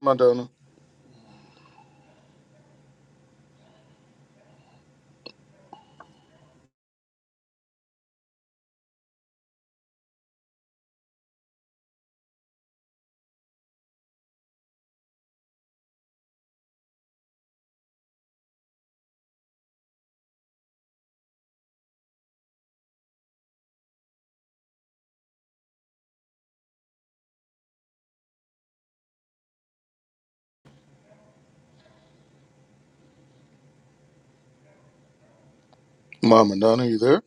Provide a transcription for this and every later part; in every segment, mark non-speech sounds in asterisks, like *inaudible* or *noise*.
Madonna. Mama Donna, you there?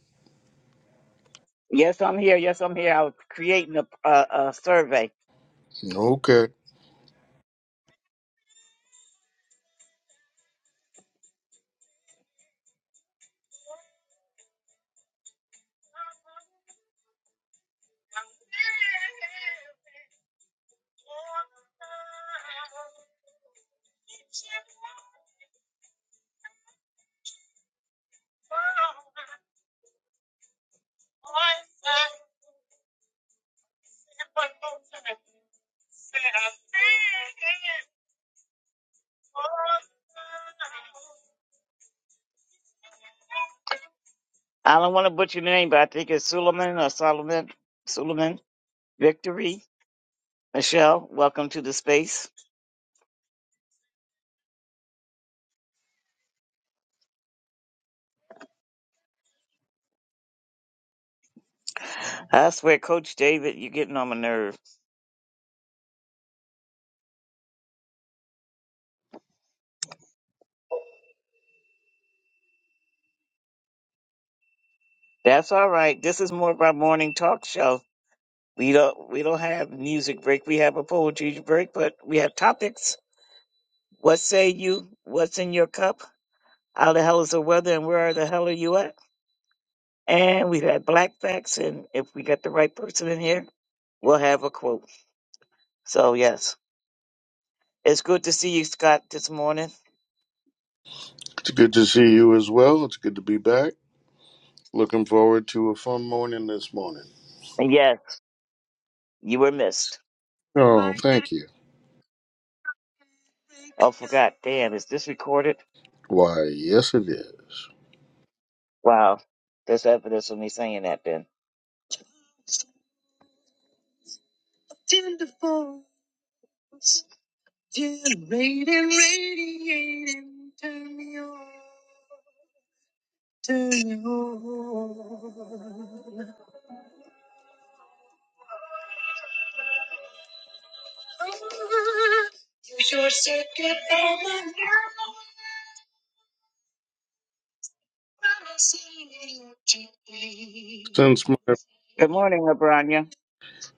Yes, I'm here. Yes, I'm here. I was creating a, a, a survey. Okay. I don't want to butcher the name, but I think it's Suleiman or Solomon. Suleiman. Victory. Michelle, welcome to the space. I swear, Coach David, you're getting on my nerve. That's all right. This is more of our morning talk show. We don't we don't have music break. We have a poetry break, but we have topics. What say you? What's in your cup? How the hell is the weather and where the hell are you at? And we've had black facts and if we got the right person in here, we'll have a quote. So yes. It's good to see you, Scott, this morning. It's good to see you as well. It's good to be back. Looking forward to a fun morning this morning. And yes, you were missed. Oh, thank you. Oh forgot. Damn, is this recorded? Why, yes it is. Wow. There's evidence of me saying that then. Just didn't turn me on. Since my Good morning, Abranya.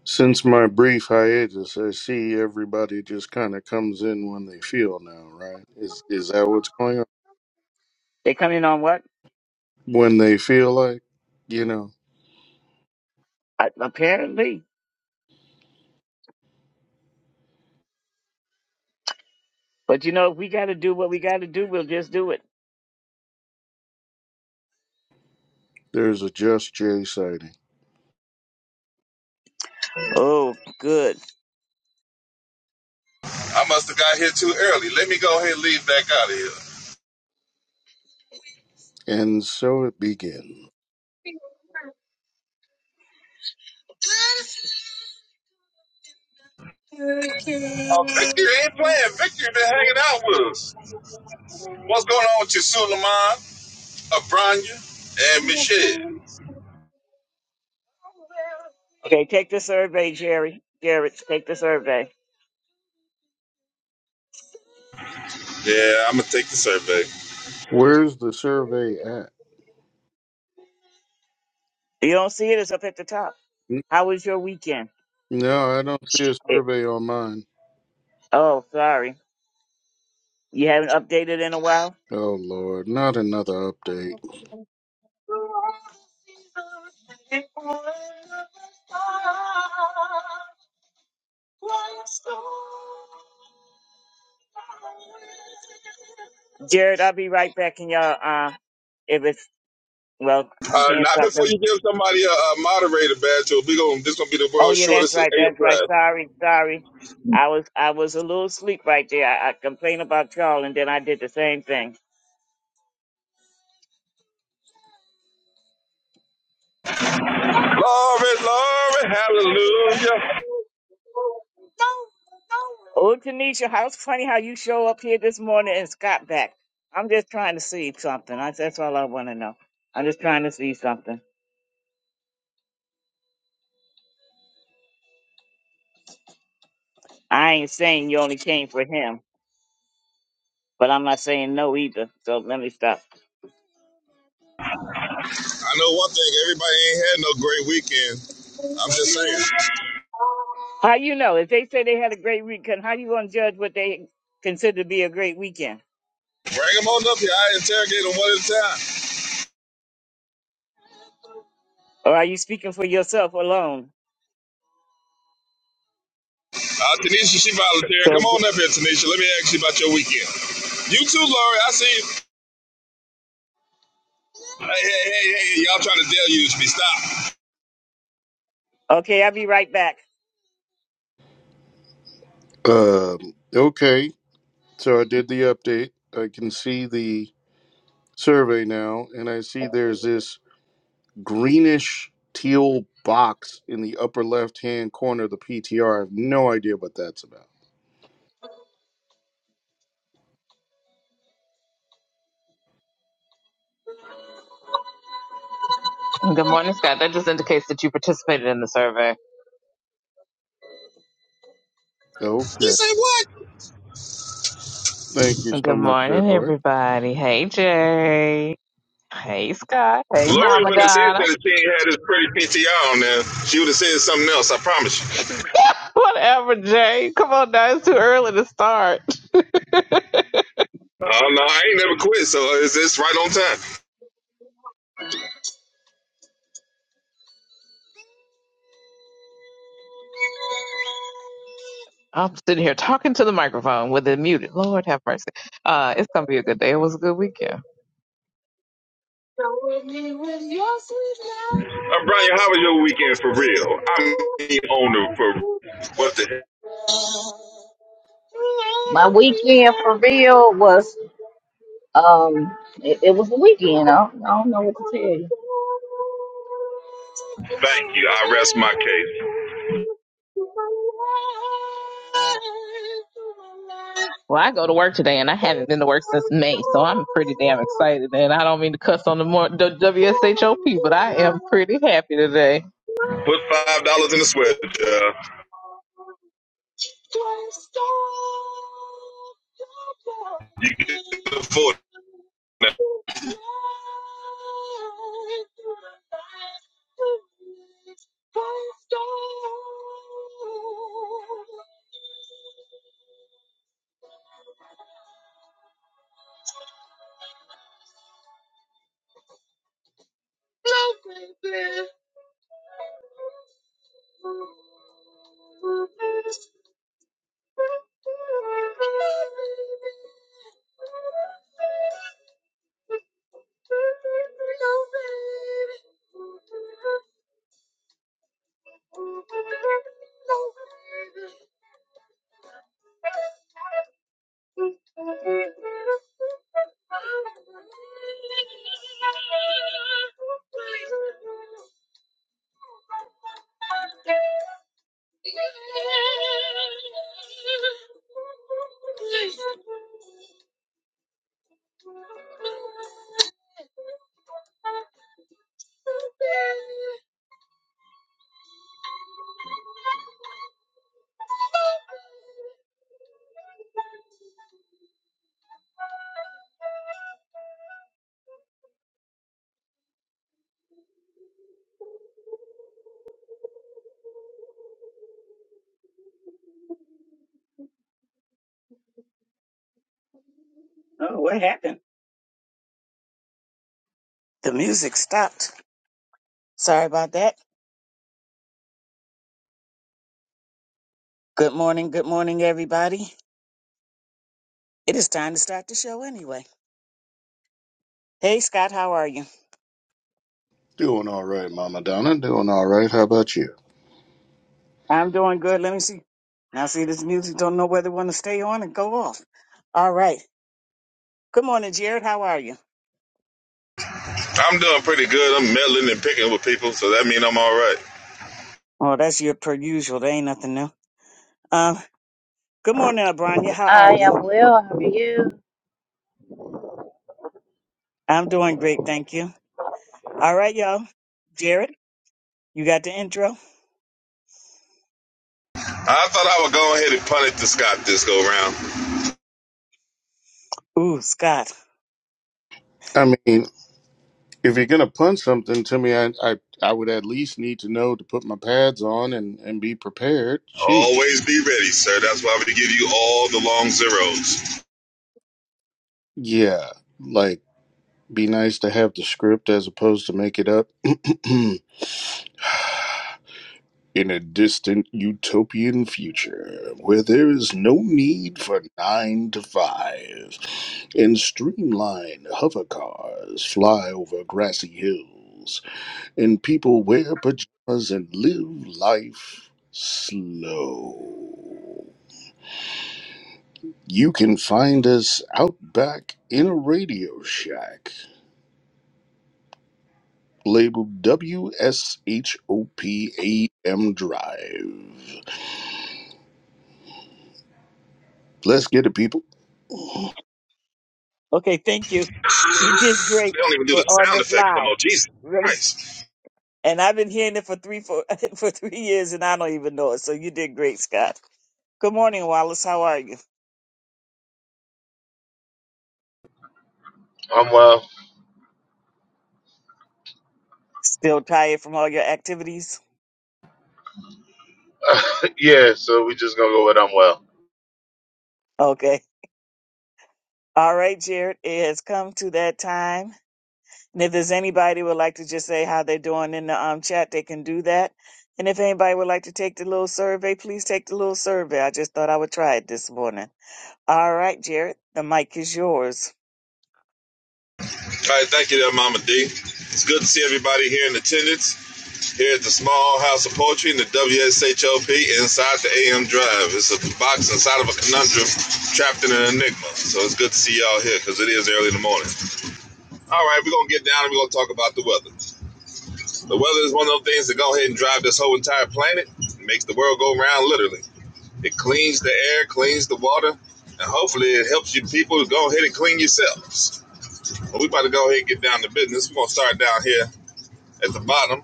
since my brief hiatus, I see everybody just kind of comes in when they feel now, right? Is is that what's going on? They coming on what? When they feel like, you know, Uh, apparently. But you know, if we got to do what we got to do, we'll just do it. there's a Just Jay sighting. Oh, good. I must have got here too early. Let me go ahead and leave back out of here. And so it begins. Uh, Victor ain't playing. Victor been hanging out with us. What's going on with you, Suleiman, Abranya, and Michelle? Okay, take the survey, Jerry. Garrett, take the survey. Yeah, I'm gonna take the survey. Where's the survey at? You don't see it? It's up at the top. N- How was your weekend? No, I don't see a It, survey on mine. oh, sorry. You haven't updated in a while? Oh Lord, not another update. Jared, I'll be right back in y'all. Uh, if it's, well, you Uh, can't not stop before them. you give somebody a, a moderator badge. Or we going this gonna be the Oh world's yeah, that's shortest of right. eight That's right. class. Sorry. Sorry. I was, I was a little asleep right there. I, I complained about y'all and then I did the same thing. Glory, glory, hallelujah. Oh, Tanisha, how it's funny how you show up here this morning and Scott back. I'm just trying to see something. That's that's all I want to know. I'm just trying to see something. I ain't saying you only came for him, but I'm not saying no either. So let me stop. I know one thing. Everybody ain't had no great weekend. I'm just saying. How you know? If they say they had a great weekend, how you gonna judge what they consider to be a great weekend? Bring them on up here. I interrogate them one at a time. Or are you speaking for yourself alone? Uh, Tanisha, she volunteering. Come So on up here, Tanisha. Let me ask you about your weekend. You too, Lori. I see you. Hey, hey, hey, hey, y'all trying to deluge me. Stop. okay, I'll be right back. Um, okay, so I did the update. I can see the survey now, and I see there's this greenish teal box in the upper left hand corner of the PTR. I have no idea what that's about. Good morning, Scott. That just indicates that you participated in the survey. You Okay. say what? Thank you so Good much, Sir morning, Lord. everybody. Hey, Jay. Hey, Scott. Hey, Lori Mama wouldn't have said Donna. that if she had this pretty PTR on there. She would have said something else, I promise you. *laughs* Whatever, Jay. Come on now. It's too early to start. *laughs* Oh, uh, no, I ain't never quit, so it's, it's right on time. I'm sitting here talking to the microphone with it muted. Lord have mercy. Uh, it's going to be a good day. It was a good weekend. Uh, Brian, how was your weekend for real? I mean, on the for real. what the heck? My weekend for real was um it, it was a weekend. I don't, I don't know what to tell you. Thank you. I rest my case. Well, I go to work today and I haven't been to work since May, so I'm pretty damn excited. And I don't mean to cuss on the, more, the WSHOP, but I am pretty happy today. Put $5 in the sweat jar. You can afford it Oh, what happened? The music stopped. Sorry about that. Good morning, good morning, everybody. It is time to start the show anyway. Hey, Scott, how are you? Doing all right, Mama Donna. Doing all right. How about you? I'm doing good. Let me see. Now, see, this music don't know whether it want to stay on and go off. All right. Good morning, Jared. How are you? I'm doing pretty good. I'm meddling and picking with people, so that means I'm all right. Oh, that's your per usual. There ain't nothing new. Um, good morning, Abranya. How are I you? am well, how are you? I'm doing great, thank you. All right, y'all. Jared, you got the intro? I thought I would go ahead and punt it to Scott this go round. Ooh, Scott. I mean, if you're gonna punt something to me, I I, I would at least need to know to put my pads on and, and be prepared. Sheesh. Always be ready, sir. That's why we give you all the long zeros. Yeah, like be nice to have the script as opposed to make it up. *clears throat* In a distant utopian future where there is no need for nine to five, and streamlined hover cars fly over grassy hills, and people wear pajamas and live life slow. You can find us out back in a radio shack labeled WSHOPAM Drive. Let's get it, people. Okay, thank you. You did great They don't even do for the on sound the effects no fly. more. Jesus Really Christ. And I've been hearing it for three for, *laughs* for three years, and I don't even know it. So you did great, Scott. Good morning, Wallace. How are you? I'm well. Still tired from all your activities? *laughs* yeah, so we just gonna go with I'm well. Okay. All right, Jared. It has come to that time. And if there's anybody would like to just say how they're doing in the um, chat, they can do that. And if anybody would like to take the little survey, please take the little survey. I just thought I would try it this morning. All right, Jared. The mic is yours. All right, thank you there, Mama D. It's good to see everybody here in attendance here at the Small House of Poetry in the WSHOP inside the AM Drive. It's a box inside of a conundrum trapped in an enigma. So it's good to see y'all here because it is early in the morning. All right, we're gonna get down and we're gonna talk about the weather. The weather is one of those things that go ahead and drive this whole entire planet. It makes the world go round literally. It cleans the air, cleans the water, and hopefully it helps you people go ahead and clean yourselves. But we about to go ahead and get down to business. We're gonna start down here at the bottom.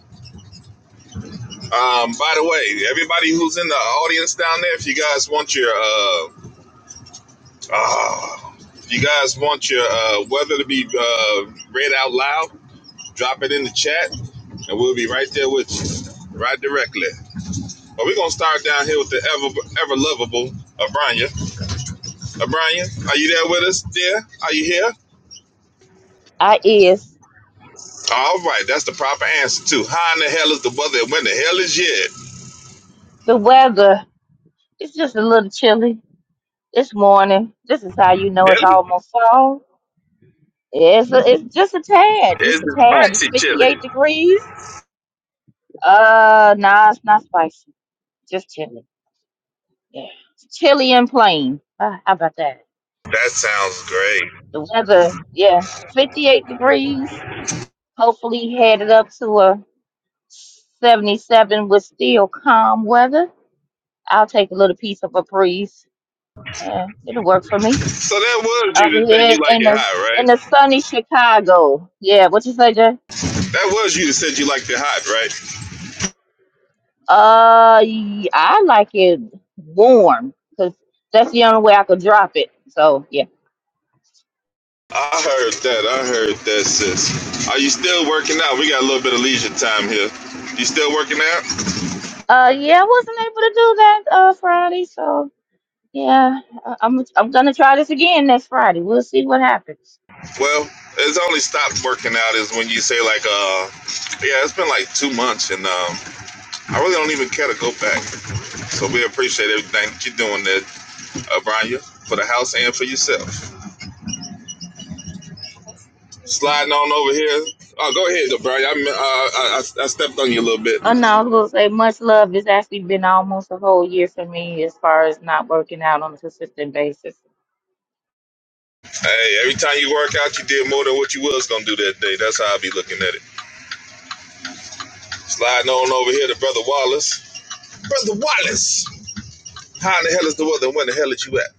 Um, by the way, everybody who's in the audience down there, if you guys want your uh, ah, if you guys want your uh, weather to be uh, read out loud. Drop it in the chat, and we'll be right there with you, right directly. But we're gonna start down here with the ever ever lovable Abranya. Abranya, are you there with us, dear? Are you here? I is All right, that's the proper answer too. How in the hell is the weather? and When the hell is it? the weather. It's just a little chilly this morning. This is how you know it's Chili? almost fall. It's a, it's just a tad, It's just a the tad. It's spicy fifty chili. eight degrees. Uh, nah, it's not spicy. Just chilly. Yeah, it's chilly and plain. Ah, how about that? That sounds great. The weather, yeah, fifty eight degrees. Hopefully headed up to a 77 with still calm weather. I'll take a little piece of a breeze and it'll work for me. So that was you Over that said you here like in it the hot, in the right? sunny Chicago. Yeah, what you say, Jay? That was you that said you liked it hot, right? Uh, y- I like it warm because that's the only way I could drop it. So yeah. I heard that. I heard that, sis. Are you still working out? We got a little bit of leisure time here. You still working out? Uh, yeah, I wasn't able to do that uh Friday. So yeah, I- I'm I'm gonna try this again next Friday. We'll see what happens. Well, it's only stopped working out is when you say like, uh, yeah, it's been like two months, and um, I really don't even care to go back. So we appreciate everything that you're doing there, uh, Brian, for the house and for yourself. Sliding on over here. Oh, go ahead, though, Brian. I, me- uh, I I I stepped on you a little bit. Oh no, I was gonna say much love. It's actually been almost a whole year for me as far as not working out on a consistent basis. Hey, every time you work out, you did more than what you was gonna do that day. That's how I be looking at it. Sliding on over here to Brother Wallace. Brother Wallace! How in the hell is the weather and when the hell is you at?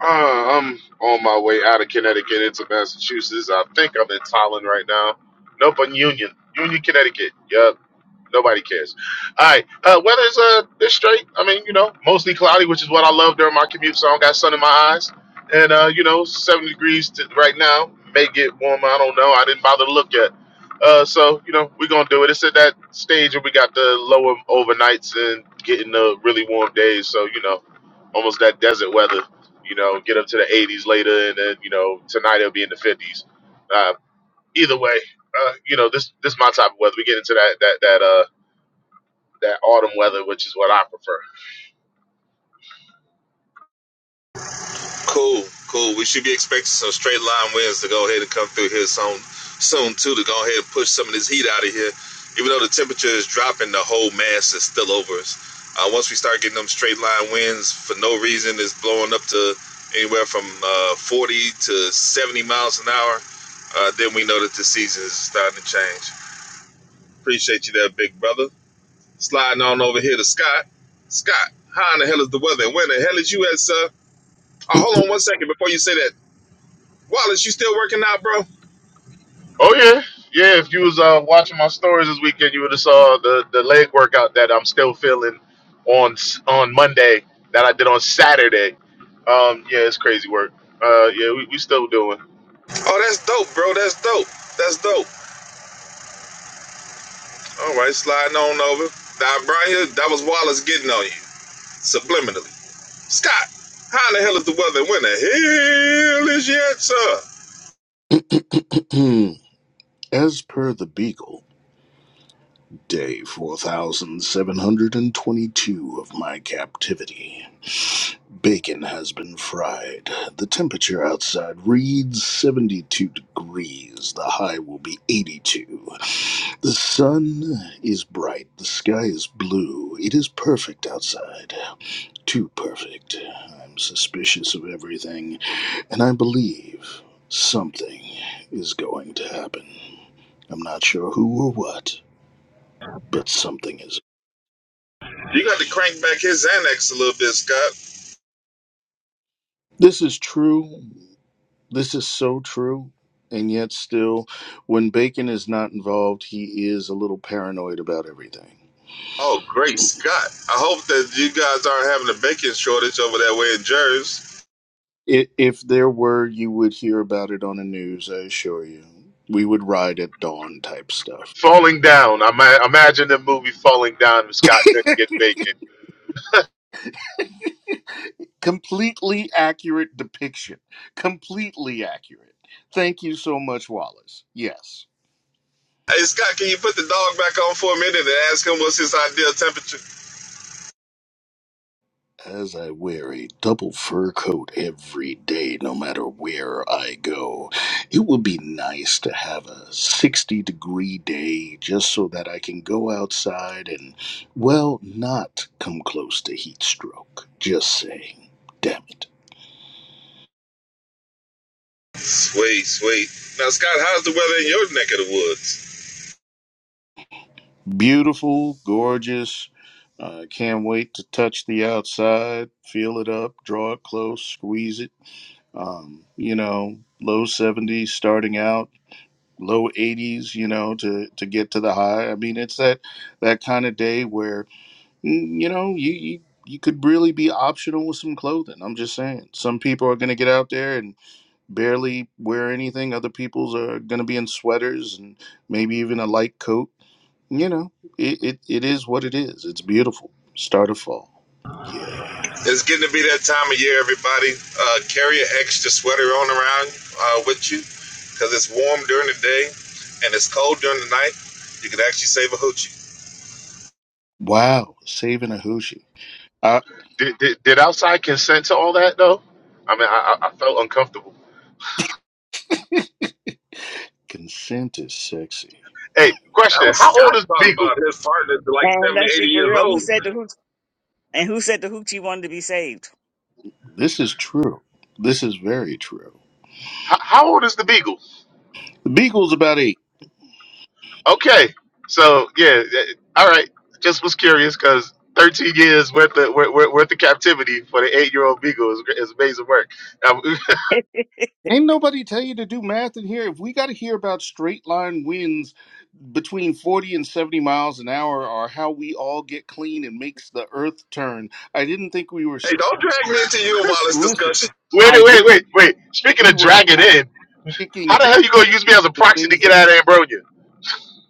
Uh, I'm on my way out of Connecticut into Massachusetts. I think I'm in Tallinn right now. Nope, I'm Union. Union, Connecticut. Yep. Nobody cares. All right. Uh, weather's uh, it's straight. I mean, you know, mostly cloudy, which is what I love during my commute, so I don't got sun in my eyes. And uh, you know, 70 degrees to, right now. May get warmer. I don't know. I didn't bother to look at. Uh, so you know, we're gonna do it. It's at that stage where we got the lower overnights and getting the really warm days. So you know, almost that desert weather. You know, get up to the 80s later, and then you know, tonight it'll be in the 50s. Uh, either way, uh, you know, this this is my type of weather. We get into that that that uh that autumn weather, which is what I prefer. Cool, cool. We should be expecting some straight line winds to go ahead and come through here soon, soon too, to go ahead and push some of this heat out of here. Even though the temperature is dropping, the whole mass is still over us. Uh, once we start getting them straight line winds for no reason, it's blowing up to anywhere from uh, 40 to 70 miles an hour. Uh, then we know that the season is starting to change. Appreciate you there, big brother. Sliding on over here to Scott. Scott, how in the hell is the weather? And where the hell is you at, sir? Oh, hold on one second before you say that. Wallace, you still working out, bro? Oh yeah, yeah. If you was uh, watching my stories this weekend, you would have saw the the leg workout that I'm still feeling on s- on Monday that I did on Saturday. Um, yeah, it's crazy work. Uh, yeah, we, we still doing Oh, that's dope, bro. That's dope. That's dope. All right, sliding on over. That right here, that was Wallace getting on you subliminally. Scott, how in the hell is the weather? And where the hell is you at, sir? *clears throat* As per the Beagle, day 4722 of my captivity. Bacon has been fried. The temperature outside reads 72 degrees. The high will be 82. The sun is bright. The sky is blue. It is perfect outside. Too perfect. I'm suspicious of everything, and I believe something is going to happen. I'm not sure who or what, but something is. You got to crank back his Xanax a little bit, Scott. This is true. This is so true. And yet, still, when Bacon is not involved, he is a little paranoid about everything. Oh, great Scott. I hope that you guys aren't having a bacon shortage over that way in Jersey. I- If there were, you would hear about it on the news, I assure you. We would ride at dawn type stuff. falling down. I ma- imagine the movie Falling Down if Scott *laughs* couldn't get bacon. completely accurate depiction. Completely accurate. Thank you so much, Wallace. Yes. Hey Scott, can you put the dog back on for a minute and ask him what's his ideal temperature? As I wear a double fur coat every day, no matter where I go, it would be nice to have a 60 degree day just so that I can go outside and, well, not come close to heat stroke. Just saying. Damn it. Sweet, sweet. Now Scott, how's the weather in your neck of the woods? Beautiful, gorgeous. Uh, can't wait to touch the outside, feel it up, draw it close, squeeze it. Um, you know, low 70s starting out, low 80s, you know, to, to get to the high. I mean, it's that, that kind of day where, mm, you know, you, you, you could really be optional with some clothing. I'm just saying. Some people are going to get out there and barely wear anything. Other people's are going to be in sweaters and maybe even a light coat. You know, it, it, it is what it is. It's beautiful. Start of fall. Yeah. It's getting to be that time of year, everybody. Uh, carry an extra sweater on around uh, with you because it's warm during the day and it's cold during the night. You can actually save a hoochie. Wow. Saving a hoochie. Uh, Did, did did outside consent to all that though? I mean, I I I felt uncomfortable. consent is sexy. Hey, That question: was How old is Scott the talking Beagle? about his partner that's like And 70, let's be 80 for years real. Who old. said the hooch? And who said the hoochie wanted to be saved? This is true. This is very true. How, how old is the Beagle? The Beagle's about eight. Okay. So yeah, eh, all right. Just was curious because 13 years worth of worth, worth worth of captivity for the eight year old beagle is, is amazing work. Now, *laughs* *laughs* Ain't nobody tell you to do math in here. If we got to hear about straight line winds between 40 and 70 miles an hour or how we all get clean and makes the earth turn, I didn't think we were Hey, sti don't drag me into you and Wallace's Listen, discussion. wait, I wait, didn't. wait, wait. Speaking We of were dragging in, how sticking the that, hell you gonna use me as a the proxy to things get that. out of Ambronia?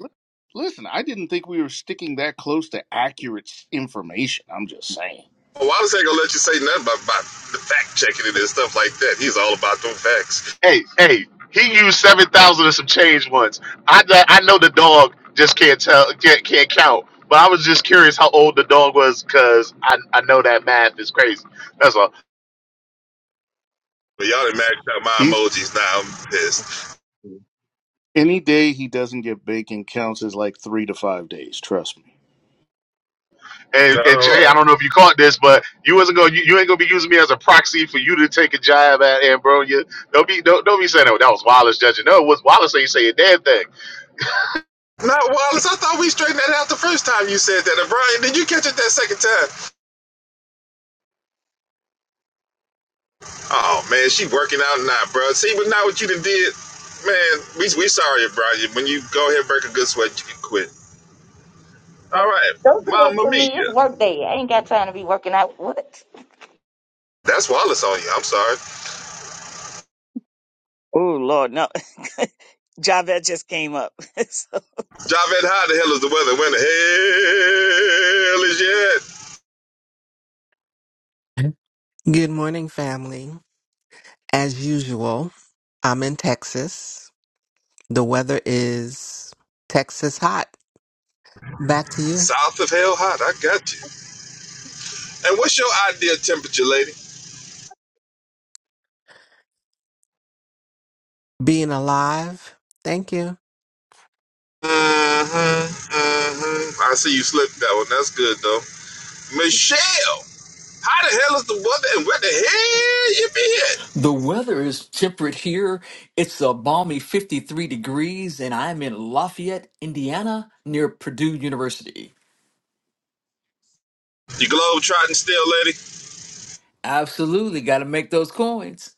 li- Listen, I didn't think we were sticking that close to accurate s- information. I'm just saying. Wallace ain't gonna let you say nothing about, about the fact checking it and stuff like that. He's all about them facts. Hey, hey, he used seven thousand and some change once. I kn- I know the dog just can't tell can't can't count. But I was just curious how old the dog was because I, I know that math is crazy. That's all. But y'all done maxed out my He's emojis now. nah, I'm pissed. any day he doesn't get bacon counts as like three to five days. Trust me. And, All and Jay, I right. don't know if you caught this, but you wasn't going. You, you ain't gonna be using me as a proxy for you to take a jab at Ambrosia. Don't be don't, don't be saying that, that was Wallace judging. No, it was Wallace ain't say a damn thing. No, Wallace, I thought we straightened that out the first time you said that. And Brian, did you catch it that second time? Oh, man, she working out now, bro. See, but not what you done did. Man, we, we sorry, Brian. When you go ahead and break a good sweat, you can quit. All right. Don't do that Mama to Mia. me. It's work day. I ain't got time to be working out. What? That's Wallace on you. I'm sorry. Oh Lord, no. *laughs* Javette just came up. *laughs* so Javed, how the hell is the weather? When the hell is it? Good morning, family. As usual, I'm in Texas. The weather is Texas hot. Back to you. South of hell hot. I got you. And what's your ideal temperature, lady? Being alive. Thank you. Mm-hmm. Mm-hmm. I see you slipped that one. That's good though. Michelle, how the hell is the weather and where the hell you been? The weather is temperate here. It's a balmy 53 degrees, and I'm in Lafayette, Indiana, near Purdue University. You globe trotting still, lady. Absolutely, got to make those coins.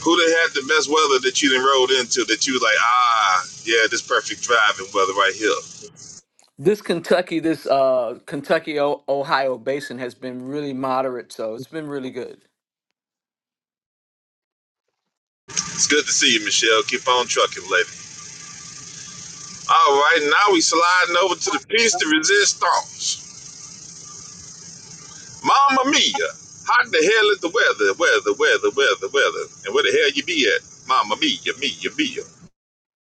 Who done had the best weather that you done rode into that you was like, ah, yeah, this perfect driving weather right here. This Kentucky, this uh, Kentucky o- Ohio basin has been really moderate, so it's been really good. It's good to see you, Michelle. Keep on trucking, lady. All right, now we sliding over to the piece de resistance. Mama Mia, how the hell is the weather? Weather, weather, weather, weather. And where the hell you be at? Mama Mia, Mia, Mia.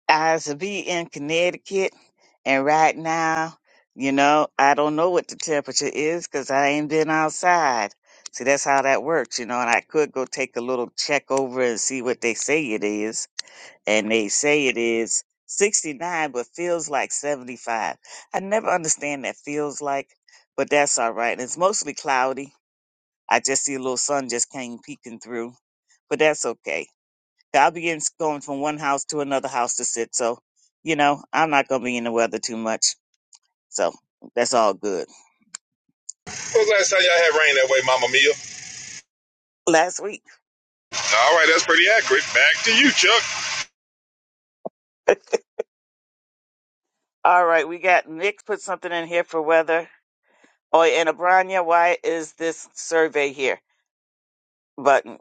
I used to be in Connecticut, and right now, you know, I don't know what the temperature is because I ain't been outside. See, that's how that works, you know. And I could go take a little check over and see what they say it is, and they say it is sixty nine, but feels like seventy five. I never understand that feels like, but that's all right. And it's mostly cloudy. I just see a little sun just came peeking through, but that's okay I'll be in, going from one house to another house to sit. So, you know, I'm not going to be in the weather too much. So that's all good. When was the last time y'all had rain that way, Mama Mia? Last week. All right, that's pretty accurate. Back to you, Chuck. *laughs* all right. We got Nick put something in here for weather. Oh, and Abranya, why is this survey here button?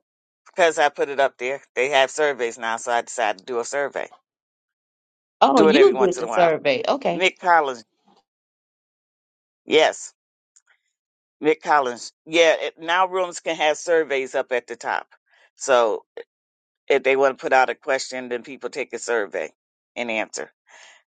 Because I put it up there. They have surveys now. So I decided to do a survey. Oh, Do it every you did once in the a while. survey. Okay. Nick Collins. Yes. Nick Collins. Yeah. It, now rooms can have surveys up at the top. So If they want to put out a question, then people take a survey and answer.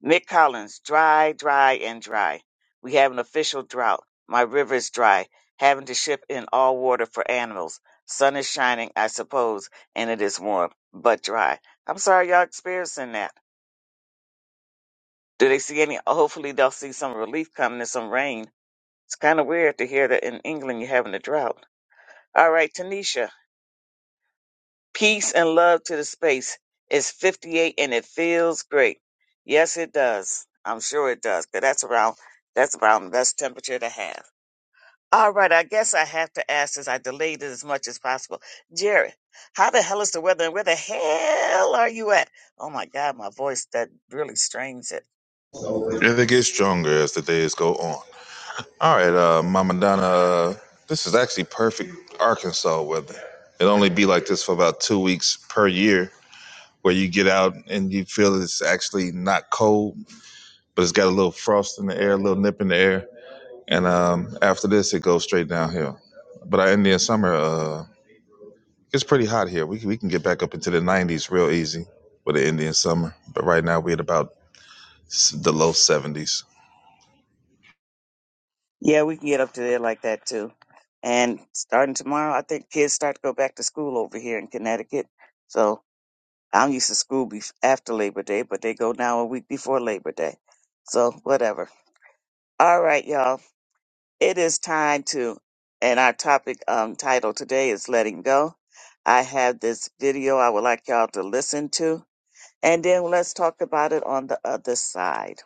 Mick Collins, dry, dry, and dry. We have an official drought. My river is dry, having to ship in all water for animals. Sun is shining, I suppose, and it is warm, but dry. I'm sorry y'all experiencing that. Do they see any? Hopefully they'll see some relief coming and some rain. It's kind of weird to hear that in England you're having a drought. All right, Tanisha. Peace and love to the space. It's 58 and it feels great. Yes, it does. I'm sure it does. But that's around that's around the best temperature to have. All right, I guess I have to ask since I delayed it as much as possible. Jerry, how the hell is the weather and where the hell are you at? Oh my god, my voice that really strains it. And it gets stronger as the days go on. All right, uh, Mama Donna, uh, this is actually perfect Arkansas weather. It'll only be like this for about two weeks per year, where you get out and you feel it's actually not cold, but it's got a little frost in the air, a little nip in the air. And um, after this, it goes straight downhill. But our Indian summer uh. It's pretty hot here. We can, we can get back up into the 90s real easy with the Indian summer. But right now we're at about s- the low 70s. Yeah, we can get up to there like that too. And starting tomorrow, I think kids start to go back to school over here in Connecticut. I'm used to school be- after Labor Day, but they go now a week before Labor Day. So whatever. All right, y'all. It is time to, and our topic um, title today is letting go. I have this video I would like y'all to listen to, and then let's talk about it on the other side.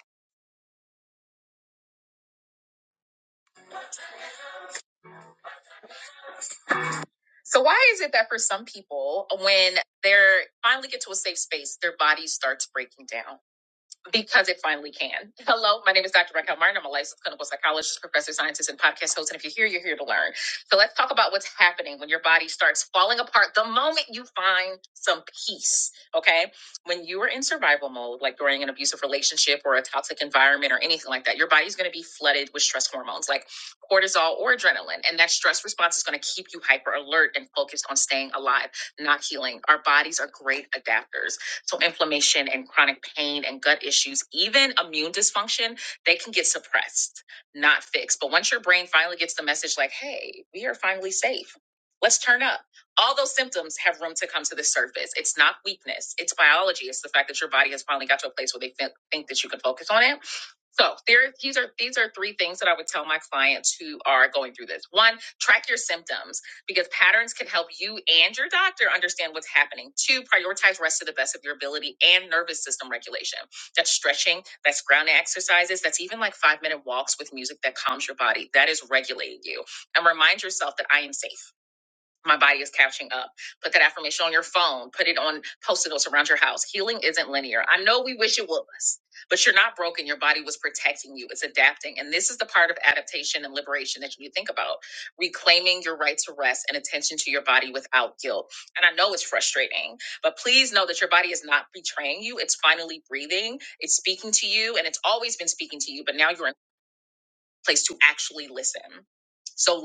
So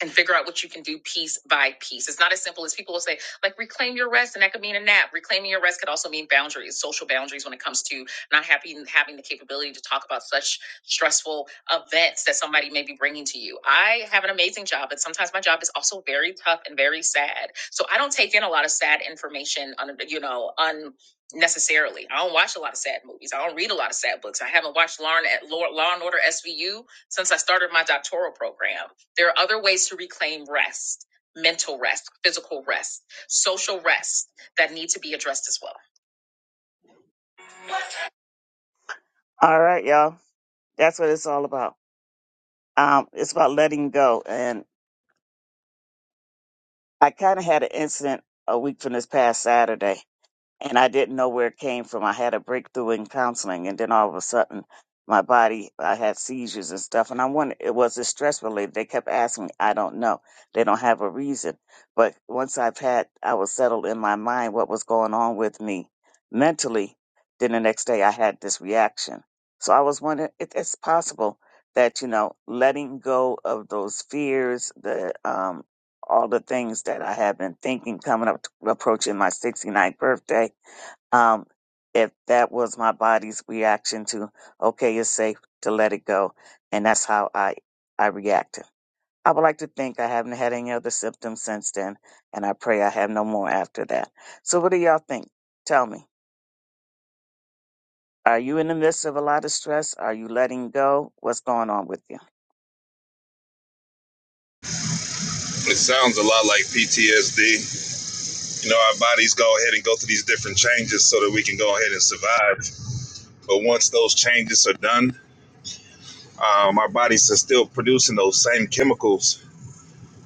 and boundaries, social boundaries. Somebody may be bringing to you. I have an amazing job, but sometimes my job is also. All right, y'all. That's what it's all about. Um, it's about letting go, and. I kind of had an incident a week from this past Saturday, and I didn't know where it came from. I had a breakthrough in counseling, and then all of a sudden, my body, I had seizures and stuff. And I wondered, it was it stress related? They kept asking me, I don't know. They don't have a reason. But once I've had, I was settled in my mind what was going on with me mentally. Then the next day, I had this reaction. So I was wondering, if it's possible that you know, letting go of those fears, the um, all the things that I have been thinking coming up, approaching my 69th birthday. Um, if that was my body's reaction to, okay, it's safe to let it go. And that's how I, I reacted. I would like to think I haven't had any other symptoms since then, and I pray I have no more after that. So what do y'all think? Tell me. Are you in the midst of a lot of stress? Are you letting go? What's going on with you? It sounds a lot like PTSD. You know, our bodies go ahead and go through these different changes so that we can go ahead and survive. But once those changes are done, um, our bodies are still producing those same chemicals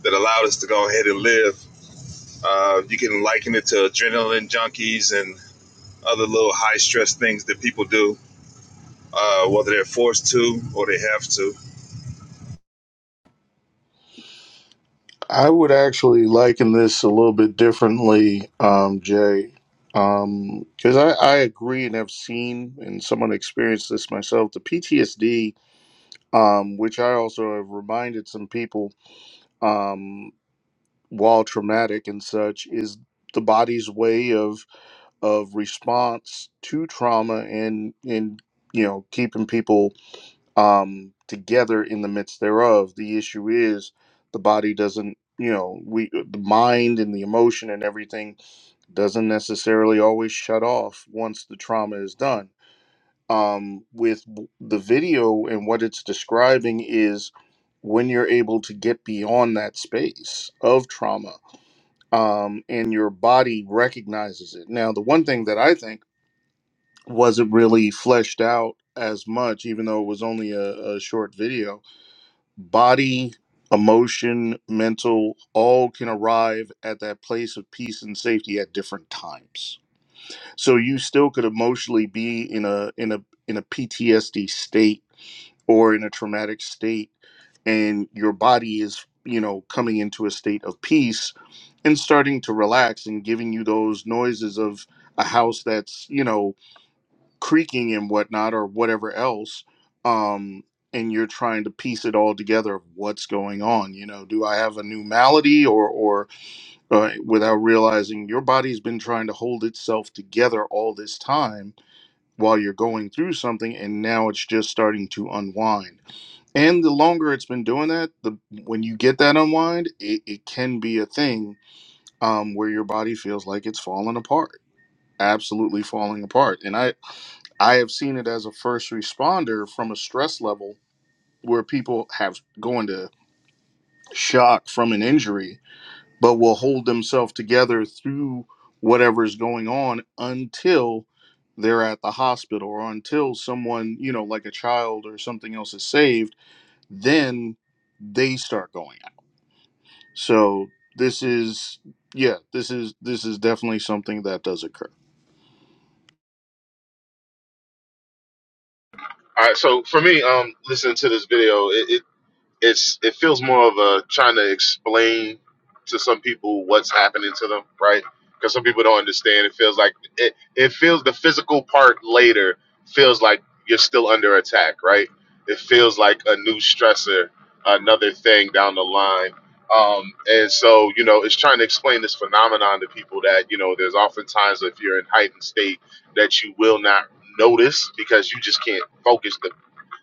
that allowed us to go ahead and live. Uh, you can liken it to adrenaline junkies and other little high stress things that people do, uh, whether they're forced to or they have to. I would actually liken this a little bit differently, um, Jay, because I, I agree and have seen and someone experienced this myself. The PTSD, um, which I also have reminded some people um, while traumatic and such, is the body's way of of response to trauma and and you know keeping people um, together in the midst thereof. The issue is the body doesn't, you know, we the mind and the emotion and everything doesn't necessarily always shut off once the trauma is done. Um, with w- the video and what it's describing is when you're able to get beyond that space of trauma um, and your body recognizes it. Now, the one thing that I think wasn't really fleshed out as much, even though it was only a, a short video, body, emotion, mental, all can arrive at that place of peace and safety at different times. So you still could emotionally be in a in a in a PTSD state or in a traumatic state and your body is you know coming into a state of peace and starting to relax and giving you those noises of a house that's you know creaking and whatnot or whatever else um and you're trying to piece it all together of what's going on you know do i have a new malady or or uh, without realizing your body's been trying to hold itself together all this time while you're going through something and now it's just starting to unwind and the longer it's been doing that the when you get that unwind it, it can be a thing um, where your body feels like it's falling apart absolutely falling apart and I. I have seen it as a first responder from a stress level where people have going to shock from an injury, but will hold themselves together through whatever is going on until they're at the hospital or until someone, you know, like a child or something else is saved, then they start going. out. So this is yeah, this is this is definitely something that does occur. All right, so for me, um, listening to this video, it. it it's it feels more of a trying to explain to some people what's happening to them, right? Because some people don't understand. It feels like it, it feels the physical part later feels like you're still under attack, right? It feels like a new stressor, another thing down the line. Um, and so, you know, it's trying to explain this phenomenon to people that, you know, there's oftentimes if you're in heightened state that you will not notice because you just can't focus. the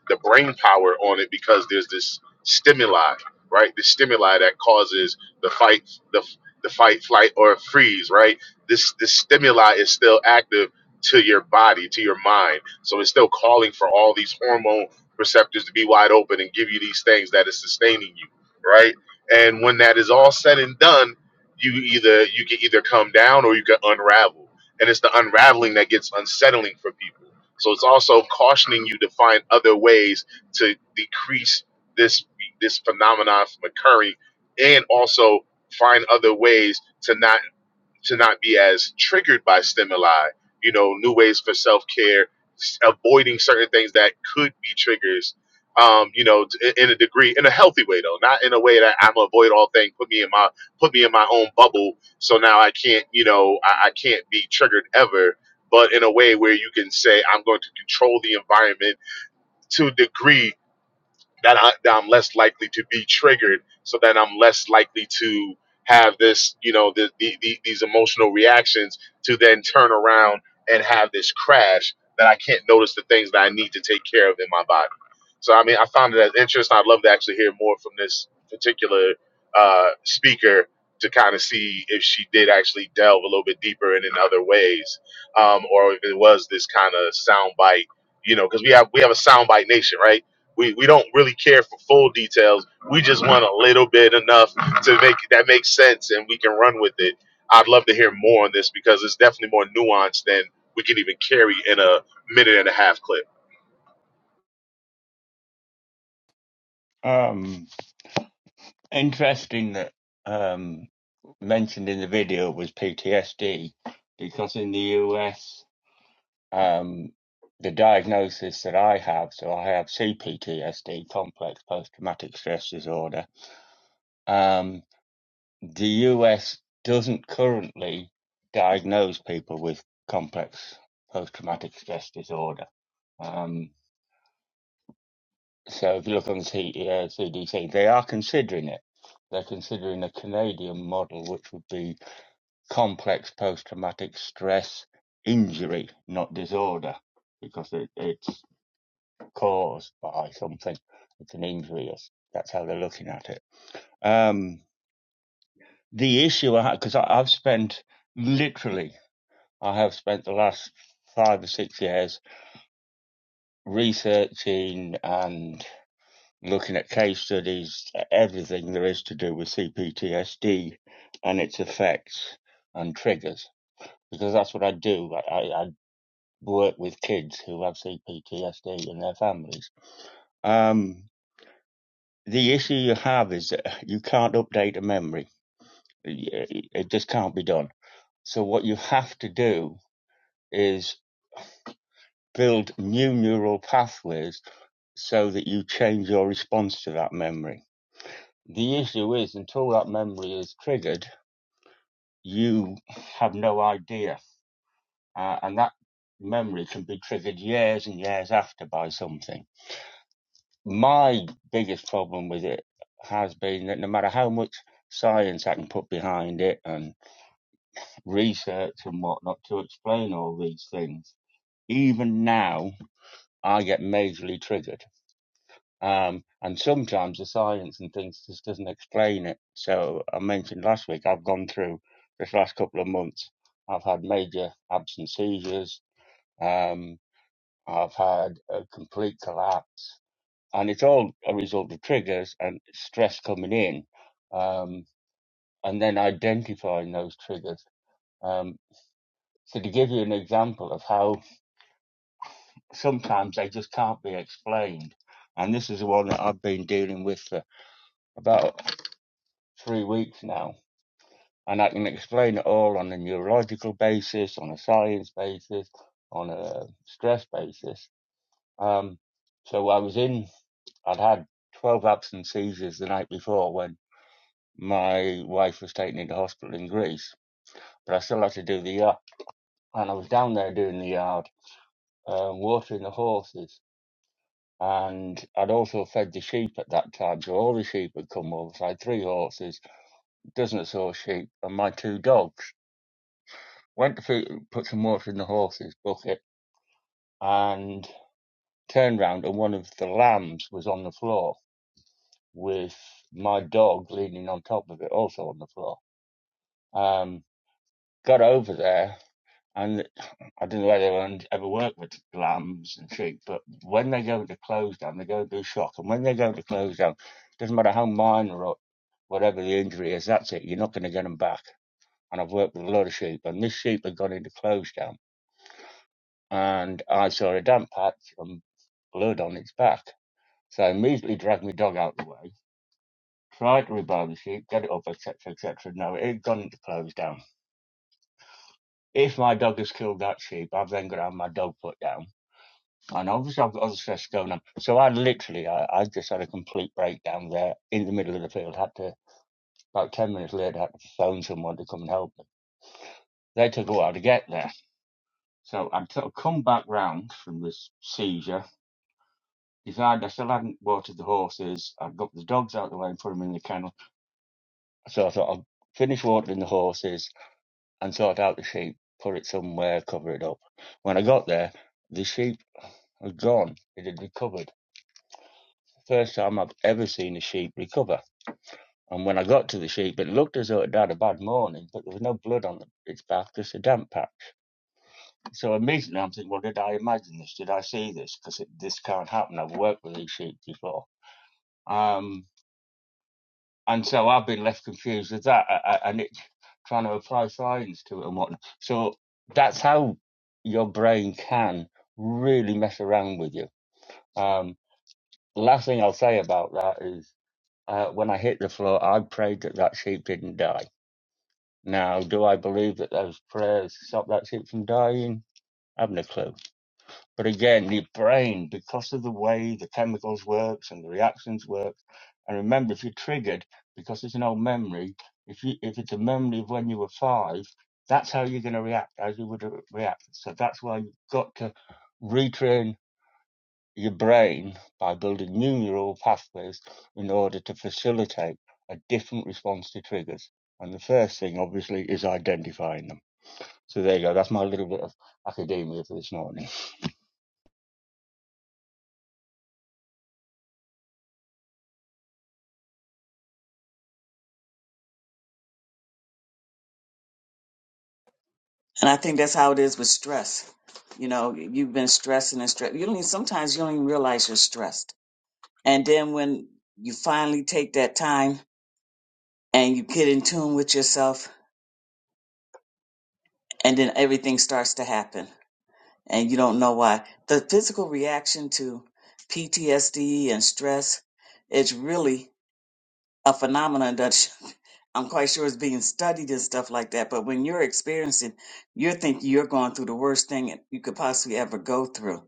the brain power on it because there's this stimuli, right? The stimuli that causes the fight, the the fight, flight, or freeze, right? This this stimuli is still active to your body, to your mind, so it's still calling for all these hormone receptors to be wide open and give you these things that is sustaining you, right? And when that is all said and done, you either you can either come down or you can unravel, and it's the unraveling that gets unsettling for people so it's also cautioning you to find other ways to decrease this this phenomenon from occurring, and also find other ways to not to not be as triggered by stimuli, you know, new ways for self care, avoiding certain things that could be triggers, um, you know, t- in a degree, in a healthy way though, not in a way that I'm gonna avoid all things, put me in my put me in my own bubble, so now I can't, you know, I, I can't be triggered ever. But in a way where you can say, I'm going to control the environment to a degree that, I, that I'm less likely to be triggered, so that I'm less likely to have this, you know, the, the, the, these emotional reactions to then turn around and have this crash that I can't notice the things that I need to take care of in my body. So, I mean, I found it as interesting. I'd love to actually hear more from this particular uh, speaker to kind of see if she did actually delve a little bit deeper and in other ways, um, or if it was this kind of soundbite you know, because we have we have a soundbite nation, right? we, we don't really care for full details. We just want a little bit enough to make that makes sense and we can run with it. I'd love to hear more on this because it's definitely more nuanced than we can even carry in a minute and a half clip. Um, interesting that um, mentioned in the video was PTSD because in the US, um, the diagnosis that I have, so I have CPTSD, complex post traumatic stress disorder, um, the US doesn't currently diagnose people with complex post traumatic stress disorder. um. So if you look on the C- uh, CDC, they are considering it. They're considering a Canadian model, which would be complex post-traumatic stress injury, not disorder, because it, it's caused by something. It's an injury. That's that's how they're looking at it. Um, the issue, because I've spent literally, I have spent the last five or six years researching and looking at case studies, e-, everything there is to do with CPTSD and its effects and triggers, because that's what I do. I, I, work with kids who have CPTSD and their families. Um, the issue you have is that you can't update a memory. it just can't be done. So what you have to do is build new neural pathways so that you change your response to that memory. The issue is until that memory is triggered, you have no idea. Uh, and that memory can be triggered years and years after by something. My biggest problem with it has been that no matter how much science I can put behind it and research and whatnot to explain all these things, even now I get majorly triggered. Um, and sometimes the science and things just doesn't explain it. So I mentioned last week, I've gone through this last couple of months. I've had major absent seizures. Um, I've had a complete collapse and it's all a result of triggers and stress coming in. Um, and then identifying those triggers. Um, so to give you an example of how sometimes they just can't be explained. And this is the one that I've been dealing with for about three weeks now and I can explain it all on a neurological basis, on a science basis, on a stress basis. Um, so I was in, I'd had 12 absent seizures the night before when my wife was taken into hospital in Greece, but I still had to do the yard. And I was down there doing the yard, um, watering the horses. And I'd also fed the sheep at that time, so all the sheep had come over. So I had three horses, a dozen or so sheep, and my two dogs. Went to feed, put some water in the horses' bucket and turned round and one of the lambs was on the floor with my dog leaning on top of it also on the floor. Um, got over there and I didn't let anyone ever work with lambs and sheep, but when they go into close down, they go into shock. And when they go into close down, doesn't matter how minor or whatever the injury is, that's it. You're not going to get them back. And I've worked with a lot of sheep, and this sheep had gone into close down. And I saw a damp patch and blood on its back. So I immediately dragged my dog out the way, tried to rebar the sheep, get it up, etc., etc. No, it had gone into close down. If my dog has killed that sheep, I've then got to have my dog put down. And obviously, I've got other stress going on. So I literally, I, I just had a complete breakdown there in the middle of the field. Had to, about 10 minutes later, I had to phone someone to come and help me. They took a while to get there. So I'd sort of come back round from this seizure, decided I still hadn't watered the horses. I'd got the dogs out of the way and put them in the kennel So I thought I'll finish watering the horses and sort out the sheep, put it somewhere, cover it up. When I got there, the sheep had gone. It had recovered. First time I've ever seen a sheep recover. And when I got to the sheep, it looked as though it had had a bad morning, but there was no blood on its back, just a damp patch. So immediately I'm thinking, well, did I imagine this? Did I see this? Because this can't happen. I've worked with these sheep before. Um, and so I've been left confused with that. I, I, and trying to apply science to it and whatnot. So that's how your brain can really mess around with you. Um, the last thing I'll say about that is uh, when I hit the floor, I prayed that that sheep didn't die. Now, do I believe that those prayers stopped that sheep from dying? I have no clue. But again, the brain, because of the way the chemicals works and the reactions work, and remember, if you're triggered, because it's an old memory, if you if it's a memory of when you were five, that's how you're going to react, as you would react. So that's why you've got to retrain your brain by building new neural pathways in order to facilitate a different response to triggers. And the first thing, obviously, is identifying them. So there you go. That's my little bit of academia for this morning. And I think that's how it is with stress. You know, you've been stressing and stress. You don't even, sometimes you don't even realize you're stressed. And then when you finally take that time and you get in tune with yourself, and then everything starts to happen and you don't know why. The physical reaction to PTSD and stress is really a phenomenon that should- *laughs* I'm quite sure is being studied and stuff like that. But when you're experiencing, you're thinking you're going through the worst thing you could possibly ever go through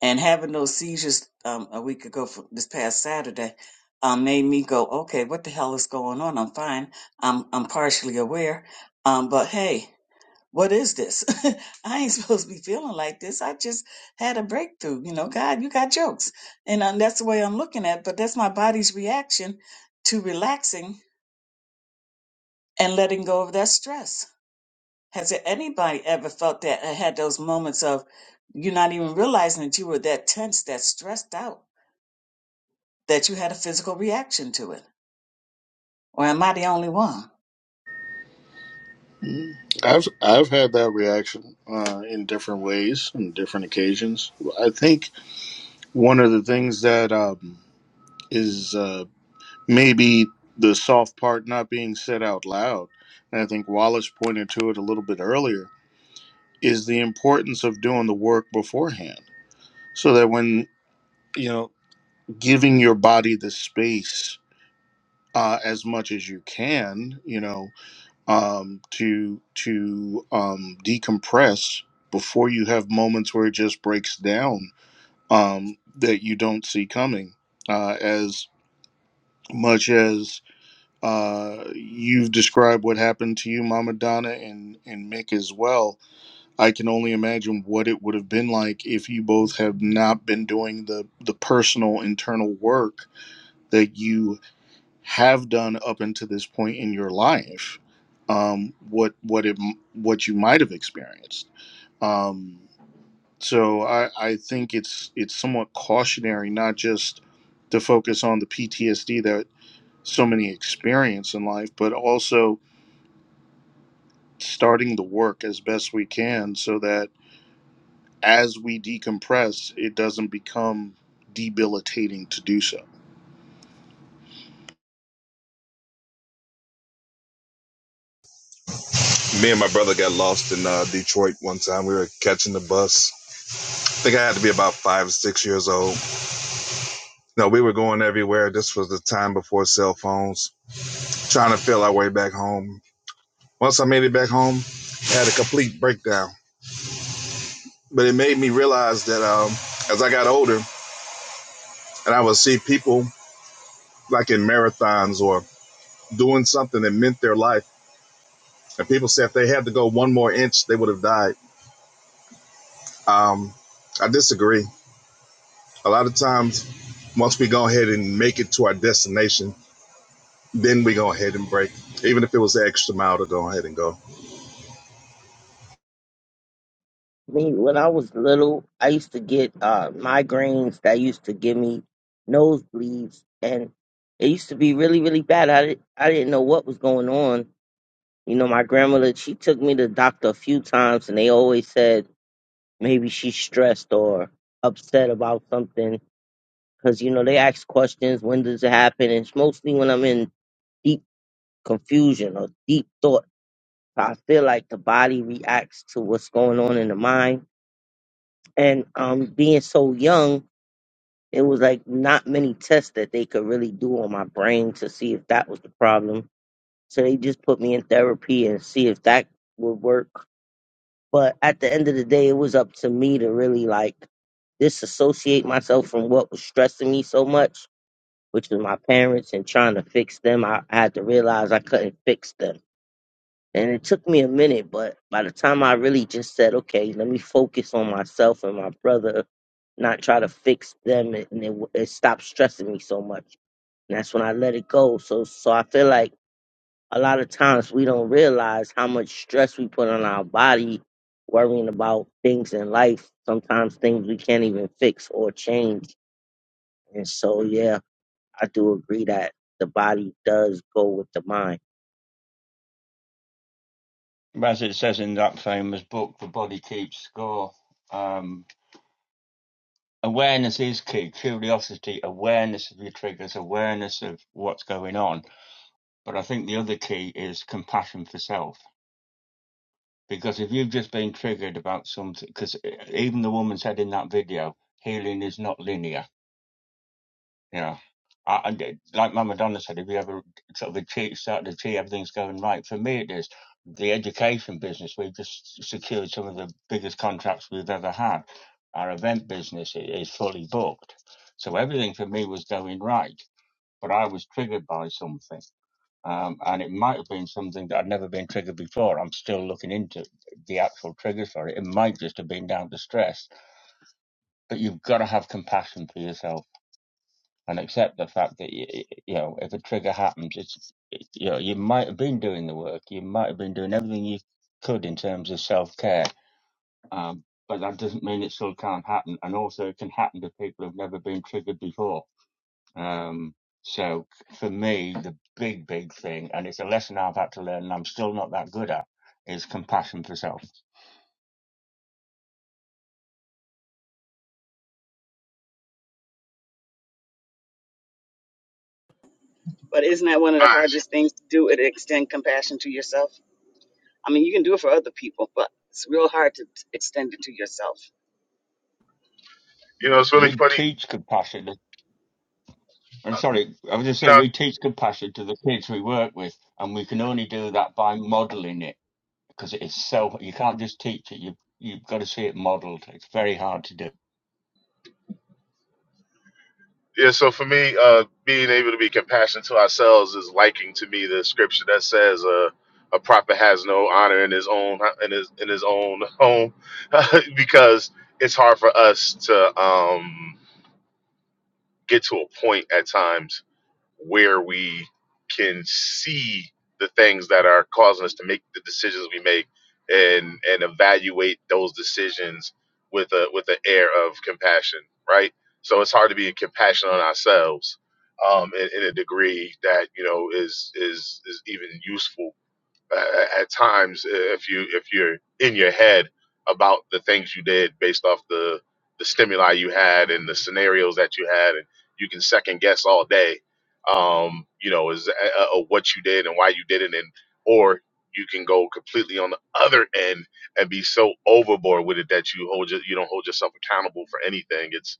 and having those seizures um, a week ago for this past Saturday um, made me go, okay, what the hell is going on? I'm fine. I'm I'm partially aware, um, but hey, what is this? *laughs* I ain't supposed to be feeling like this. I just had a breakthrough. You know, God, you got jokes, and um, that's the way I'm looking at. it. But that's my body's reaction to relaxing and letting go of that stress. Has there anybody ever felt that? uh, Had those moments of you not even realizing that you were that tense, that stressed out? that you had a physical reaction to it? Or am I the only one? I've I've had that reaction uh, in different ways, on different occasions. I think one of the things that um, is uh, maybe the soft part not being said out loud, and I think Wallace pointed to it a little bit earlier, is the importance of doing the work beforehand, so that when you know giving your body the space uh, as much as you can, you know um, to to um, decompress before you have moments where it just breaks down um, that you don't see coming. Uh, as much as uh, you've described what happened to you, Mama Donna and and Mick as well, I can only imagine what it would have been like if you both have not been doing the the personal internal work that you have done up until this point in your life um, what what it what you might have experienced um, so I, I think it's it's somewhat cautionary not just to focus on the PTSD that so many experience in life but also starting the work as best we can so that as we decompress it doesn't become debilitating to do so Me and my brother got lost in uh, Detroit one time. We were catching the bus. I think I had to be about five or six years old. No, we were going everywhere. This was the time before cell phones, trying to feel our way back home. Once I made it back home, I had a complete breakdown. But it made me realize that um, as I got older and I would see people like in marathons or doing something that meant their life, and people said if they had to go one more inch, they would have died. Um, I disagree. A lot of times, once we go ahead and make it to our destination, then we go ahead and break, even if it was the extra mile to go ahead and go. Me, when I was little, I used to get uh, migraines that used to give me nosebleeds, and it used to be really, really bad. I didn't, I didn't know what was going on. You know, my grandmother, she took me to the doctor a few times, and they always said maybe she's stressed or upset about something. Because, you know, they ask questions, when does it happen? And it's mostly when I'm in deep confusion or deep thought. I feel like the body reacts to what's going on in the mind. And um, being so young, It was like not many tests that they could really do on my brain to see if that was the problem. So they just put me in therapy and see if that would work. But at the end of the day, it was up to me to really like disassociate myself from what was stressing me so much, which was my parents and trying to fix them. I, I had to realize I couldn't fix them and it took me a minute, but by the time I really just said, okay, let me focus on myself and my brother, not try to fix them, and it, it stopped stressing me so much. And that's when I let it go. So, so I feel like a lot of times we don't realize how much stress we put on our body worrying about things in life. Sometimes things we can't even fix or change. And so, yeah, I do agree that the body does go with the mind. as it says in that famous book, The Body Keeps Score, um, awareness is key. Curiosity, awareness of your triggers, awareness of what's going on. But I think the other key is compassion for self. Because if you've just been triggered about something, because even the woman said in that video, healing is not linear You know, I, I did- like Mama Donna said, if you ever sort of achieve, start to achieve everything's going right. For me, it is the education business. We've just secured some of the biggest contracts we've ever had. Our event business i- is fully booked, so everything for me was going right. But I was triggered by something, um, and it might have been something that I'd never been triggered before. I'm still looking into the actual triggers for it. It might just have been down to stress, but you've got to have compassion for yourself and accept the fact that you, you know if a trigger happens, it's it, you know you might have been doing the work, you might have been doing everything you could in terms of self care, um, but that doesn't mean it still can't happen. And also, it can happen to people who've never been triggered before. Um, so for me, the big, big thing, and it's a lesson I've had to learn and I'm still not that good at, is compassion for self. But isn't that one of the Uh, hardest things to do? It extend compassion to yourself. I mean, you can do it for other people, but it's real hard to extend it to yourself. You know, it's really We funny. teach compassion. I'm sorry, I was just saying No, we teach compassion to the kids we work with, and we can only do that by modeling it. because it is so you can't just teach it. You you've got to see it modelled. It's very hard to do. yeah. So for me, uh, being able to be compassionate to ourselves is liking to me the scripture that says, uh, "A prophet has no honor in his own in his in his own home," *laughs* because it's hard for us to. Um, get to a point at times where we can see the things that are causing us to make the decisions we make and and evaluate those decisions with a with an air of compassion right so it's hard to be compassionate on ourselves um in, in a degree that you know is is is even useful uh, at times uh, if you if you're in your head about the things you did based off the the stimuli you had and the scenarios that you had and you can second guess all day um you know is uh, uh, what you did and why you did it and or you can go completely on the other end and be so overboard with it that you hold your, you don't hold yourself accountable for anything it's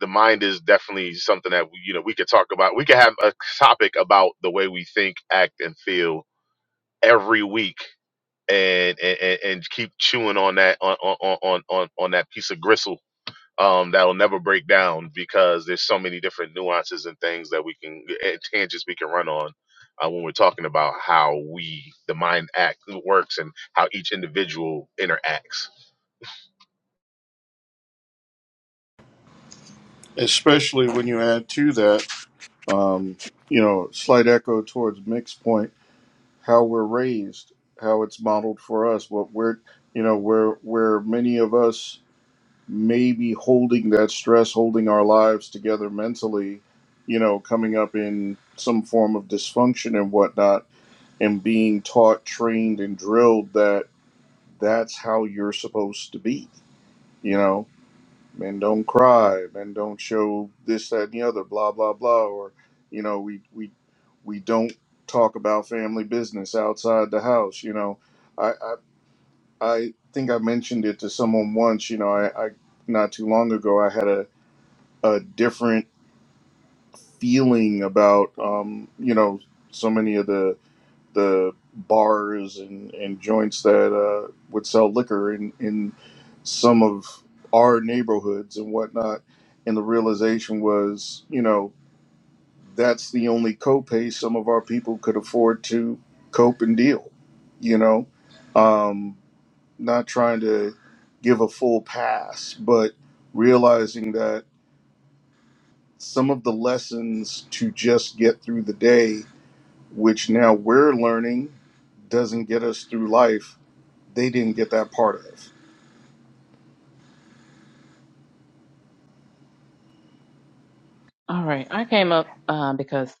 the mind is definitely something that we, you know we could talk about we could have a topic about the way we think act and feel every week and and, and keep chewing on that on on on on, on that piece of gristle um, that'll never break down because there's so many different nuances and things that we can and tangents we can run on uh, when we're talking about how we the mind act works and how each individual interacts. especially when you add to that um, you know, slight echo towards Mick's point, how we're raised, how it's modeled for us, what we're, you know, where where many of us may be holding that stress, holding our lives together mentally, you know, coming up in some form of dysfunction and whatnot, and being taught, trained, and drilled that that's how you're supposed to be, you know men don't cry, men don't show this, that, and the other, blah, blah, blah. Or, you know, we we we don't talk about family business outside the house. You know, I I, I think I mentioned it to someone once. You know, I, I not too long ago I had a a different feeling about um you know so many of the the bars and, and joints that uh, would sell liquor in, in some of our neighborhoods and whatnot. And the realization was, you know, that's the only copay some of our people could afford to cope and deal, you know. Um, not trying to give a full pass, but realizing that some of the lessons to just get through the day, which now we're learning, doesn't get us through life they didn't get that part of All right. I came up uh, because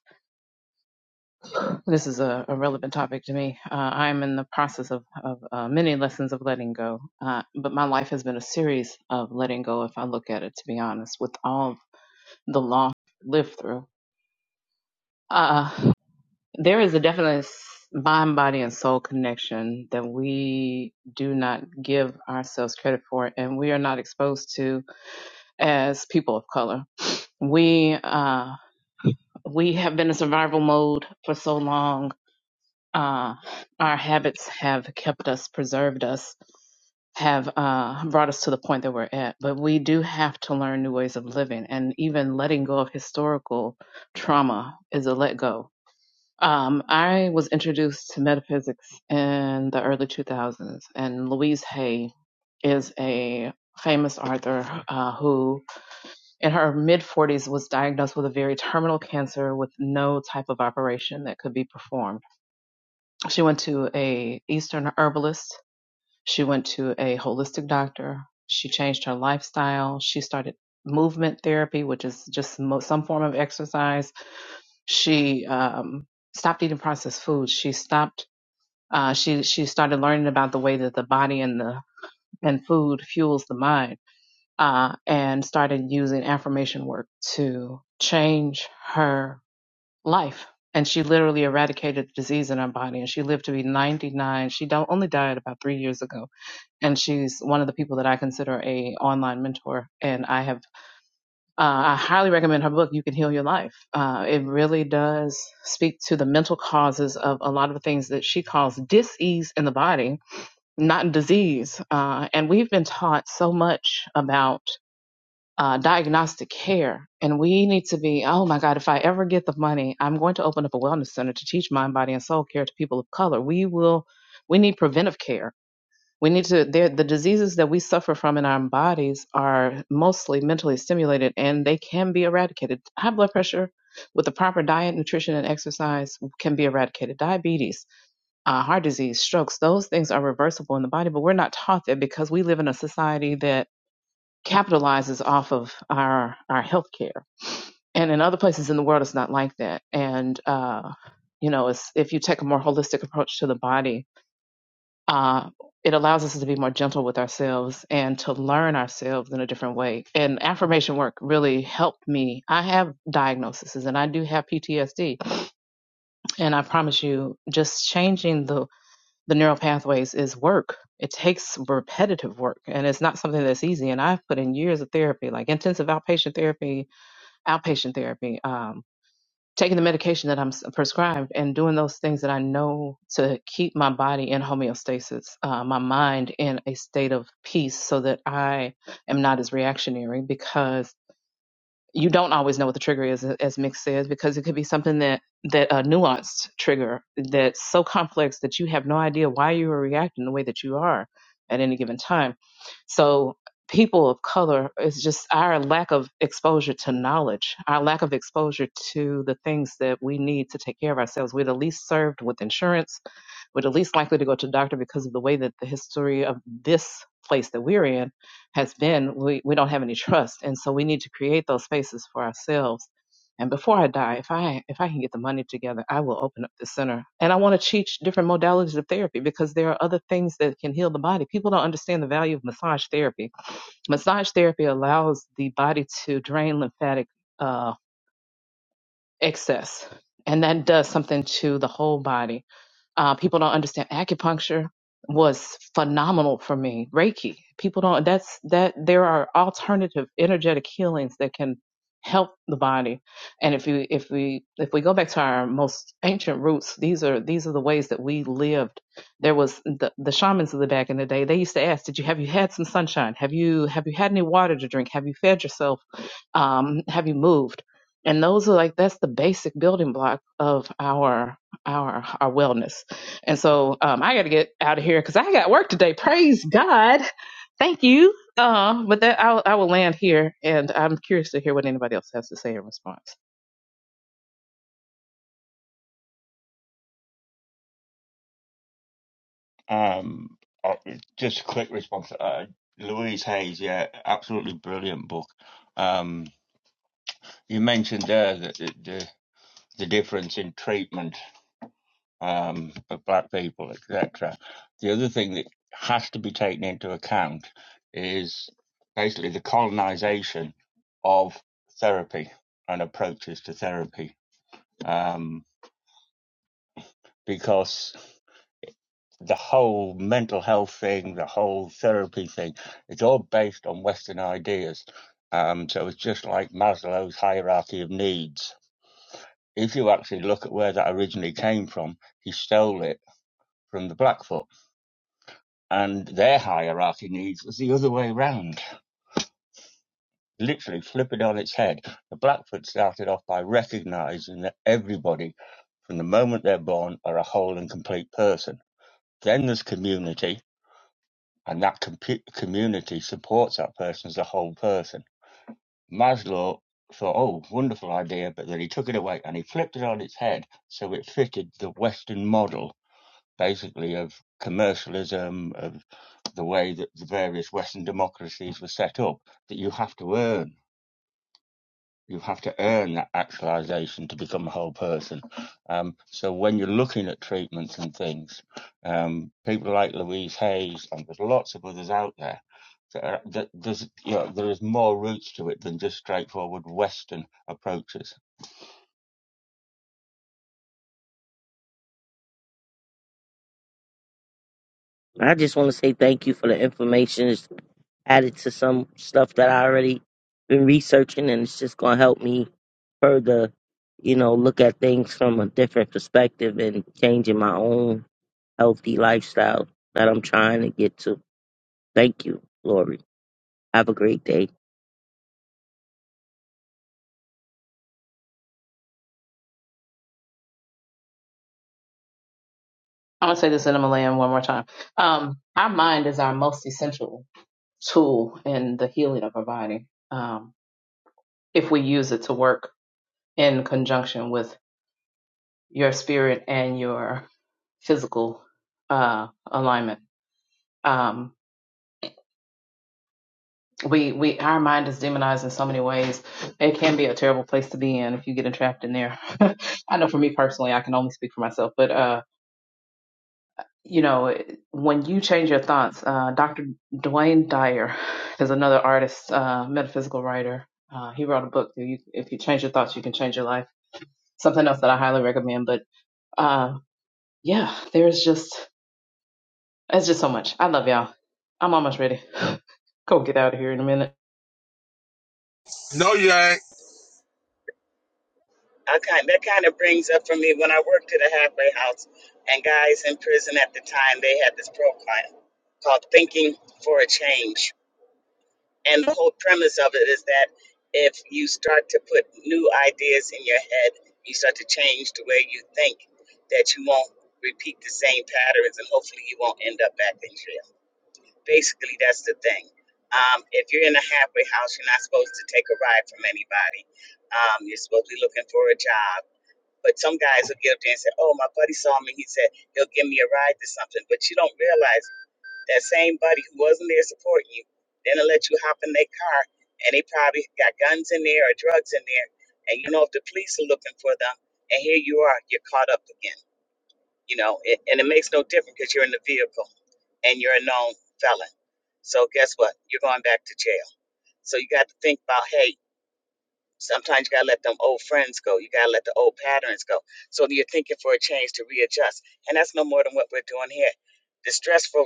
this is a, a relevant topic to me. Uh, I'm in the process of, of uh, many lessons of letting go, uh, but my life has been a series of letting go, if I look at it, to be honest, with all the loss I've lived through. Uh, there is a definite s- mind, body, and soul connection that we do not give ourselves credit for, and we are not exposed to as people of color. We uh, we have been in survival mode for so long uh, our habits have kept us, preserved us, have uh, brought us to the point that we're at. But we do have to learn new ways of living, and even letting go of historical trauma is a let go. Um, I was introduced to metaphysics in the early 2000s, and Louise Hay is a famous author uh, who, in her mid 40s, was diagnosed with a very terminal cancer with no type of operation that could be performed she went to a Eastern herbalist. She went to a holistic doctor. She changed her lifestyle. She started movement therapy, which is just mo- some form of exercise. She um, stopped eating processed foods. She stopped. Uh, she she started learning about the way that the body and the and food fuels the mind, uh, and started using affirmation work to change her life. And she literally eradicated the disease in her body. And she lived to be 99. She do- only died about three years ago. And she's one of the people that I consider a online mentor. And I have, uh, I highly recommend her book, You Can Heal Your Life. Uh, it really does speak to the mental causes of a lot of the things that she calls dis-ease in the body, not disease. Uh, and we've been taught so much about uh, diagnostic care. And we need to be, oh my God, if I ever get the money, I'm going to open up a wellness center to teach mind, body, and soul care to people of color. We will, we need preventive care. We need to, there- the diseases that we suffer from in our bodies are mostly mentally stimulated and they can be eradicated. High blood pressure with the proper diet, nutrition, and exercise can be eradicated. Diabetes, uh, heart disease, strokes, those things are reversible in the body, but we're not taught that because we live in a society that capitalizes off of our our healthcare. And in other places in the world, it's not like that. And uh, you know, it's, if you take a more holistic approach to the body, uh, it allows us to be more gentle with ourselves and to learn ourselves in a different way. And affirmation work really helped me. I have diagnoses and I do have PTSD, and I promise you, just changing the the neural pathways is work. It takes repetitive work and it's not something that's easy. And I've put in years of therapy, like intensive outpatient therapy, outpatient therapy, um, taking the medication that I'm s- prescribed and doing those things that I know to keep my body in homeostasis, uh, my mind in a state of peace so that I am not as reactionary. Because you don't always know what the trigger is, as Mick says, because it could be something that that a nuanced trigger that's so complex that you have no idea why you are reacting the way that you are at any given time. So people of color it's just our lack of exposure to knowledge our lack of exposure to the things that we need to take care of ourselves we're the least served with insurance we're the least likely to go to the doctor because of the way that the history of this place that we're in has been we, we don't have any trust and so we need to create those spaces for ourselves and before i die if i if i can get the money together i will open up the center and i want to teach different modalities of therapy because there are other things that can heal the body people don't understand the value of massage therapy massage therapy allows the body to drain lymphatic uh, excess and that does something to the whole body uh, people don't understand acupuncture was phenomenal for me. Reiki. People don't. That's that. There are alternative energetic healings that can help the body. And if you if we if we go back to our most ancient roots, these are these are the ways that we lived. There was the the shamans of the back in the day. They used to ask, "Did you have you had some sunshine? Have you have you had any water to drink? Have you fed yourself? Um, have you moved?" And those are like that's the basic building block of our our our wellness and so um, I got to get out of here because I got work today. Praise God. Thank you. Uh, but that I'll, I will land here, and I'm curious to hear what anybody else has to say in response. Um, uh, just a quick response. Uh, Louise Hayes, yeah, absolutely brilliant book. Um, you mentioned there that the, the the difference in treatment um, of black people, etc. The other thing that has to be taken into account is basically the colonization of therapy and approaches to therapy. Um, because the whole mental health thing, the whole therapy thing, it's all based on Western ideas. Um, so it's just like Maslow's hierarchy of needs. If you actually look at where that originally came from, he stole it from the Blackfoot, and their hierarchy of needs was the other way round. Literally flip it on its head. The Blackfoot started off by recognizing that everybody, from the moment they're born, are a whole and complete person. Then there's community, and that compu community supports that person as a whole person. Maslow thought, oh, wonderful idea, but then he took it away and he flipped it on its head so it fitted the Western model, basically, of commercialism, of the way that the various Western democracies were set up, that you have to earn you have to earn that actualization to become a whole person. Um, so when you're looking at treatments and things, um, people like Louise Hayes and there's lots of others out there. That are, that there's you know, there is more roots to it than just straightforward Western approaches. I just want to say thank you for the information. added to some stuff that I already been researching, and it's just gonna help me further, you know, look at things from a different perspective and changing my own healthy lifestyle that I'm trying to get to. Thank you, Lori. Have a great day. I'm gonna say this in a Malayan one more time. Um, our mind is our most essential tool in the healing of our body. Um, if we use it to work in conjunction with your spirit and your physical uh, alignment. Um, we we our mind is demonized in so many ways. It can be a terrible place to be in if you get entrapped in there. *laughs* I know for me personally, I can only speak for myself, but uh, you know, when you change your thoughts, uh, Dr. Dwayne Dyer is another artist, uh, metaphysical writer. Uh, he wrote a book. You, if you change your thoughts, you can change your life. Something else that I highly recommend. But uh, yeah, there's just It's just so much. I love y'all. I'm almost ready. *laughs* Go get out of here in a minute. No, you ain't. I kind that kind of brings up for me when I worked at a halfway house and guys in prison at the time they had this program called Thinking for a Change. And the whole premise of it is that if you start to put new ideas in your head, you start to change the way you think that you won't repeat the same patterns and hopefully you won't end up back in jail. Basically that's the thing. Um, if you're in a halfway house, you're not supposed to take a ride from anybody. Um, you're supposed to be looking for a job but some guys will get up there and say, Oh, my buddy saw me. He said he'll give me a ride to something. But you don't realize that same buddy who wasn't there supporting you, then they let you hop in their car and they probably got guns in there or drugs in there. And you know, if the police are looking for them, and here you are, you're caught up again. You know, it, and it makes no difference because you're in the vehicle and you're a known felon. So guess what? You're going back to jail. So you got to think about, hey, Sometimes you gotta let them old friends go. You gotta let the old patterns go. So you're thinking for a change to readjust, and that's no more than what we're doing here. The stressful.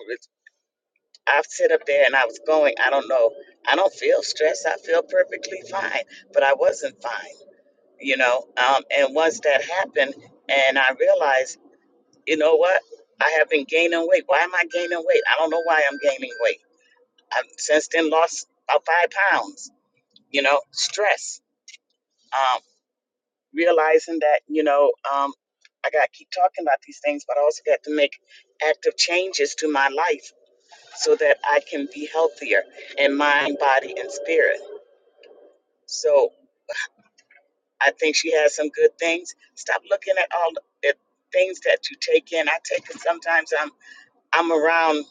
I've sit up there and I was going. I don't know. I don't feel stressed. I feel perfectly fine, but I wasn't fine. You know. Um, and once that happened, and I realized, you know what? I have been gaining weight. Why am I gaining weight? I don't know why I'm gaining weight. I've since then lost about five pounds. You know, stress. Um, realizing that you know um, i got to keep talking about these things but i also got to make active changes to my life so that i can be healthier in mind body and spirit so i think she has some good things stop looking at all the things that you take in i take it sometimes i'm i'm around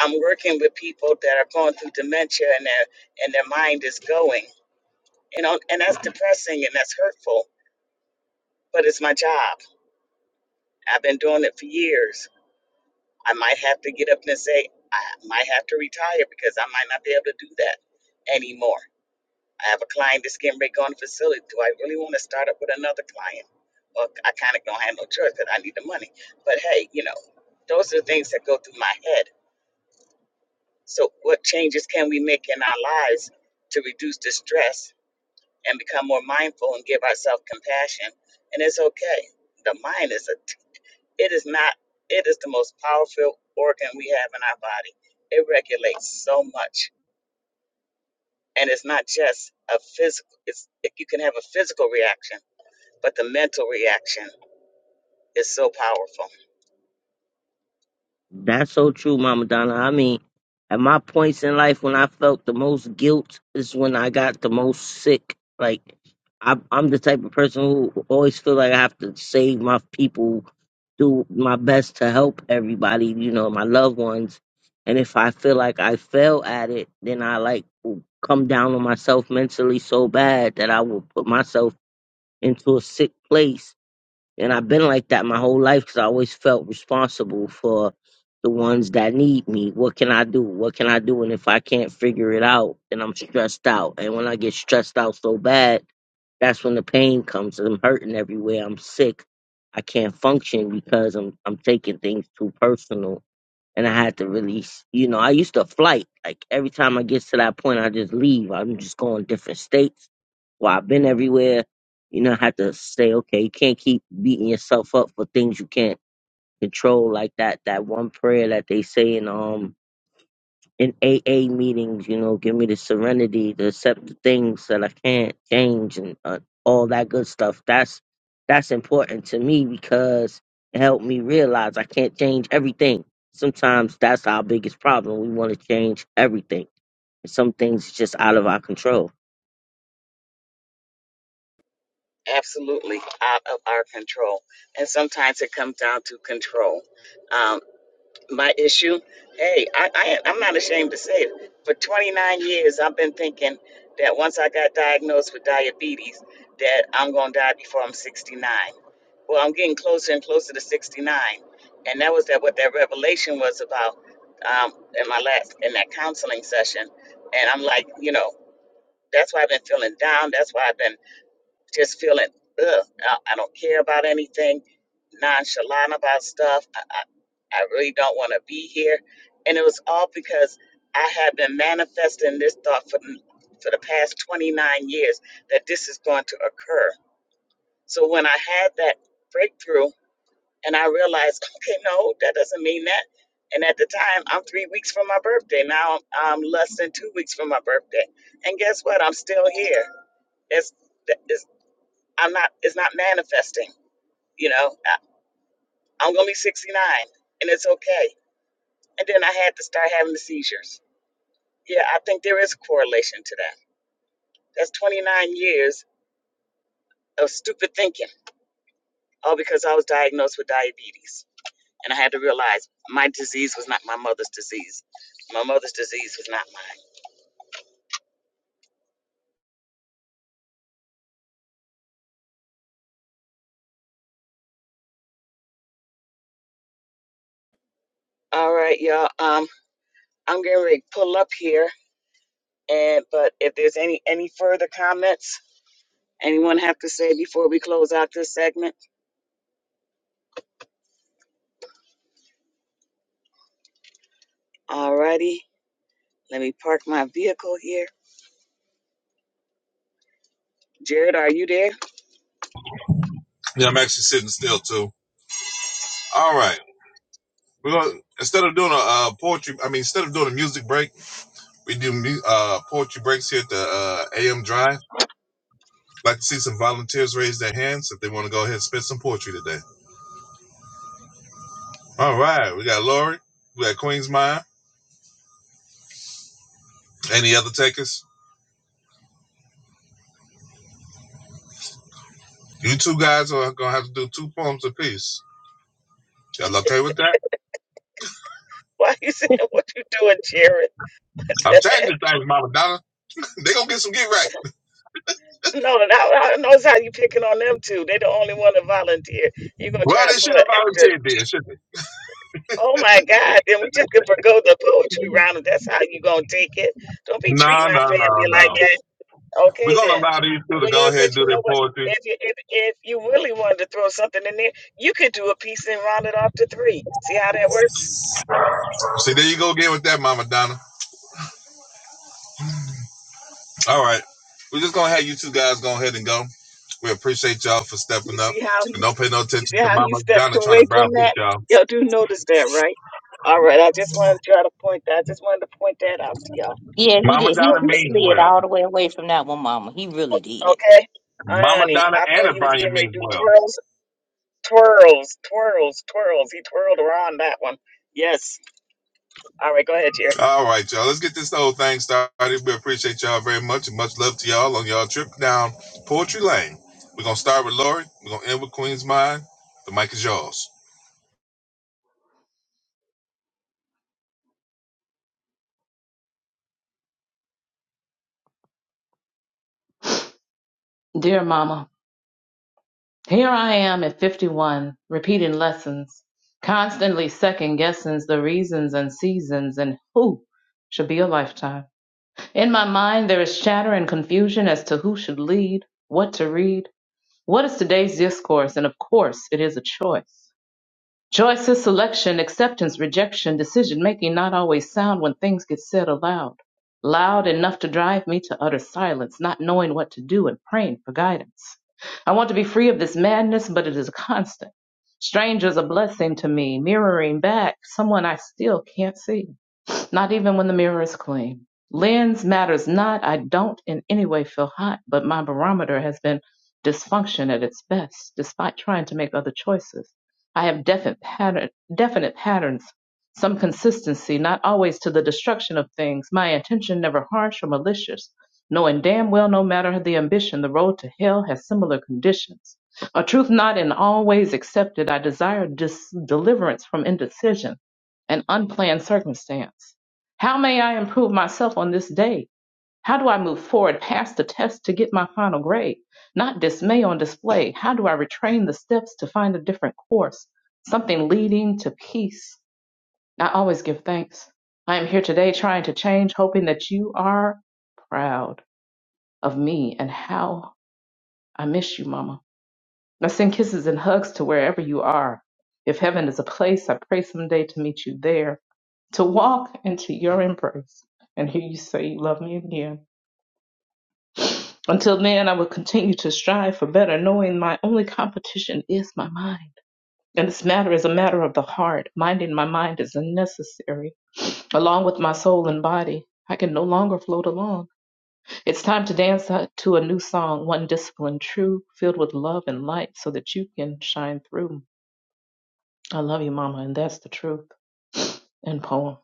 i'm working with people that are going through dementia and their and their mind is going you know and that's depressing and that's hurtful but it's my job i've been doing it for years I might have to get up and say, I might have to retire because I might not be able to do that anymore. I have a client that's getting ready to go on the facility. Do I really want to start up with another client? Well, I kind of don't have no choice because I need the money. But hey, you know, those are the things that go through my head. So, what changes can we make in our lives to reduce the stress and become more mindful and give ourselves compassion? And it's okay. The mind is a it is not, it is the most powerful organ we have in our body. It regulates so much. And it's not just a physical, it's, you can have a physical reaction, but the mental reaction is so powerful, That's so true, Mama Donna. I mean, at my points in life when I felt the most guilt is when I got the most sick. Like I, I'm the type of person who always feel like I have to save my people, do my best to help everybody, you know, my loved ones. And if I feel like I fail at it, then I like will come down on myself mentally so bad that I will put myself into a sick place and I've been like that my whole life because I always felt responsible for the ones that need me. What can I do? What can I do? And if I can't figure it out, then I'm stressed out. And when I get stressed out so bad, that's when the pain comes. I'm hurting everywhere. I'm sick. I can't function because I'm I'm taking things too personal and I had to release. You know, I used to flight. Like every time I get to that point, I just leave. I'm just going different states. Well, I've been everywhere. You know, I had to say, okay, you can't keep beating yourself up for things you can't control, like that that one prayer that they say in um in AA meetings, you know, give me the serenity to accept the things that I can't change and uh, all that good stuff. That's that's important to me because it helped me realize I can't change everything. Sometimes that's our biggest problem. We want to change everything. Some things just out of our control. absolutely out of our control. And sometimes it comes down to control. Um, my issue. Hey, I, I I'm not ashamed to say it. For 29 years, I've been thinking that once I got diagnosed with diabetes, that I'm gonna die before I'm 69. Well, I'm getting closer and closer to 69, and that was that what that revelation was about um, in my last in that counseling session. And I'm like, you know, that's why I've been feeling down. That's why I've been just feeling, ugh, I, I don't care about anything, nonchalant about stuff. I, I, I really don't want to be here. And it was all because I had been manifesting this thought for, the- for the past 29 years that this is going to occur. So when I had that breakthrough and I realized, *laughs* okay, no, that doesn't mean that. And at the time, I'm three weeks from my birthday. Now I'm less than two weeks from my birthday. And guess what? I'm still here. It's, I'm not, it's not manifesting. You know, I, I'm going to be 69 and it's okay. And then I had to start having the seizures. Yeah, I think there is a correlation to that. That's 29 years of stupid thinking, all because I was diagnosed with diabetes. And I had to realize my disease was not my mother's disease. My mother's disease was not mine. All right, y'all. Um, I'm getting ready to pull up here. And but if there's any any further comments anyone have to say before we close out this segment? All righty. Let me park my vehicle here. Jared, are you there? Yeah, I'm actually sitting still too. All right, we're gonna instead of doing a uh, poetry, I mean, instead of doing a music break, we do mu- uh, poetry breaks here at the uh, AM Drive. Like to see some volunteers raise their hands if they want to go ahead and spit some poetry today. All right, we got Lori, we got Queen's Mind. Any other takers? You two guys are gonna have to do two poems apiece. Y'all okay with that? *laughs* Why you sitting there? What you doing, Jared? I'm *laughs* changing things, Mama Donna. They gonna get some get right. no, no, I knows how you picking on them two. They the only one to volunteer. you gonna Well, try and they put should an have extra. volunteered then, shouldn't they? Oh my God! Then we just could forgo the poetry round if that's how you gonna take it. Don't be treating No, our no, no, family like no. that. We're Okay gonna then. allow these two to Well, you go know, ahead and cause do you their know what? poetry. If you if if you really wanted to throw something in there, you could do a piece and round it off to three. See how that works? See, there you go again with that, Mama Donna. All right, we're just gonna have you two guys go ahead and go. We appreciate y'all for You stepping up. see how he And don't pay no You attention see to how you Mama stepped Donna trying away to from browbeat that? y'all. Y'all do notice that, right? All right, I just wanted to try to point that. I just wanted to point that out to y'all. Yeah, he Mama did. He, Donna he Okay, means slid all well. the way away from that one, Mama. He really did. okay. Mama Honey, Donna I and thought he was O'Brien getting ready means to do well. twirls, twirls, twirls, twirls. He twirled around that one. Yes. All right, go ahead, Jerry. All right, y'all. Let's get this whole thing started. We appreciate y'all very much and much love to y'all on y'all trip down Poetry Lane. We're gonna start with Lori. We're gonna end with Queen's Mind. The mic is yours. Dear Mama, here I am at 51, repeating lessons, constantly second guessing the reasons and seasons and who should be a lifetime. In my mind, there is chatter and confusion as to who should lead, what to read, what is today's discourse, and of course, it is a choice. Choices, selection, acceptance, rejection, decision-making not always sound when things get said aloud. Loud enough to drive me to utter silence, not knowing what to do and praying for guidance. I want to be free of this madness, but it is a constant. Strangers a blessing to me, mirroring back someone I still can't see not even when the mirror is clean. Lens matters not. I don't in any way feel hot, but my barometer has been dysfunction at its best, despite trying to make other choices. I have definite, pattern, definite patterns, some consistency, not always to the destruction of things. My intention never harsh or malicious, knowing damn well no matter the ambition, the road to hell has similar conditions. A truth not in all ways accepted, I desire dis- deliverance from indecision, an unplanned circumstance. How may I improve myself on this day? How do I move forward past the test to get my final grade? Not dismay on display. How do I retrain the steps to find a different course? Something leading to peace. I always give thanks. I am here today trying to change, hoping that you are proud of me and how I miss you, Mama. I send kisses and hugs to wherever you are. If heaven is a place, I pray someday to meet you there, to walk into your embrace and hear you say you love me again. Until then, I will continue to strive for better, knowing my only competition is my mind. And this matter is a matter of the heart. Minding my mind is unnecessary, along with my soul and body. I can no longer float along. It's time to dance out to a new song, one discipline true, filled with love and light, so that you can shine through. I love you, Mama, and that's the truth and poem.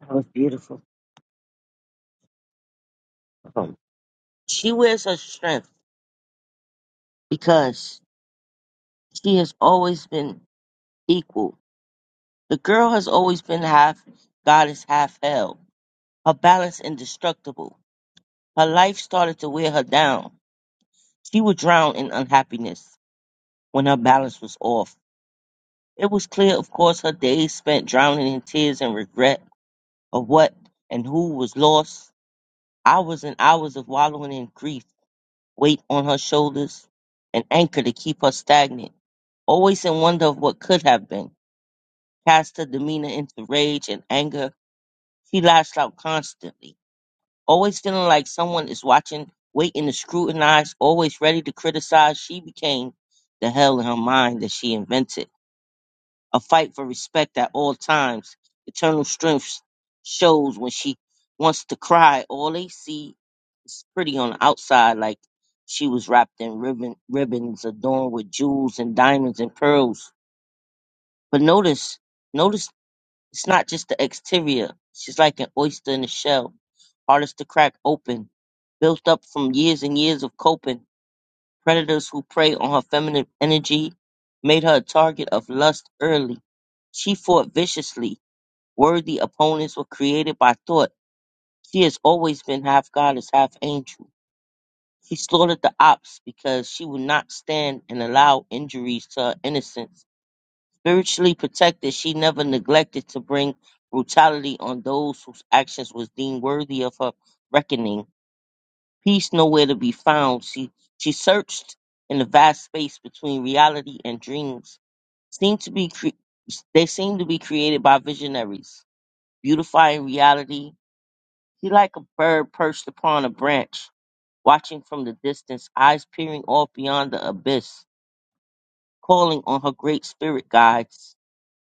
That was beautiful. Um, she wears her strength because she has always been equal. The girl has always been half goddess, half hell. Her balance indestructible Her life started to wear her down. She would drown in unhappiness when her balance was off. It was clear, of course, her days spent drowning in tears and regret of what and who was lost. Hours and hours of wallowing in grief weight on her shoulders, an anchor to keep her stagnant, always in wonder of what could have been. Cast her demeanor into rage and anger, she lashed out constantly always feeling like someone is watching, waiting to scrutinize, always ready to criticize, she became the hell in her mind that she invented. A fight for respect at all times. Eternal strength shows when she wants to cry. All they see is pretty on the outside, like she was wrapped in ribbon, ribbons adorned with jewels and diamonds and pearls. But notice, notice it's not just the exterior. She's like an oyster in a shell, hardest to crack open, built up from years and years of coping. Predators who prey on her feminine energy made her a target of lust early. She fought viciously. Worthy opponents were created by thought. She has always been half goddess, half angel. She slaughtered the ops because she would not stand and allow injuries to her innocence. Spiritually protected, she never neglected to bring brutality on those whose actions was deemed worthy of her reckoning. Peace nowhere to be found. She she searched in the vast space between reality and dreams. Seemed to be cre- they seem to be created by visionaries, beautifying reality. She like a bird perched upon a branch, watching from the distance, eyes peering off beyond the abyss, calling on her great spirit guides.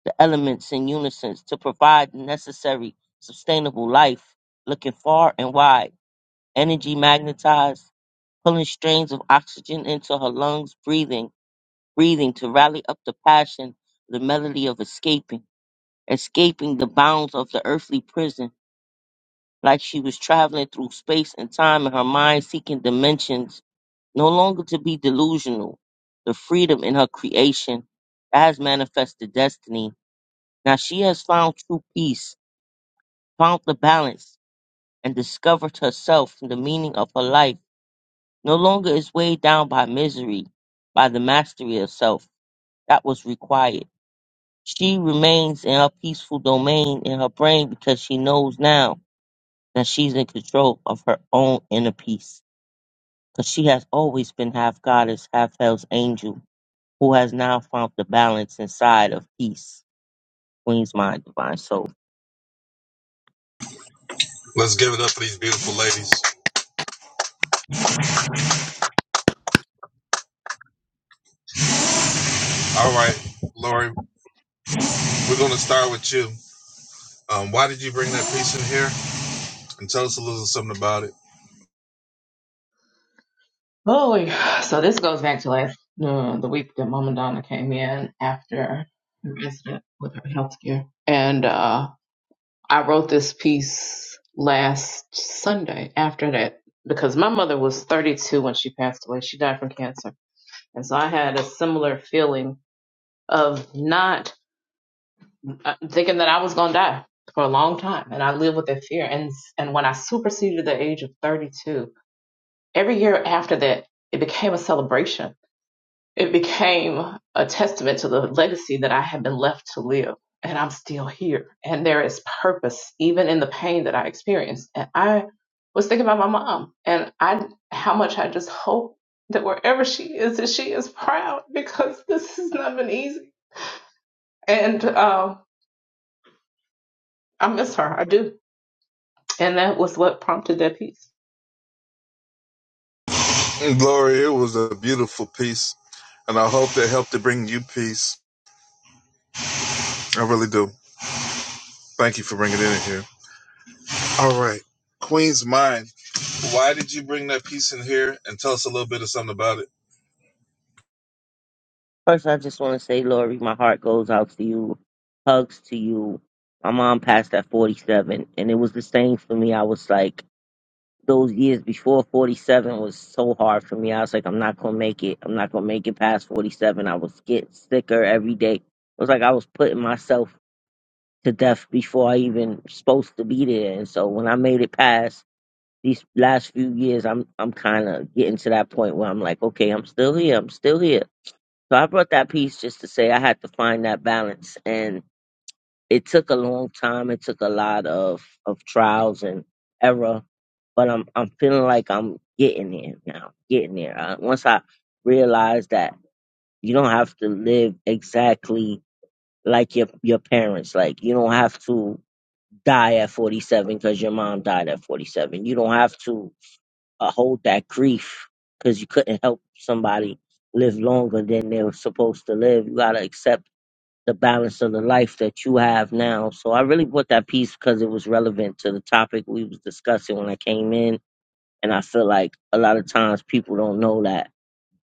the elements in unison to provide the necessary sustainable life, looking far and wide, energy magnetized, pulling strains of oxygen into her lungs, breathing, breathing to rally up the passion, the melody of escaping, escaping the bounds of the earthly prison, like she was traveling through space and time in her mind, seeking dimensions, no longer to be delusional, the freedom in her creation. As manifested destiny. Now she has found true peace found the balance, and discovered herself the meaning of her life no longer is weighed down by misery, by the mastery of self that was required. She remains in her peaceful domain in her brain because she knows now that she's in control of her own inner peace. Because she has always been half goddess, half hell's angel, who has now found the balance inside of peace. Queen's mind, divine soul. Let's give it up for these beautiful ladies. All right, Lori, we're gonna start with you. Um, why did you bring that piece in here? And tell us a little something about it. Holy, so this goes back to last uh, the week that Mama Donna came in after her incident with her health care, and uh, I wrote this piece last Sunday after that because my mother was 32 when she passed away. She died from cancer, and so I had a similar feeling of not uh, thinking that I was gonna die for a long time, and I lived with that fear. And and when I superseded the age of 32. every year after that, it became a celebration. It became a testament to the legacy that I had been left to live. And I'm still here. And there is purpose, even in the pain that I experienced. And I was thinking about my mom and I how much I just hope that wherever she is, that she is proud because this has not been easy. And um, I miss her. I do. And that was what prompted that piece. Lori, it was a beautiful piece, and I hope that helped to bring you peace. I really do. Thank you for bringing it in here. All right, Queen's Mind. Why did you bring that piece in here and tell us a little bit of something about it? First, I just want to say, Lori, my heart goes out to you. Hugs to you. My mom passed at 47, and it was the same for me. I was like, those years before 47 was so hard for me. I was like, I'm not going to make it. I'm not going to make it past 47. I was getting sicker every day. It was like I was putting myself to death before I even supposed to be there. And so when I made it past these last few years, I'm I'm kind of getting to that point where I'm like, okay, I'm still here. I'm still here so I brought that piece just to say I had to find that balance, and it took a long time. It took a lot of of trials and error, but I'm I'm feeling like I'm getting there now. Getting there. Uh once I realized that you don't have to live exactly like your your parents. Like you don't have to die at 47 because your mom died at 47. You don't have to uh, hold that grief because you couldn't help somebody live longer than they were supposed to live. You gotta accept the balance of the life that you have now. So I really put that piece because it was relevant to the topic we was discussing when I came in, and I feel like a lot of times people don't know that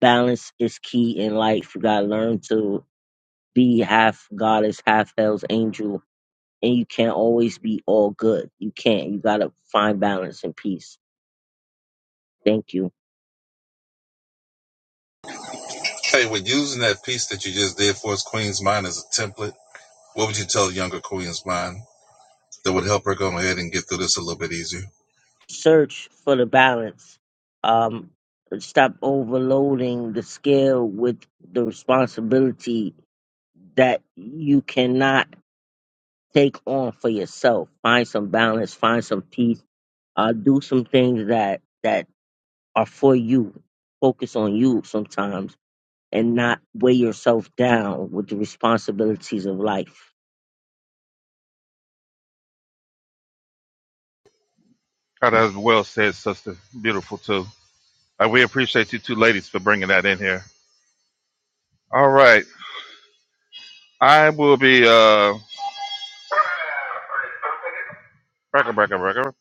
balance is key in life. You gotta learn to be half goddess, half hell's angel, and you can't always be all good. You can't. You gotta find balance and peace. Thank you. Hey, with using that piece that you just did for us, Queen's Mind, as a template, what would you tell younger Queen's Mind that would help her go ahead and get through this a little bit easier? Search for the balance. Um, stop overloading the scale with the responsibility that you cannot take on for yourself. Find some balance, find some peace, uh, do some things that that are for you. Focus on you sometimes and not weigh yourself down with the responsibilities of life. Oh, that was well said, sister. Beautiful too. Uh, we appreciate you two ladies for bringing that in here. All right, I will be uh, breaker, breaker, breaker.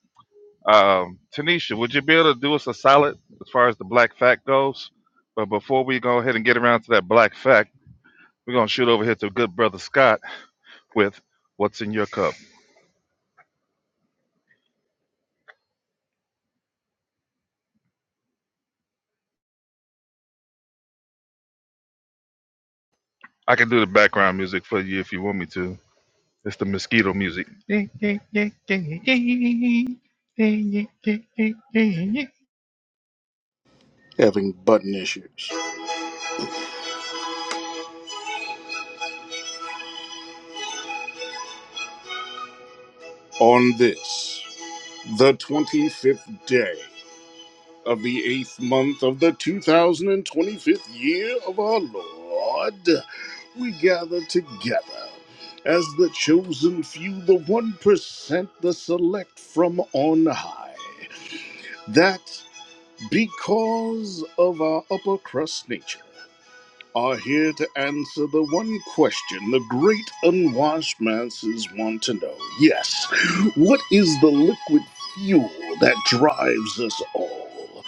Um, Tanisha, would you be able to do us a solid as far as the black fact goes? But before we go ahead and get around to that black fact, we're gonna shoot over here to good brother Scott. with What's in Your Cup. I can do the background music for you if you want me to. It's the mosquito music. having button issues. On this, the 25th day of the eighth month of the 2025th year of our Lord, we gather together as the chosen few, the 1%, the select from on high. That because of our upper crust nature. are here to answer the one question the great unwashed masses want to know. Yes, what is the liquid fuel that drives us all?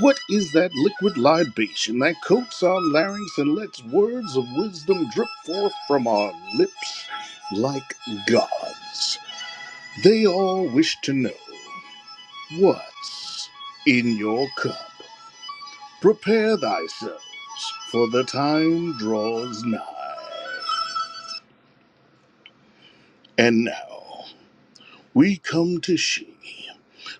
What is that liquid libation that coats our larynx and lets words of wisdom drip forth from our lips like gods? They all wish to know what's in your cup. Prepare thyselves, for the time draws nigh. And now we come to she,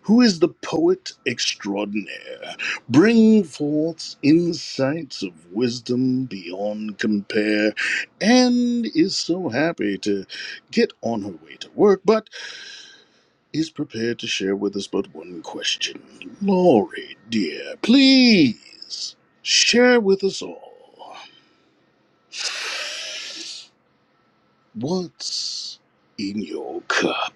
who is the poet extraordinaire, bring forth insights of wisdom beyond compare, and is so happy to get on her way to work, but is prepared to share with us but one question. Laurie, dear, please share with us all. What's in your cup?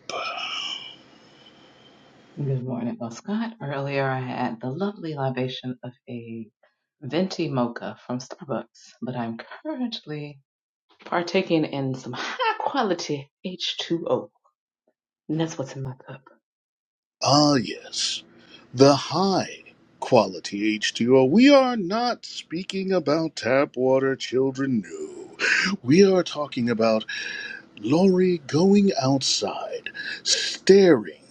Good morning, Well, Scott. Earlier, I had the lovely libation of a venti mocha from Starbucks, but I'm currently partaking in some high quality H2O, and that's what's in my cup. Ah, yes, the high quality H2O. We are not speaking about tap water, children, no. We are talking about Lori going outside, staring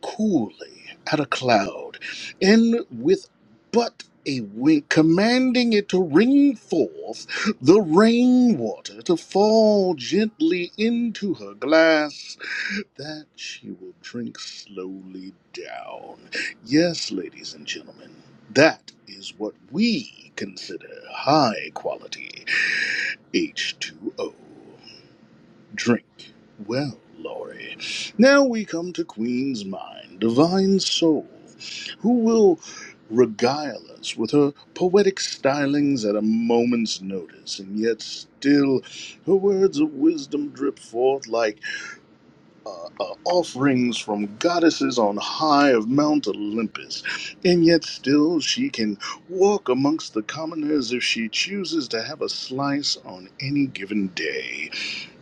coolly at a cloud, and with but a wink, commanding it to ring forth the rainwater to fall gently into her glass that she will drink slowly down. Yes, ladies and gentlemen, that is what we consider high quality H2O. Drink well, Laurie. Now we come to Queen's Mind, Divine Soul, who will regale us with her poetic stylings at a moment's notice, and yet still her words of wisdom drip forth like uh, uh, offerings from goddesses on high of Mount Olympus, and yet still she can walk amongst the commoners if she chooses to have a slice on any given day.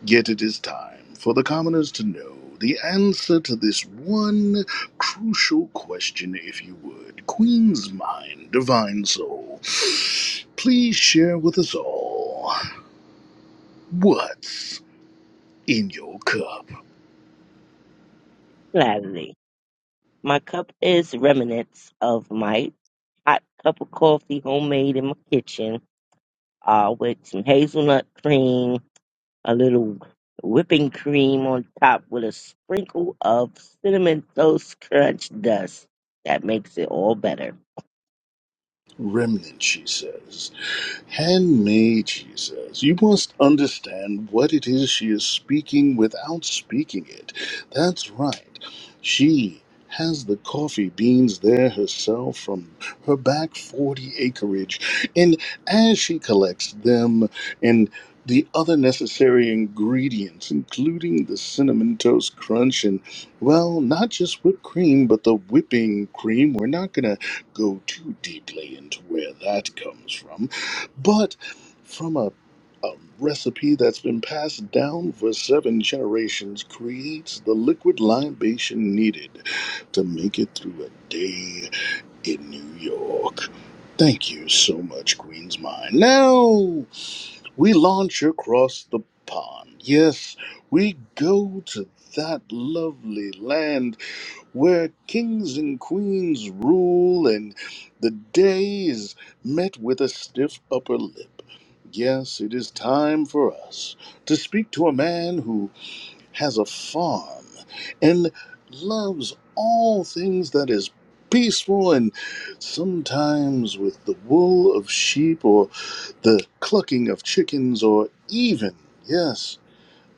Yet it is time for the commoners to know the answer to this one crucial question, if you would. Queen's mind, divine soul, please share with us all what's in your cup. Gladly. My cup is remnants of my hot cup of coffee homemade in my kitchen, uh, with some hazelnut cream a little whipping cream on top with a sprinkle of cinnamon toast crunch dust. That makes it all better. Remnant, she says. Handmade, she says. You must understand what it is she is speaking without speaking it. That's right. She has the coffee beans there herself from her back 40 acreage. And as she collects them and the other necessary ingredients, including the cinnamon toast crunch and, well, not just whipped cream, but the whipping cream. We're not going to go too deeply into where that comes from but from a, a recipe that's been passed down for seven generations creates the liquid libation needed to make it through a day in New York. Thank you so much, Queen's Mind. Now we launch across the pond. Yes, we go to that lovely land where kings and queens rule and the day is met with a stiff upper lip. Yes, it is time for us to speak to a man who has a farm and loves all things that is peaceful and sometimes with the wool of sheep or the clucking of chickens or even, yes,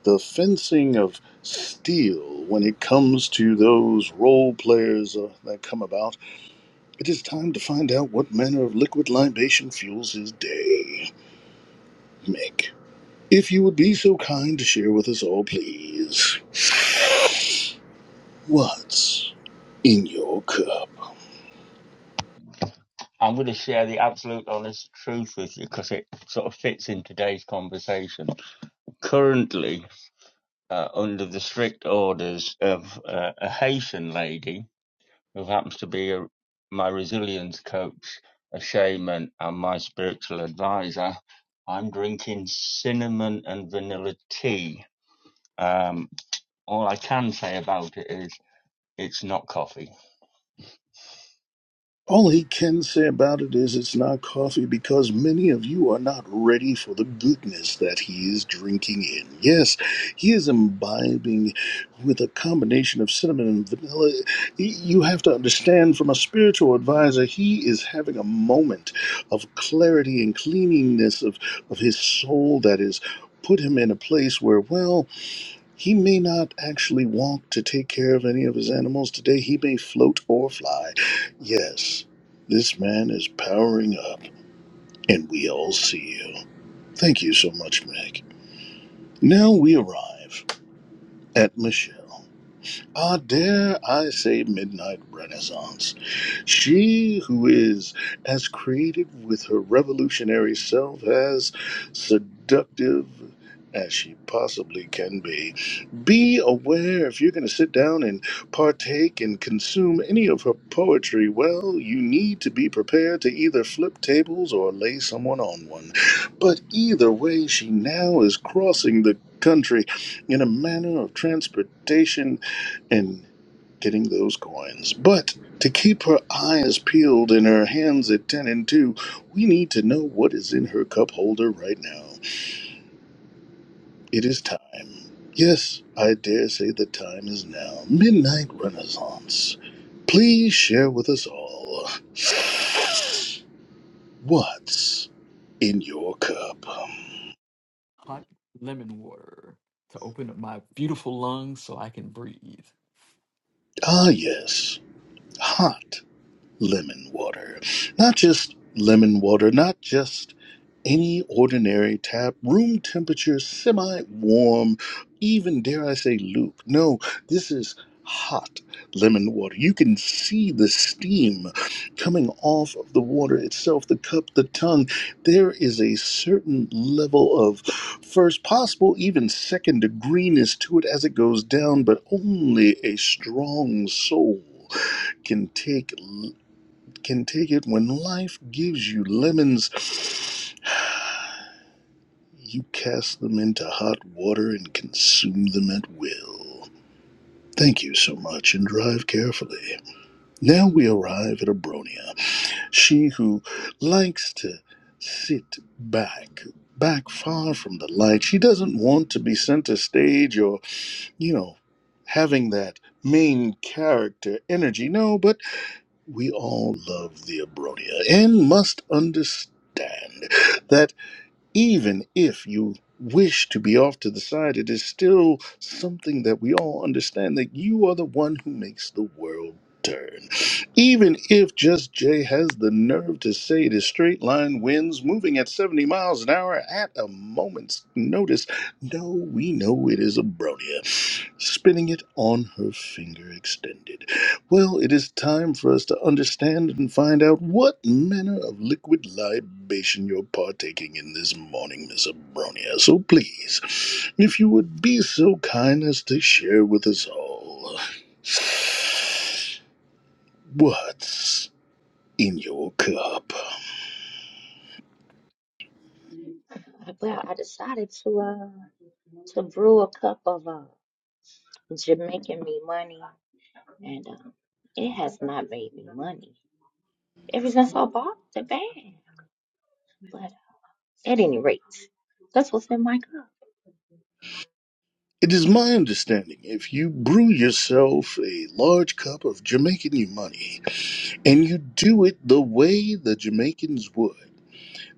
the fencing of steel when it comes to those role players uh, that come about. It is time to find out what manner of liquid libation fuels his day. Mick, if you would be so kind to share with us all, please, what's in your cup? I'm going to share the absolute honest truth with you because it sort of fits in today's conversation. Currently, uh, under the strict orders of uh, a Haitian lady who happens to be a, my resilience coach, a shaman, and my spiritual advisor. I'm drinking cinnamon and vanilla tea. Um, all I can say about it is it's not coffee. All he can say about it is it's not coffee because many of you are not ready for the goodness that he is drinking in. Yes, he is imbibing with a combination of cinnamon and vanilla. Y- You have to understand from a spiritual advisor, he is having a moment of clarity and cleanliness of, of his soul that is put him in a place where, well, he may not actually walk to take care of any of his animals today. He may float or fly. Yes, this man is powering up, and we all see you. Thank you so much, Meg. Now we arrive at Michelle. Ah, dare I say midnight renaissance. She who is as creative with her revolutionary self, as seductive as she possibly can be. Be aware if you're going to sit down and partake and consume any of her poetry, well, you need to be prepared to either flip tables or lay someone on one. But either way, she now is crossing the country in a manner of transportation and getting those coins. But to keep her eyes peeled and her hands at 10 and 2, we need to know what is in her cup holder right now. It is time. Yes, I dare say the time is now. Midnight Renaissance. Please share with us all what's in your cup. Hot lemon water to open up my beautiful lungs so I can breathe. Ah, yes, hot. lemon water. Not just lemon water, not just any ordinary tap, room temperature, semi warm, even dare I say Luke. No, this is hot lemon water. You can see the steam coming off of the water itself, the cup, the tongue. There is a certain level of first, possible, even second degreeness to it as it goes down, but only a strong soul can take can take it when life gives you lemons. You cast them into hot water and consume them at will. Thank you so much and drive carefully. Now we arrive at Abronia. She who likes to sit back, back far from the light. She doesn't want to be center stage or, you know, having that main character energy. No, but We all love the Abronia and must understand that even if you wish to be off to the side, it is still something that we all understand that you are the one who makes the world turn. Even if Just Jay has the nerve to say it is straight line winds moving at 70 miles an hour at a moment's notice, no, we know it is Abronia, spinning it on her finger extended. Well, it is time for us to understand and find out what manner of liquid libation you're partaking in this morning, Miss Abronia. So please, if you would be so kind as to share with us all what's in your cup. Well, I decided to uh to brew a cup of uh Jamaican me money, and um, it has not made me money ever since I bought the bag. But at any rate, that's what's in my cup. It is my understanding if you brew yourself a large cup of Jamaican Umani and you do it the way the Jamaicans would.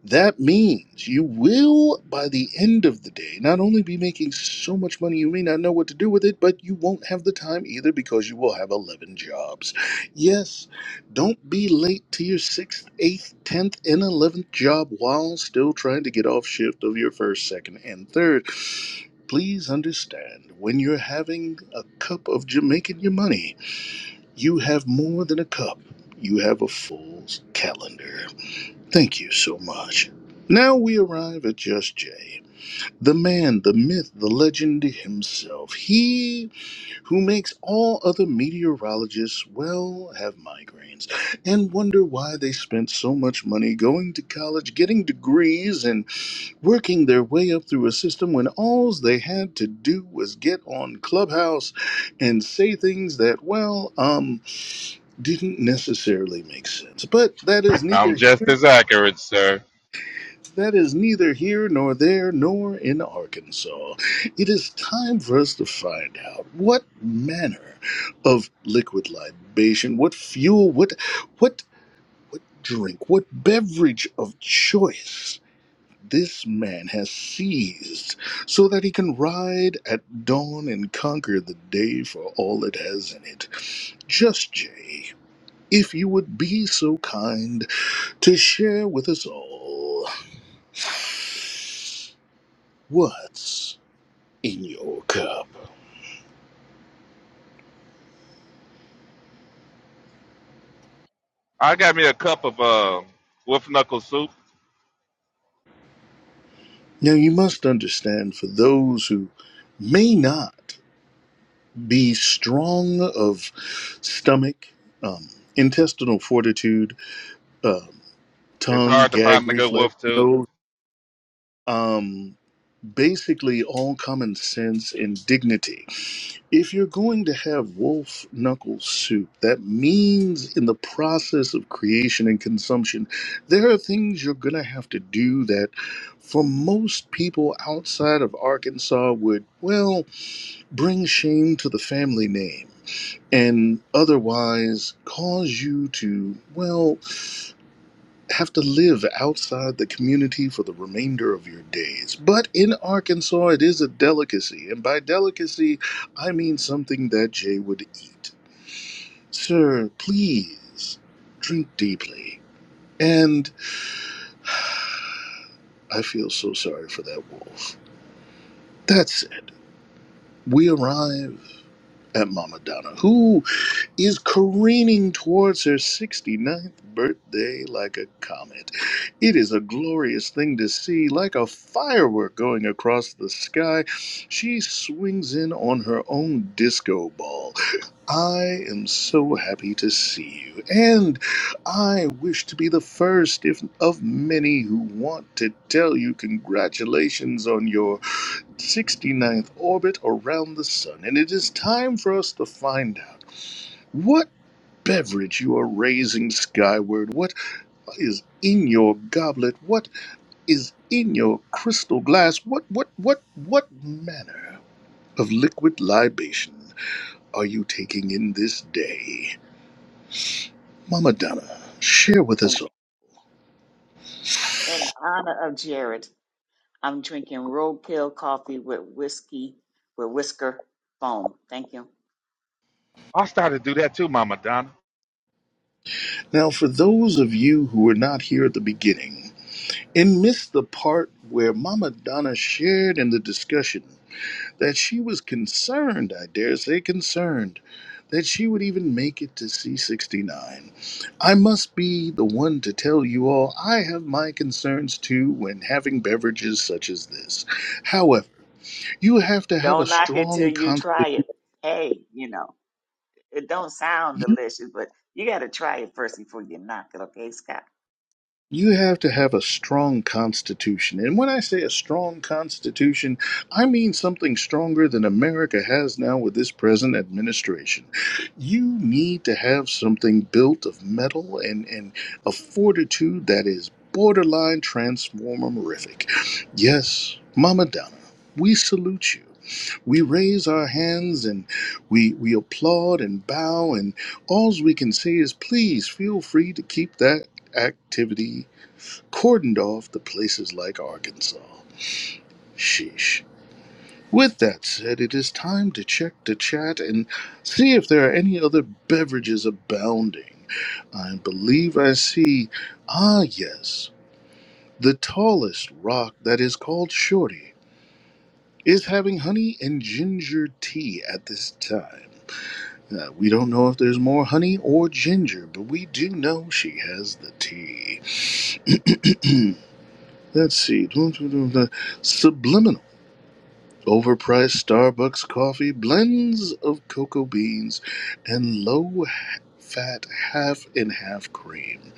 That means you will, by the end of the day, not only be making so much money you may not know what to do with it, but you won't have the time either because you will have 11 jobs. Yes, don't be late to your sixth, eighth, tenth, and eleventh job while still trying to get off shift of your first, second, and third. Please understand when you're having a cup of Jamaican your money, you have more than a cup, you have a full calendar. Thank you so much. Now we arrive at Just Jay, the man, the myth, the legend himself. He who makes all other meteorologists, well, have migraines and wonder why they spent so much money going to college, getting degrees, and working their way up through a system when all they had to do was get on Clubhouse and say things that, well, um, didn't necessarily make sense. But that is I'm neither here just as accurate, sir. that is neither here nor there nor in Arkansas. It is time for us to find out what manner of liquid libation, what fuel, what what drink, what beverage of choice this man has seized so that he can ride at dawn and conquer the day for all it has in it. Just Jay, if you would be so kind to share with us all what's in your cup. I got me a cup of uh, wolf knuckle soup. Now, you must understand for those who may not be strong of stomach, um, intestinal fortitude, um, It's tongue, hard to gag find a good reflex, wolf, too. nose, um, basically all common sense and dignity. If you're going to have wolf knuckle soup, that means in the process of creation and consumption, there are things you're going to have to do that for most people outside of Arkansas would, well, bring shame to the family name and otherwise cause you to, well, have to live outside the community for the remainder of your days. But in Arkansas, it is a delicacy, and by delicacy, I mean something that Jay would eat. Sir, please drink deeply. And I feel so sorry for that wolf. That said, we arrive at Mama Donna, who. is careening towards her sixty-ninth birthday like a comet. It is a glorious thing to see, like a firework going across the sky. She swings in on her own disco ball. I am so happy to see you, and I wish to be the first if of many who want to tell you congratulations on your sixty-ninth orbit around the sun. And it is time for us to find out. What beverage you are raising skyward? What is in your goblet? What is in your crystal glass? What what what what manner of liquid libation are you taking in this day? Mama Donna, share with In, us. all. in honor of Jared, I'm drinking roadkill coffee with whiskey, with whisker foam. Thank you. I will start to do that, too, Mama Donna. Now for those of you who were not here at the beginning and missed the part where Mama Donna shared in the discussion that she was concerned, I dare say concerned, that she would even make it to C69. I must be the one to tell you all I have my concerns too when having beverages such as this. However, you have to have a Don't knock it till strong you constitution. try it. Hey, you know. It don't sound delicious, but you got to try it first before you knock it, okay, Scott? you have to have a strong constitution. And when I say a strong constitution, I mean something stronger than America has now with this present administration. You need to have something built of metal and, and a fortitude that is borderline transformerific. Yes, Mama Donna, we salute you. We raise our hands and we, we applaud and bow, and all we can say is please feel free to keep that activity cordoned off to places like Arkansas. Sheesh. With that said, it is time to check the chat and see if there are any other beverages abounding. I believe I see. Ah, yes. The tallest rock that is called Shorty is having honey and ginger tea at this time. Uh, we don't know if there's more honey or ginger, but we do know she has the tea. *clears throat* Let's see. *clears throat* Subliminal. Overpriced Starbucks coffee, blends of cocoa beans, and low fat half and half cream.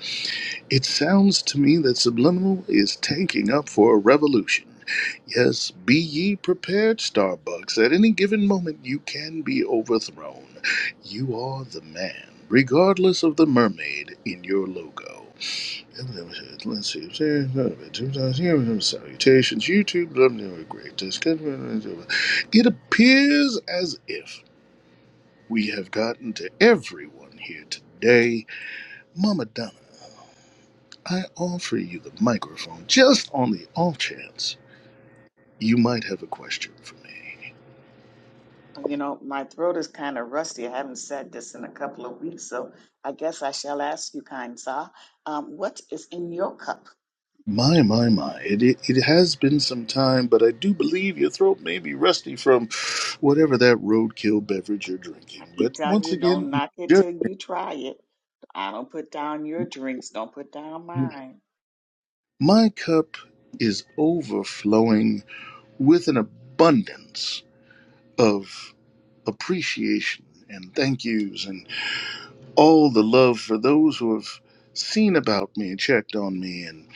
It sounds to me that Subliminal is tanking up for a revolution. Yes, be ye prepared, Starbucks. At any given moment, you can be overthrown. You are the man, regardless of the mermaid in your logo. Let's see. Salutations, YouTube. Love never great. It appears as if we have gotten to everyone here today. Mama Donna, I offer you the microphone just on the off chance you might have a question for me. You know, my throat is kind of rusty. I haven't said this in a couple of weeks, so I guess I shall ask you, kind sir, um, what is in your cup? My, my, my. It, it, it has been some time, but I do believe your throat may be rusty from whatever that roadkill beverage you're drinking. I keep But telling once you, don't again, knock it till you try it. I don't put down your drinks. Don't put down mine. My cup is overflowing with an abundance of appreciation and thank yous and all the love for those who have seen about me checked on me and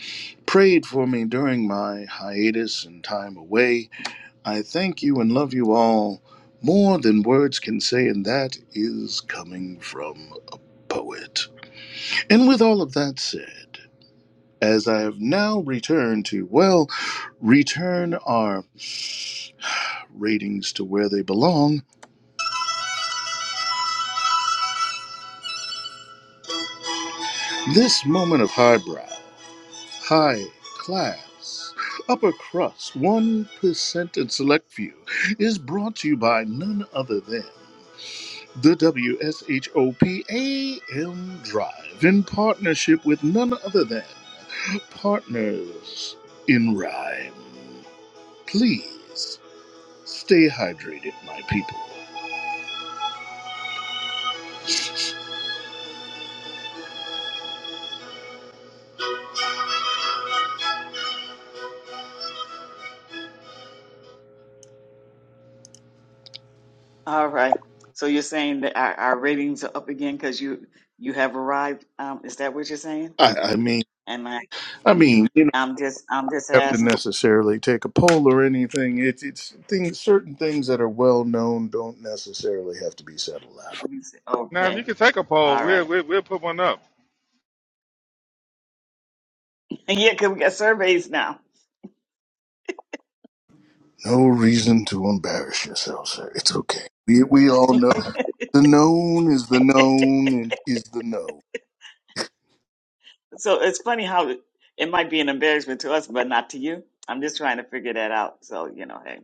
prayed for me during my hiatus and time away. I thank you and love you all more than words can say, and that is coming from a poet. And with all of that said, as I have now returned to, well, return our ratings to where they belong, this moment of highbrow, high class, upper crust, 1% and select few is brought to you by none other than the W S H O P A M Drive in partnership with none other than Partners in Rhyme. Please stay hydrated, my people. All right. So you're saying that our, our ratings are up again because you you have arrived. Um, is that what you're saying? I, I mean, And I, I mean, I'm just I'm just have to asking. necessarily take a poll or anything. It's it's things certain things that are well known don't necessarily have to be said aloud. Okay. All right. And yet, 'cause we got surveys now. No reason to embarrass yourself, sir. It's okay. We we all know the known is the *laughs* known and is the known. So it's funny how it might be an embarrassment to us, but not to you. I'm just trying to figure that out. So, you know, hey,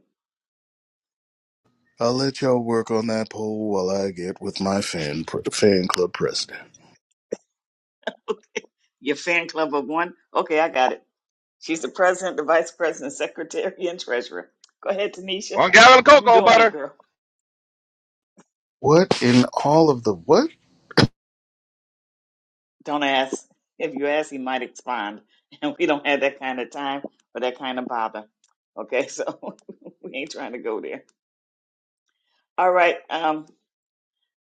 I'll let y'all work on that poll while I get with my fan pr- fan club president. your fan club of one. Okay, I got it. She's the president, the vice president, *laughs* secretary, and treasurer. Go ahead, Tanisha. One gallon of You cocoa doing it, butter. girl. What in all of the what? Don't ask. If you ask, he might expand. *laughs* And we don't have that kind of time or that kind of bother. Okay, so *laughs* we ain't trying to go there. All right, um,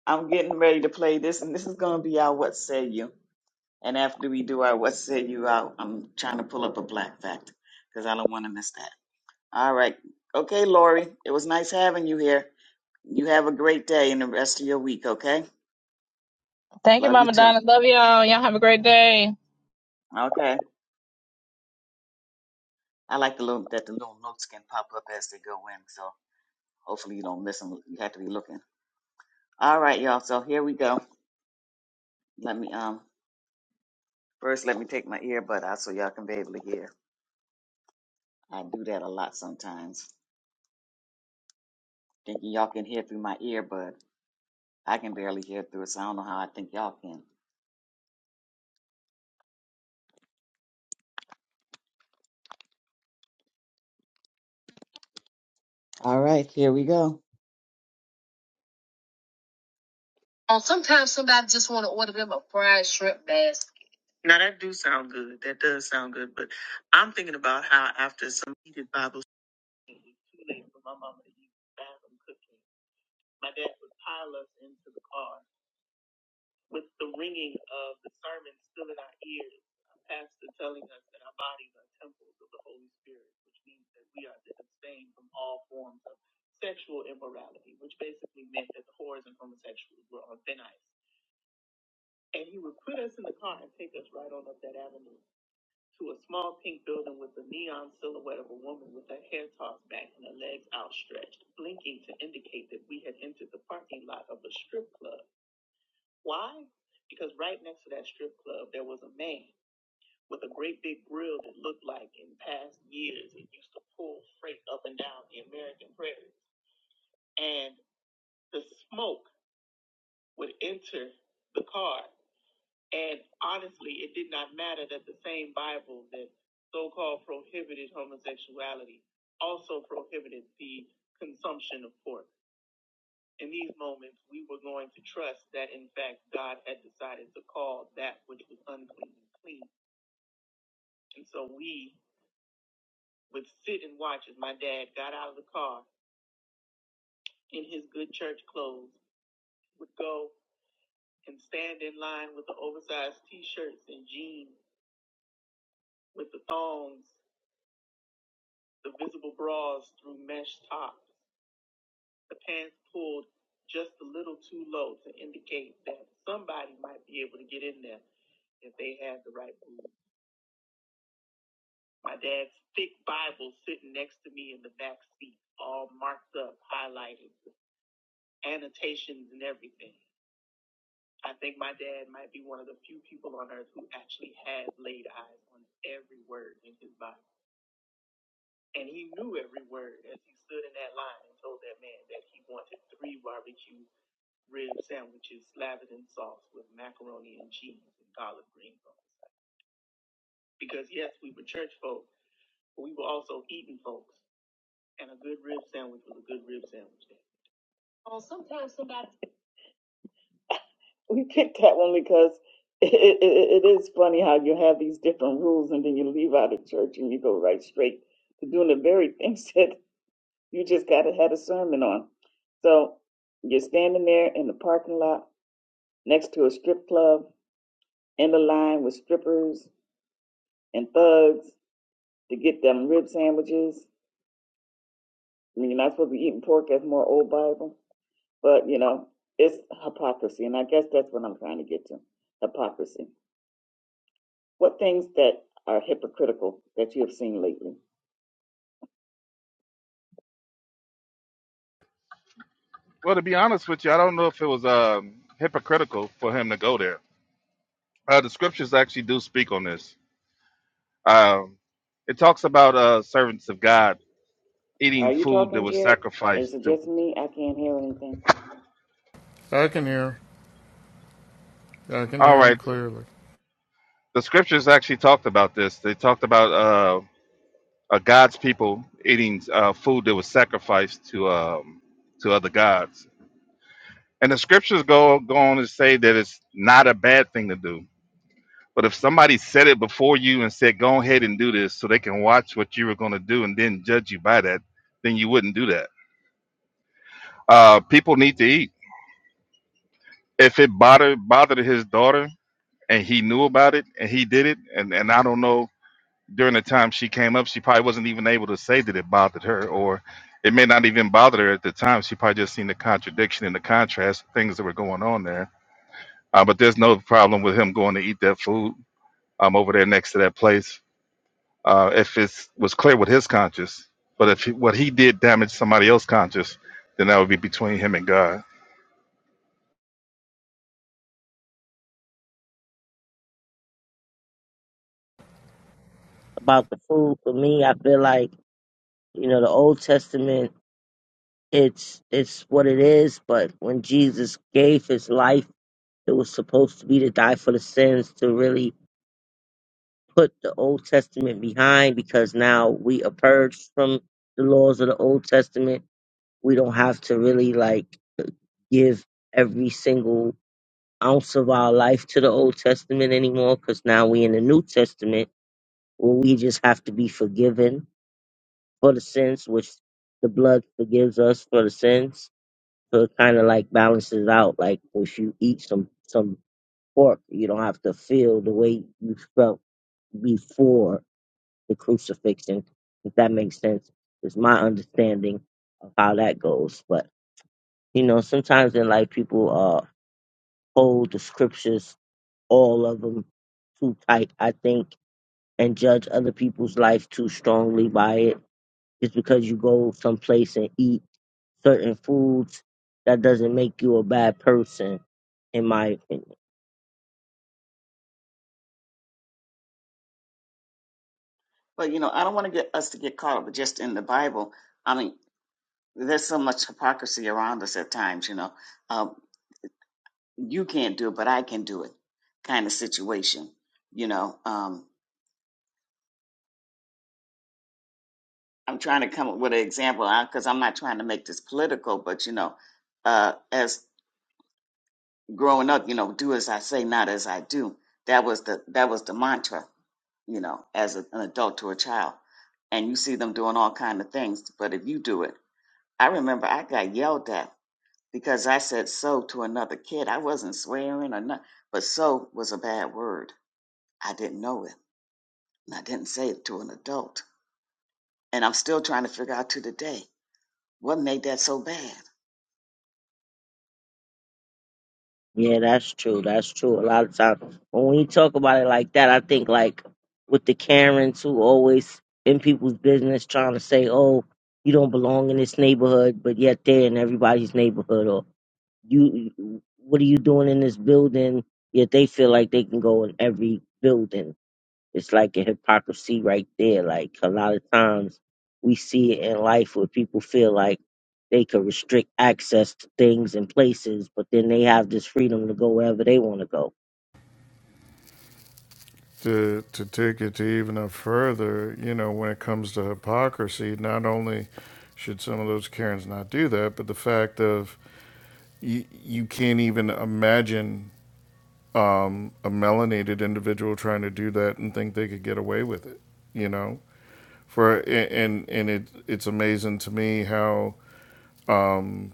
I'm getting ready to play this, and this is going to be our What Say You. And after we do our what say you out, I'm trying to pull up a black factor because I don't want to miss that. All right. Okay, Lori, it was nice having you here. You have a great day and the rest of your week, okay? Love you too. Okay. I like the little that the little notes can pop up as they go in, so hopefully you don't miss them. You have to be looking. All right, y'all. So here we go. Let me um first let me take my earbud out so y'all can be able to hear. I do that a lot sometimes, thinking y'all can hear through my earbud. I can barely hear through it, so I don't know how I think y'all can. All right, here we go. Oh, sometimes somebody just want to order them a fried shrimp basket. Now that do sound good. That does sound good. But I'm thinking about how after some heated Bible study, it was too late for my mama to use the bathroom cooking. My dad would pile us into the car. Oh, sometimes somebody because it, it, it is funny how you have these different rules and then you leave out of church and you go right straight to doing the very things *laughs* that You just got to have a sermon on. So you're standing there in the parking lot next to a strip club in the line with strippers and thugs to get them rib sandwiches. I mean, you're not supposed to be eating pork. That's more old Bible. But, you know, it's hypocrisy. And I guess that's what I'm trying to get to hypocrisy. What things that are hypocritical that you have seen lately? Well, to be honest with you, I don't know if it was um, hypocritical for him to go there. Uh, the scriptures actually do speak on this. Um, it talks about uh, servants of God eating Are you food that talking, was Jared? sacrificed Is it to, just, I can hear. I can hear him clearly. to us and judge you by that, then you wouldn't do that. Uh, people need to eat. If it bothered bothered his daughter and he knew about it and he did it, and, and I don't know during the time she came up, she probably wasn't even able to say that it bothered her, or it may not even bother her at the time. She probably just seen the contradiction and the contrast of things that were going on there. Uh, but there's no problem with him going to eat that food um, over there next to that place uh, if it was clear with his conscience. But if he, what he did damaged somebody else's conscience, then that would be between him and God. About the food for me, I feel like, you know, the Old Testament, it's it's what it is, but when Jesus gave his life, it was supposed to be to die for the sins to really put the Old Testament behind because now we are purged from the laws of the Old Testament. We don't have to really like give every single ounce of our life to the Old Testament anymore because now we in the New Testament where we just have to be forgiven for the sins, which the blood forgives us for the sins. So it kind of like balances out. Like if you eat some some pork, you don't have to feel the way you felt before the crucifixion. If that makes sense, is my understanding of how that goes. But you know, sometimes in life people uh hold the scriptures all of them too tight, I think, and judge other people's life too strongly by it. Just because you go someplace and eat certain foods, that doesn't make you a bad person, in my opinion. well, you know, I don't want to get us to get caught up just in the Bible. I mean, there's so much hypocrisy around us at times, you know. Um, you can't do it, but I can do it, kind of situation, you know. Um, I'm trying to come up with an example because I'm not trying to make this political, but you know, uh, as growing up, you know, do as I say, not as I do. That was the that was the mantra, you know, as a, an adult to a child, and you see them doing all kind of things, but if you do it, I remember I got yelled at because I said so to another kid. I wasn't swearing or not, but so was a bad word. I didn't know it, and I didn't say it to an adult. And I'm still trying to figure out to today what made that so bad. Yeah, that's true. That's true. A lot of times, but when you talk about it like that, I think like with the Karens who always in people's business trying to say, "Oh, you don't belong in this neighborhood," but yet they're in everybody's neighborhood, or You, you- what are you doing in this building? Yet they feel like they can go in every building. It's like a hypocrisy right there. Like a lot of times we see it in life where people feel like they could restrict access to things and places, but then they have this freedom to go wherever they want to go. to to take it to even a further, you know, when it comes to hypocrisy, not only should some of those Karens not do that, but the fact of you, you can't even imagine um, a melanated individual trying to do that and think they could get away with it, you know. For and and it it's amazing to me how um,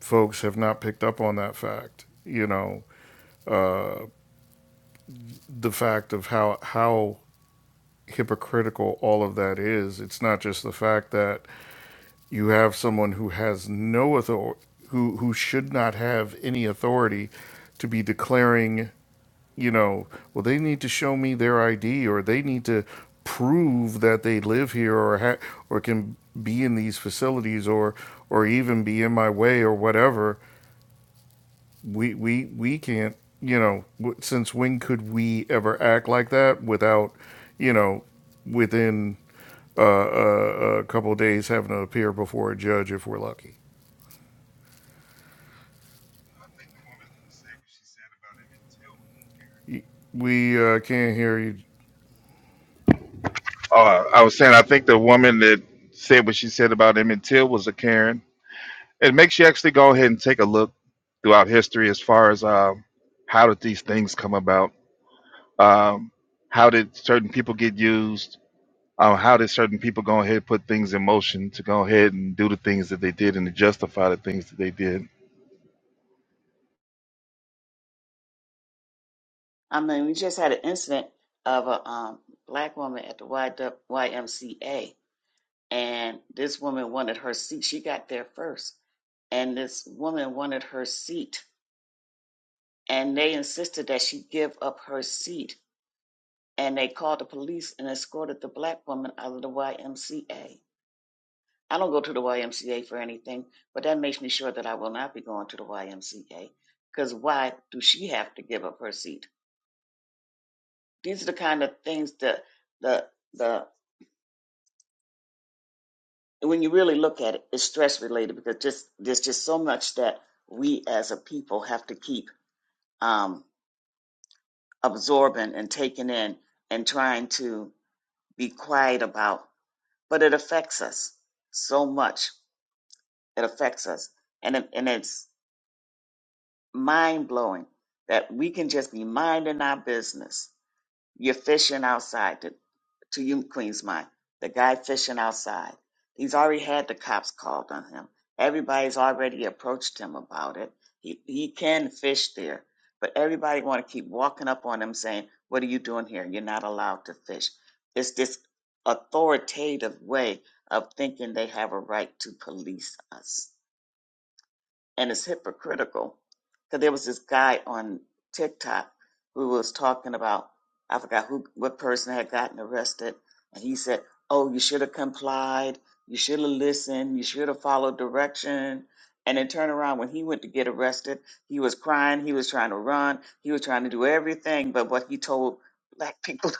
folks have not picked up on that fact you know uh, the fact of how how hypocritical all of that is. It's not just the fact that you have someone who has no authority, who who should not have any authority, to be declaring, you know, well they need to show me their ID or they need to prove that they live here or ha- or can be in these facilities or or even be in my way or whatever. We we we can't, you know, w- since when could we ever act like that without, you know, within uh, a, a couple of days having to appear before a judge if we're lucky. We uh, can't hear you. Oh, I was saying, I think the woman that said what she said about Emmett Till was a Karen. It makes you actually go ahead and take a look throughout history as far as um, how did these things come about? Um, how did certain people get used? Um, how did certain people go ahead and put things in motion to go ahead and do the things that they did and to justify the things that they did? I mean, we just had an incident of a um, black woman at the YMCA, and this woman wanted her seat. She got there first, and this woman wanted her seat, and they insisted that she give up her seat and they called the police and escorted the black woman out of the YMCA. I don't go to the YMCA for anything, but that makes me sure that I will not be going to the YMCA. Because why do she have to give up her seat? These are the kind of things that the the when you really look at it, it's stress related because just there's just so much that we as a people have to keep um, absorbing and taking in and trying to be quiet about, but it affects us so much It affects us. And, it, and it's mind blowing that we can just be minding our business. You're fishing outside, to, to you, Queen's Mind. The guy fishing outside. He's already had the cops called on him. Everybody's already approached him about it. He, he can fish there, but everybody want to keep walking up on him saying, what are you doing here? You're not allowed to fish. It's this authoritative way of thinking they have a right to police us and it's hypocritical because there was this guy on TikTok who was talking about I forgot who what person had gotten arrested, and he said, "Oh, you should have complied. You should have listened. You should have followed direction." And then turn around when he went to get arrested, he was crying. He was trying to run. He was trying to do everything but what he told black people.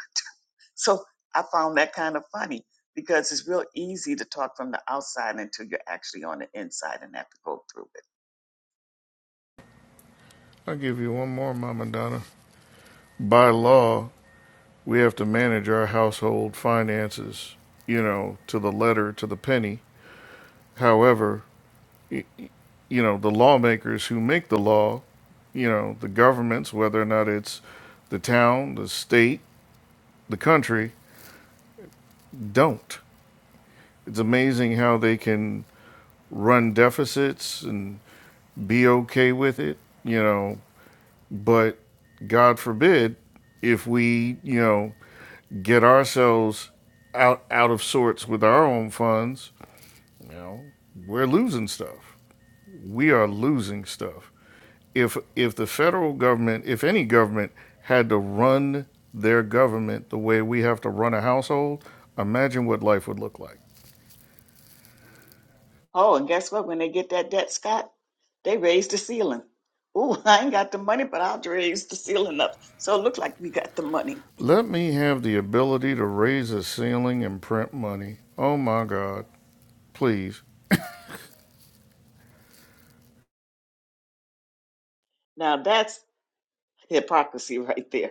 *laughs* so I found that kind of funny because it's real easy to talk from the outside until you're actually on the inside and have to go through it. I'll give you one more, Mama Donna. By law, we have to manage our household finances, you know, to the letter, to the penny. However, you know, the lawmakers who make the law, you know, the governments, whether or not it's the town, the state, the country, don't. It's amazing how they can run deficits and be okay with it, you know, But God forbid if we, you know, get ourselves out out of sorts with our own funds, you know, we're losing stuff. We are losing stuff. If if the federal government, if any government had to run their government the way we have to run a household, imagine what life would look like. Oh, and guess what? When they get that debt, Scott, they raise the ceiling. Ooh, *laughs* I ain't got the money, but I'll raise the ceiling up. So it looked like we got the money. Let me have the ability to raise a ceiling and print money. Oh my God. Please. Now that's hypocrisy right there.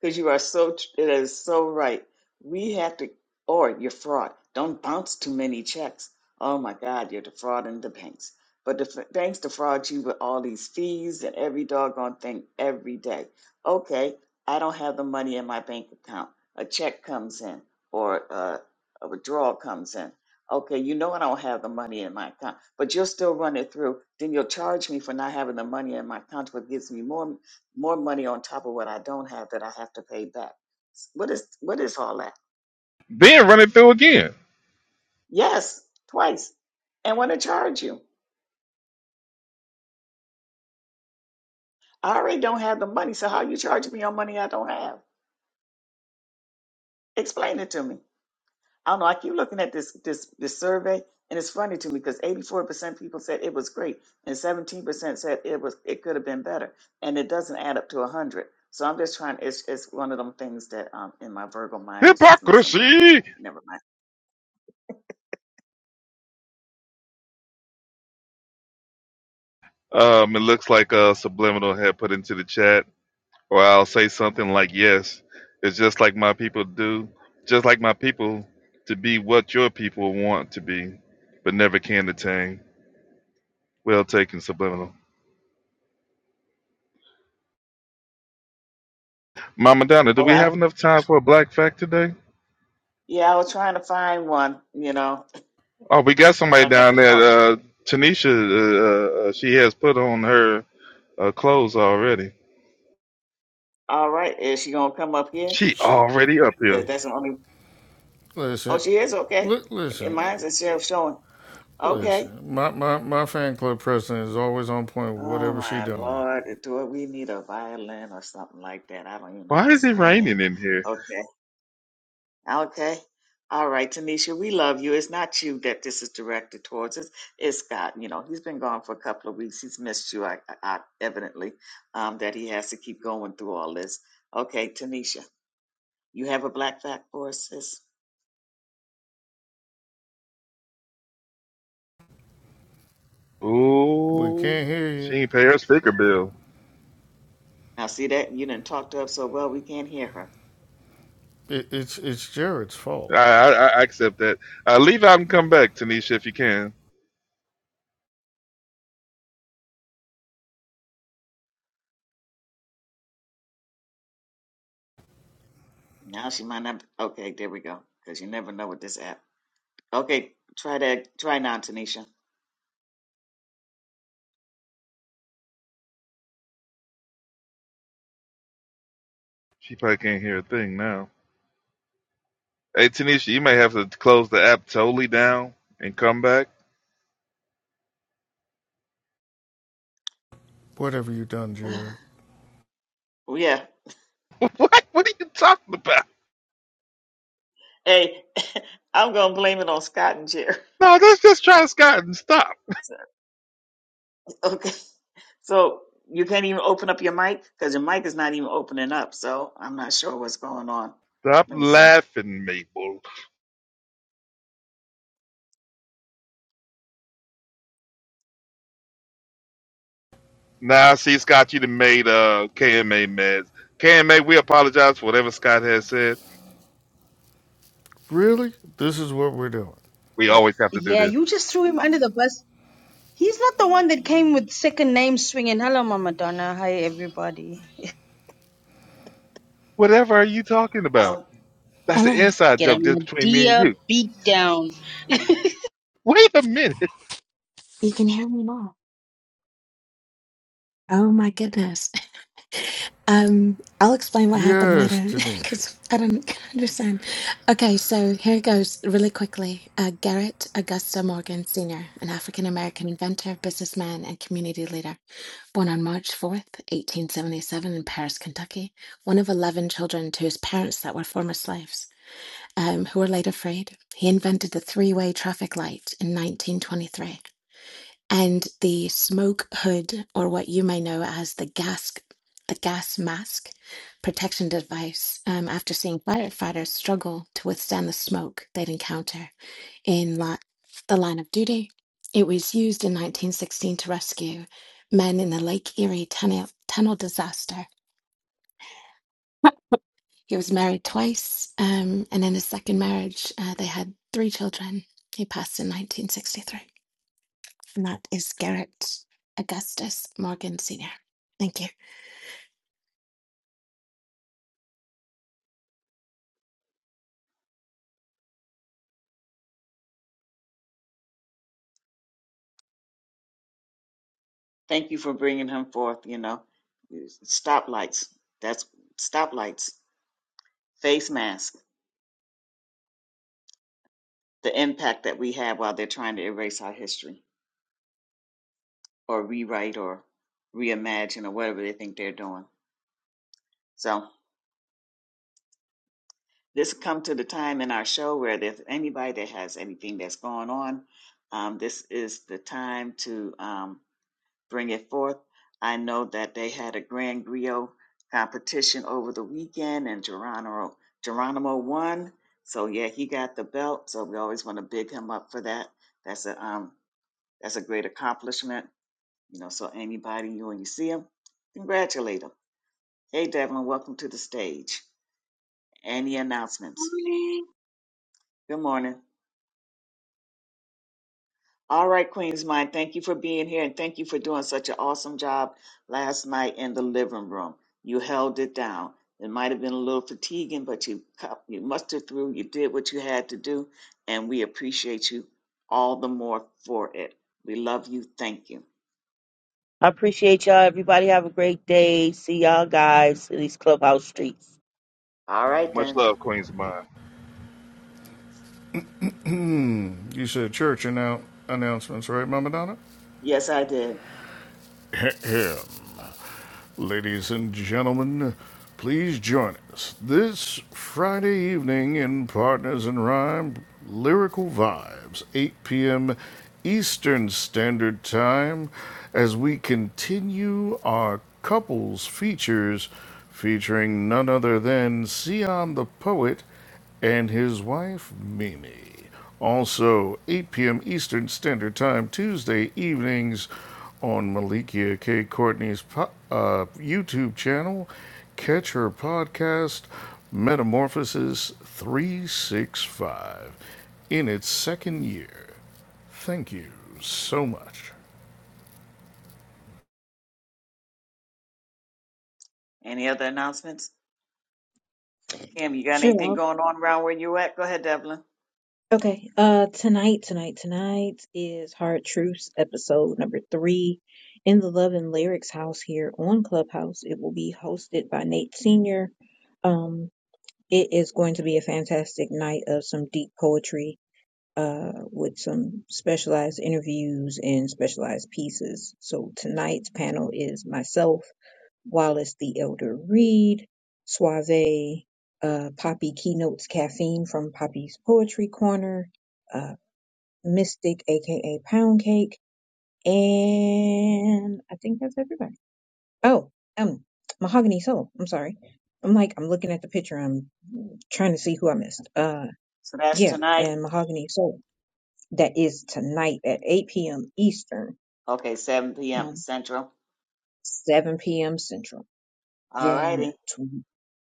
Because you are so, tr- it is so right. We have to, or you're fraud. Don't bounce too many checks. Oh my God, you're defrauding the banks. But the, f- banks defraud you with all these fees and every doggone thing every day. Okay, I don't have the money in my bank account. A check comes in or uh, a withdrawal comes in. Okay, you know I don't have the money in my account, but you'll still run it through. Then you'll charge me for not having the money in my account, which gives me more more money on top of what I don't have that I have to pay back. What is what is all that? Then run it through again. Yes, twice. And want to charge you. I already don't have the money, so how you charging me on money I don't have? Explain it to me. I don't know. I keep looking at this this this survey, and it's funny to me because eighty four percent people said it was great, and seventeen percent said it was it could have been better, and it doesn't add up to a hundred. So I'm just trying. It's it's one of them things that um in my Virgo mind is just messing with me. Never mind. Um, it looks like uh, Subliminal had put into the chat, or I'll say something like, "Yes, it's just like my people do, just like my people to be what your people want to be, but never can attain." Well taken, Subliminal. Mama Donna, do Oh. we have enough time for a black fact today? Yeah, I was trying to find one, you know, Oh, we got but somebody I got down to there. talking. Uh, Tanisha, uh, uh, she has put on her uh, clothes already. All right, is she gonna come up here? She already up 'Cause here. that's the only. Oh, Listen. she is okay. Li- And listen. mine's instead of showing. Okay. Listen, my, my, my fan club president is always on point with Oh whatever she my done. lord, do we need a violin or something like that? I don't even Why is it understand. raining in here? Okay. Okay. All right, Tanisha, we love you. It's not you that this is directed towards. It's, it's Scott. You know, he's been gone for a couple of weeks. He's missed you, I, I, I- evidently, um, that he has to keep going through all this. Okay, Tanisha. You have a black fact for us, sis? We Ooh, can't hear she you. ain't pay her sticker bill. Now, see that? You didn't talk to her so well, we can't hear her. It, it's it's Jared's fault. I I, I accept that. Uh, leave out and come back, Tanisha, if you can. Now she might not. Okay, there we go. Because you never know with this app. Okay, try that. Try now, Tanisha. She probably can't hear a thing now. Hey, Tanisha, you may have to close the app totally down and come back. Whatever you done, Jared. *laughs* What? What are you talking about? No, let's just try Scott and stop. So- Okay. *laughs* So you can't even open up your mic because your mic is not even opening up. So I'm not sure what's going on. Stop Let me see. laughing, Maple. Nah, see, Scott, you done made uh, KMA meds. KMA, we apologize for whatever Scott has said. Really? This is what we're doing. We Uh, always have to do Yeah, this. you just threw him under the bus. He's not the one that came with second name swinging. Hello, Mama Donna. Hi, everybody. Whatever are you talking about? Oh, That's an Hello, inside Get a joke just between me and Medea you. beat down. Wait a minute. you can hear me now. Oh my goodness. *laughs* Um, I'll explain what happened Yes, later *laughs* Tanisha. *clears throat* because I don't *laughs* understand. Okay, so here goes really quickly. Uh, Garrett Augusta Morgan Sr., an African American inventor, businessman, and community leader, born on March 4th, 1877, in Paris, Kentucky, one of 11 children to his parents that were former slaves. Um, who were later freed. He invented the three way traffic light in 1923 and the smoke hood, or what you may know as the gas, the gas mask protection device, um, after seeing firefighters struggle to withstand the smoke they'd encounter in li- the line of duty. It was used in 1916 to rescue men in the Lake Erie tunnel, tunnel disaster. He was married twice, um, and in his second marriage, uh, they had three children. He passed in 1963. And that is Garrett Augustus Morgan Sr. Thank you. thank you for bringing him forth. You know, stoplights. That's stoplights. Face mask. The impact that we have while they're trying to erase our history. or rewrite or reimagine or whatever they think they're doing. So this come to the time in our show where there's anybody that has anything that's going on, um, this is the time to um, bring it forth. I know that they had a Grand Griot competition over the weekend, and Geronimo Geronimo won. So yeah, he got the belt. So we always want to big him up for that. That's a um, that's a great accomplishment. You know, so anybody you when you see him, congratulate him. Hey, Devlin, welcome to the stage. Any announcements? Good morning. All right, Queen's Mind, thank you for being here and thank you for doing such an awesome job last night in the living room. You held it down. It might have been a little fatiguing, but you cu- you mustered through. You did what you had to do, and we appreciate you all the more for it. We love you. Thank you. I appreciate y'all. Everybody have a great day. See y'all guys in these clubhouse streets. All right Much then. love, Queen's Mind. Hmm. you said church annou- announcements, right, Mama Donna? Yes, I did. *laughs* Hell, Ladies and gentlemen, please join us this Friday evening in Partners in Rhyme Lyrical Vibes, 8 p.m. Eastern Standard Time, as we continue our couples features featuring none other than Sion the Poet and his wife, Mimi. Also, 8 p.m. Eastern Standard Time, Tuesday evenings on Malikia K. Courtney's po- uh, YouTube channel. Catch her podcast, Metamorphosis 365, in its second year. Thank you so much. Any other announcements? Kim, you got Sure. anything going on around where you at? Go ahead, Devlin. Okay. Uh, tonight, tonight, tonight is Hard Truths episode number three in the Love and Lyrics house here on Clubhouse. It will be hosted by Nate Senior. Um, it is going to be a fantastic night of some deep poetry, uh, with some specialized interviews and specialized pieces. So tonight's panel is myself. Wallace the Elder Reed, Suave, uh, Poppy Keynotes Caffeine from Poppy's Poetry Corner, uh, Mystic, aka Pound Cake, and I think that's everybody. Oh, um, Mahogany Soul. I'm sorry. I'm like, I'm looking at the picture. I'm trying to see who I missed. Uh, So that's yeah, tonight. and Mahogany Soul. That is tonight at 8 p.m. Eastern, Okay, 7 p.m. um, Central. 7 p.m. Central. All Then righty.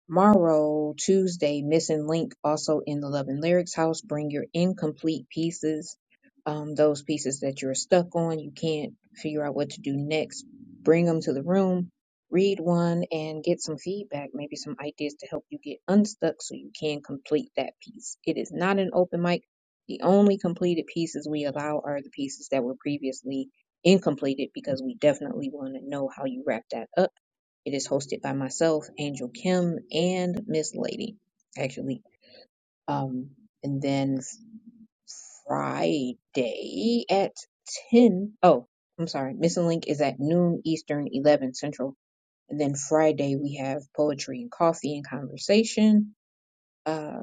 Morrow, Tuesday, Missing Link, also in the Love and Lyrics House. Bring your incomplete pieces, um, those pieces that you're stuck on, you can't figure out what to do next. Bring them to the room, read one, and get some feedback, maybe some ideas to help you get unstuck so you can complete that piece. It is not an open mic. The only completed pieces we allow are the pieces that were previously incompleted because we definitely want to know how you wrap that up it is hosted by myself, Angel Kim, and Miss Lady, actually. Um, and then Friday at 10. Oh, I'm sorry. Missing Link is at noon Eastern, 11 Central. And then Friday, we have Poetry and Coffee and Conversation uh,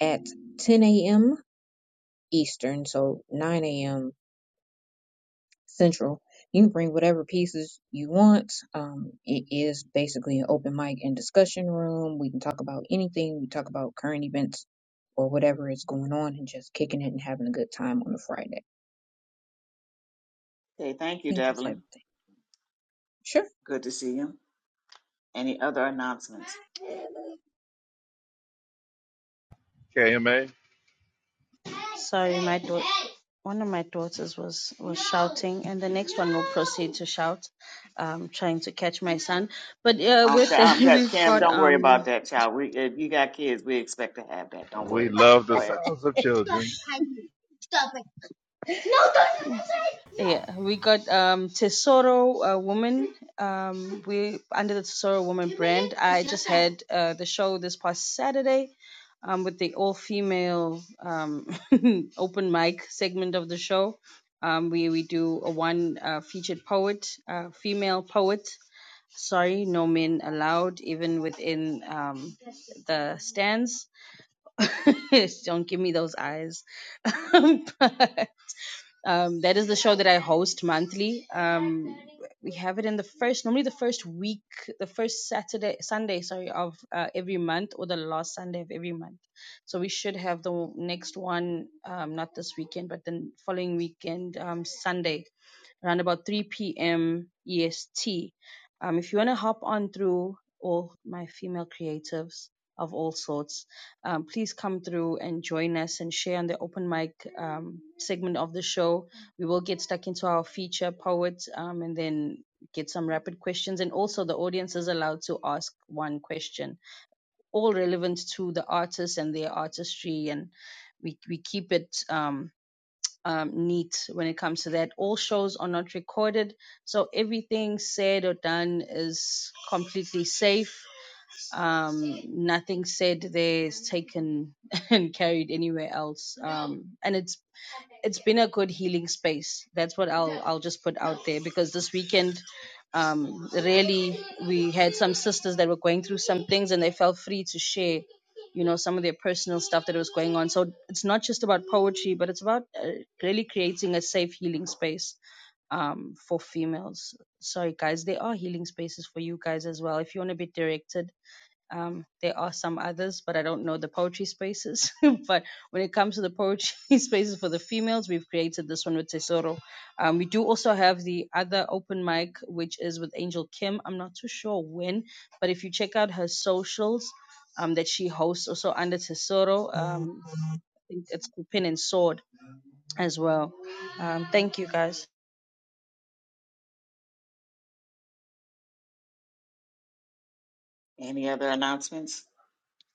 at 10 a.m. Eastern, so 9 a.m. Central. You can bring whatever pieces you want. Um, it is basically an open mic and discussion room. We can talk about anything. We talk about current events or whatever is going on and just kicking it and having a good time on a Friday. I Okay, thank you, think that's Devlin. everything. Sure. Good to see you. Any other announcements? KMA, Sorry, my daughter. One of my daughters was was shouting, and the next one will proceed to shout, um, trying to catch my son. But uh, Um, with that, that, *laughs* um, that we've Kim, got don't worry um about that, child. We, if you got kids, we expect to have that. Don't worry we about it. love the Go ahead. sounds of children. Yeah, we got um Tesoro uh, Woman. Um, we under the Tesoro Woman brand. I just had uh, the show this past Saturday, um, with the all female um *laughs* open mic segment of the show. Um, we we do a one uh, featured poet, uh, female poet. Sorry, no men allowed, even within um the stands. *laughs* Don't give me those eyes. *laughs* But um, that is the show that I host monthly. Um, we have it in the first, normally the first week, the first Saturday, Sunday, sorry, of uh, every month or the last Sunday of every month. So we should have the next one, um, not this weekend, but the following weekend, um, Sunday, around about 3 p.m. EST. Um, if you want to hop on through all my female creatives of all sorts, um, please come through and join us and share on the open mic um, segment of the show. We will get stuck into our feature poet um, and then get some rapid questions. And also, the audience is allowed to ask one question, all relevant to the artist and their artistry. And we, we keep it um, um, neat when it comes to that. All shows are not recorded, so everything said or done is completely safe um nothing said there is taken *laughs* and carried anywhere else um and it's it's been a good healing space that's what i'll i'll just put out there because this weekend um really we had some sisters that were going through some things and they felt free to share you know some of their personal stuff that was going on so it's not just about poetry but it's about uh, really creating a safe healing space um for females sorry guys there are healing spaces for you guys as well if you want to be directed um, there are some others, but I don't know the poetry spaces. *laughs* but when it comes to the poetry *laughs* spaces for the females, we've created this one with Tesoro. Um, we do also have the other open mic, which is with Angel Kim. I'm not too sure when, but if you check out her socials um, that she hosts also under Tesoro, um, I think it's Pin and Sword as well. Um, thank you guys. Any other announcements?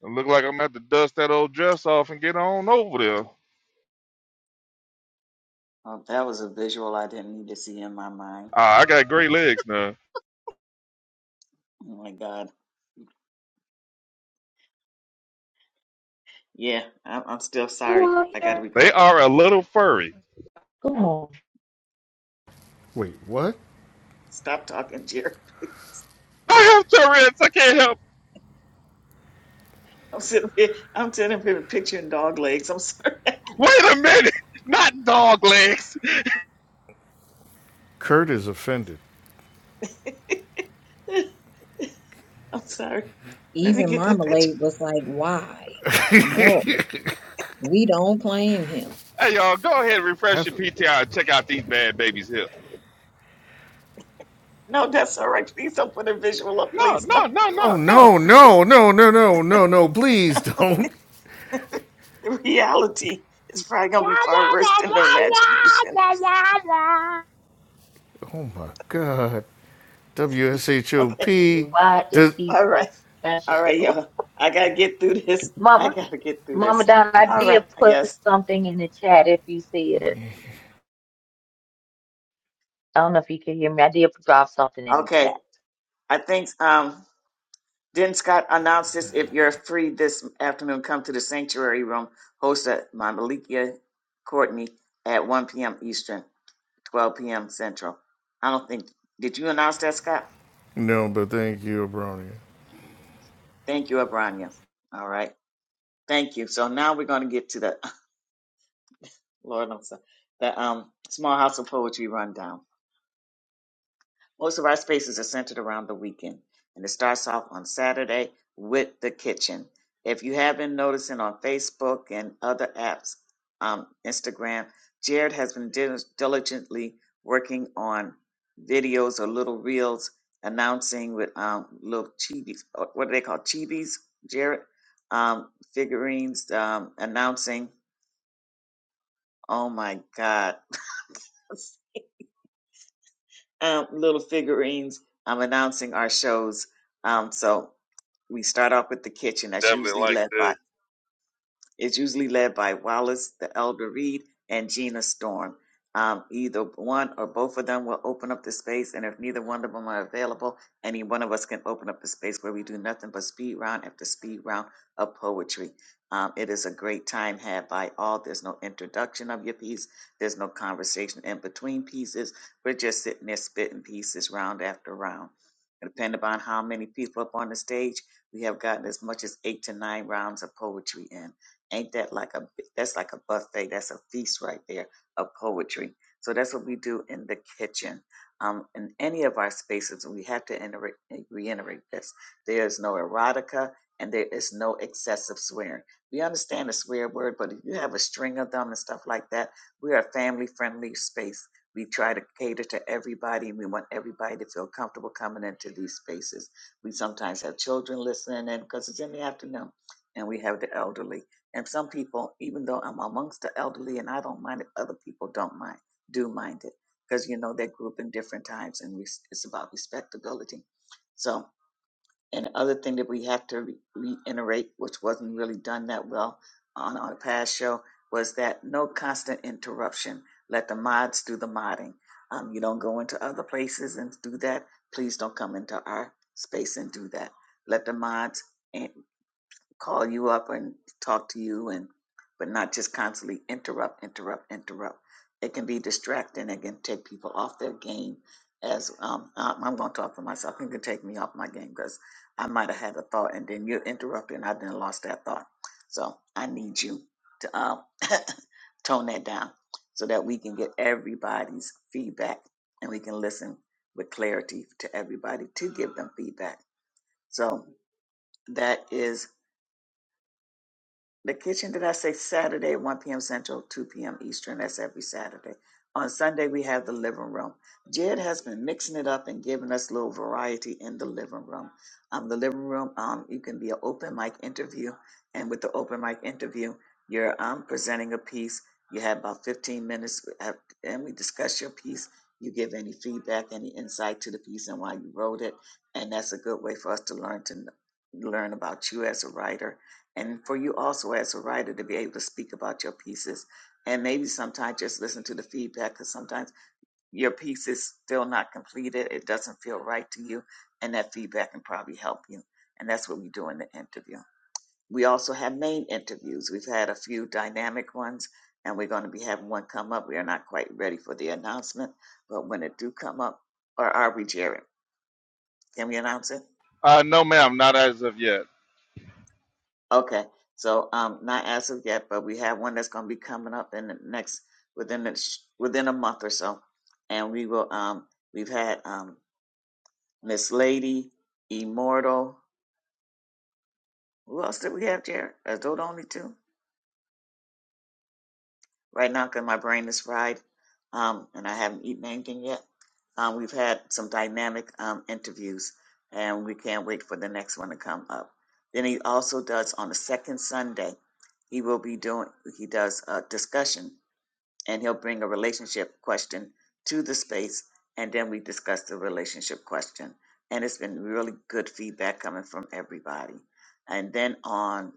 It look like I'm gonna have to dust that old dress off and get on over there. Oh, that was a visual I didn't need to see in my mind. Ah, I got great legs now. Oh my God. Yeah, I'm, I'm still you sorry. out I got to here? They recover. are a little furry. Come on. Wait, what? Stop talking, Jerry. I have Tourette's. I can't help. *laughs* I'm sitting here. I'm sitting here picturing dog legs. I'm sorry. *laughs* I Wait a minute. *laughs* Not dog legs. Kurt is offended. can't. I'm sorry. Let me Even get that. picture. Marmalade was like, why? No, we don't claim him. Hey, y'all, go ahead and refresh Have. your PTR and check out these bad babies here. No, that's all right. Please don't put a visual up. No, Please no, don't. *laughs* no, Oh, no, no. no, no, no, no, no, no, no, please don't. The reality is probably going Wah, to be far worse wah, wah, than the wah, imagination. *laughs* wah, wah, wah, wah. Oh my God. Okay. WSHOP. Why is Does, he All right. so All special? right, y'all. I got to get through this. I Mama, got to get through Mama this. Don, I All right. did I put guess. something in the chat if you see it. I don't know if you can hear me. I did drop something in the chat. Okay. I think um, then Scott announced this. If you're free this afternoon, come to the sanctuary room hosted by Malikia Courtney at 1 p.m. Eastern, 12 p.m. Central. I don't think, did you announce that, Scott? no, but thank you, Abronia. Thank you, Abranya. All right. Thank you. So now we're going to get to the *laughs* Lord, I'm sorry, the um, Small House of Poetry rundown. Most of our spaces are centered around the weekend, and it starts off on Saturday with the kitchen. If you have been noticing on Facebook and other apps, um, Instagram, Jared has been dil- diligently working on videos or little reels announcing with um, little chibis. What do they call Chibis, Jared? Um, figurines um, announcing Oh my God. *laughs* Um, little figurines. I'm announcing our shows. Um, so we start off with the kitchen. That's Definitely usually like led by this. It's usually led by Wallace, the Elder Reed, and Gina Storm. Um, either one or both of them will open up the space, and if neither one of them are available, any one of us can open up the space where we do nothing but speed round after speed round of poetry. Um, it is a great time had by all. There's no introduction of your piece. There's no conversation in between pieces. We're just sitting there spitting pieces round after round. And Depending upon how many people up on the stage, we have gotten as much as eight to nine rounds of poetry in. Ain't that like a that's like a buffet? That's a feast right there of poetry. So that's what we do in the kitchen. Um, in any of our spaces, we have to enter, reiterate this: there is no erotica and there is no excessive swearing. We understand the swear word, but if you have a string of them and stuff like that, we are a family-friendly space. We try to cater to everybody. We want everybody to feel comfortable coming into these spaces. We sometimes have children listening in because it's in the afternoon, and we have the elderly. And some people, even though I'm amongst the elderly and I don't mind it, other people don't mind, do mind it because you know they grew up in different times and res- it's about respectability. So, and the other thing that we have to re- reiterate, which wasn't really done that well on our past show, was that no constant interruption. Let the mods do the modding. Um, you don't go into other places and do that. Please don't come into our space and do that. Let the mods call you up and talk to you and but not just constantly interrupt interrupt interrupt it can be distracting it can take people off their game as um, I- i'm going to talk for myself it can take me off my game because i might have had a thought and then you're interrupting i then lost that thought so i need you to um, *laughs* tone that down so that we can get everybody's feedback and we can listen with clarity to everybody to give them feedback so that is the kitchen, did I say Saturday at 1 p.m. Central, 2 p.m. Eastern? That's every Saturday. On Sunday, we have the living room. Jed has been mixing it up and giving us a little variety in the living room. Um, the living room, um, you can be an open mic interview. And with the open mic interview, you're um, presenting a piece. You have about 15 minutes, we have- and we discuss your piece. You give any feedback, any insight to the piece and why you wrote it. And that's a good way for us to learn to kn- learn about you as a writer and for you also as a writer to be able to speak about your pieces and maybe sometimes just listen to the feedback because sometimes your piece is still not completed it doesn't feel right to you and that feedback can probably help you and that's what we do in the interview we also have main interviews we've had a few dynamic ones and we're going to be having one come up we are not quite ready for the announcement but when it do come up or are we jared can we announce it Uh, no, ma'am, not as of yet. Okay, so um, not as of yet, but we have one that's going to be coming up in the next within the sh- within a month or so, and we will. Um, we've had um, Miss Lady, Immortal. Who else did we have, Jared? Are those the only two right now? Because my brain is fried, um, and I haven't eaten anything yet. Um, we've had some dynamic um, interviews, and we can't wait for the next one to come up. Then he also does on the second Sunday. He will be doing. He does a discussion and he'll bring a relationship question to the space and then we discuss the relationship question and it's been really good feedback coming from everybody and then on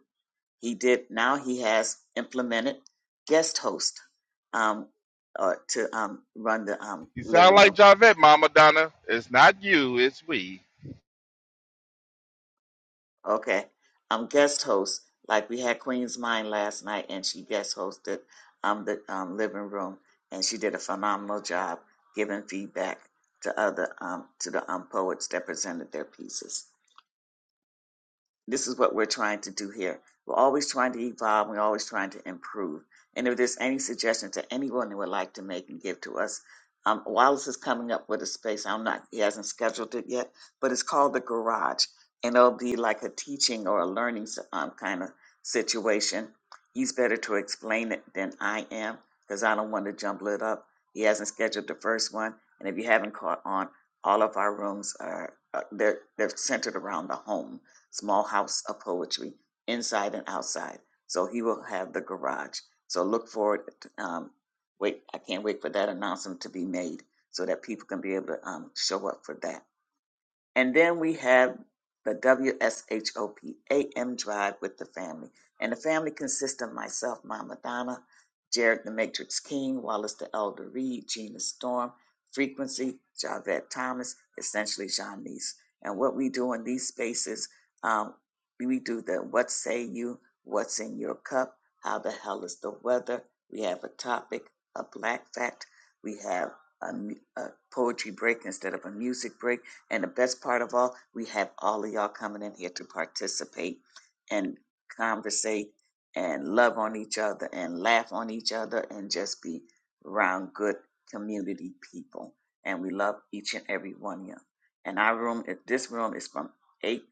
he did now he has implemented guest host um, uh, to um, run the um, You living sound room like Javette, Mama Donna. It's not you, it's we. Okay. I'm guest host. Like we had Queen's Mind last night and she guest hosted um the um living room and she did a phenomenal job giving feedback to other um to the um poets that presented their pieces this is what we're trying to do here. We're always trying to evolve. We're always trying to improve. And if there's any suggestions that anyone would like to make and give to us, um, Wallace is coming up with a space. I'm not. He hasn't scheduled it yet, but it's called the Garage, and it'll be like a teaching or a learning s- um, kind of situation. He's better to explain it than I am because I don't want to jumble it up. He hasn't scheduled the first one, and if you haven't caught on, all of our rooms are uh, they're, they're centered around the home small house of poetry, inside and outside. So he will have the garage. So look forward. um, wait, I can't wait for that announcement to be made so that people can be able to um, show up for that. And then we have the WSHOP AM drive with the family. And the family consists of myself, Mama Donna, Jared the Matrix King, Wallace the Elder Reed, Gina Storm, Frequency, Javette Thomas, essentially Janice. And what we do in these spaces, um, we do the what say you, what's in your cup, how the hell is the weather. We have a topic, a black fact. We have a, mu- a poetry break instead of a music break and the best part of all, we have all of y'all coming in here to participate and conversate and love on each other and laugh on each other and just be around good community people. And we love each and every one of you. And our room, this room is from eight.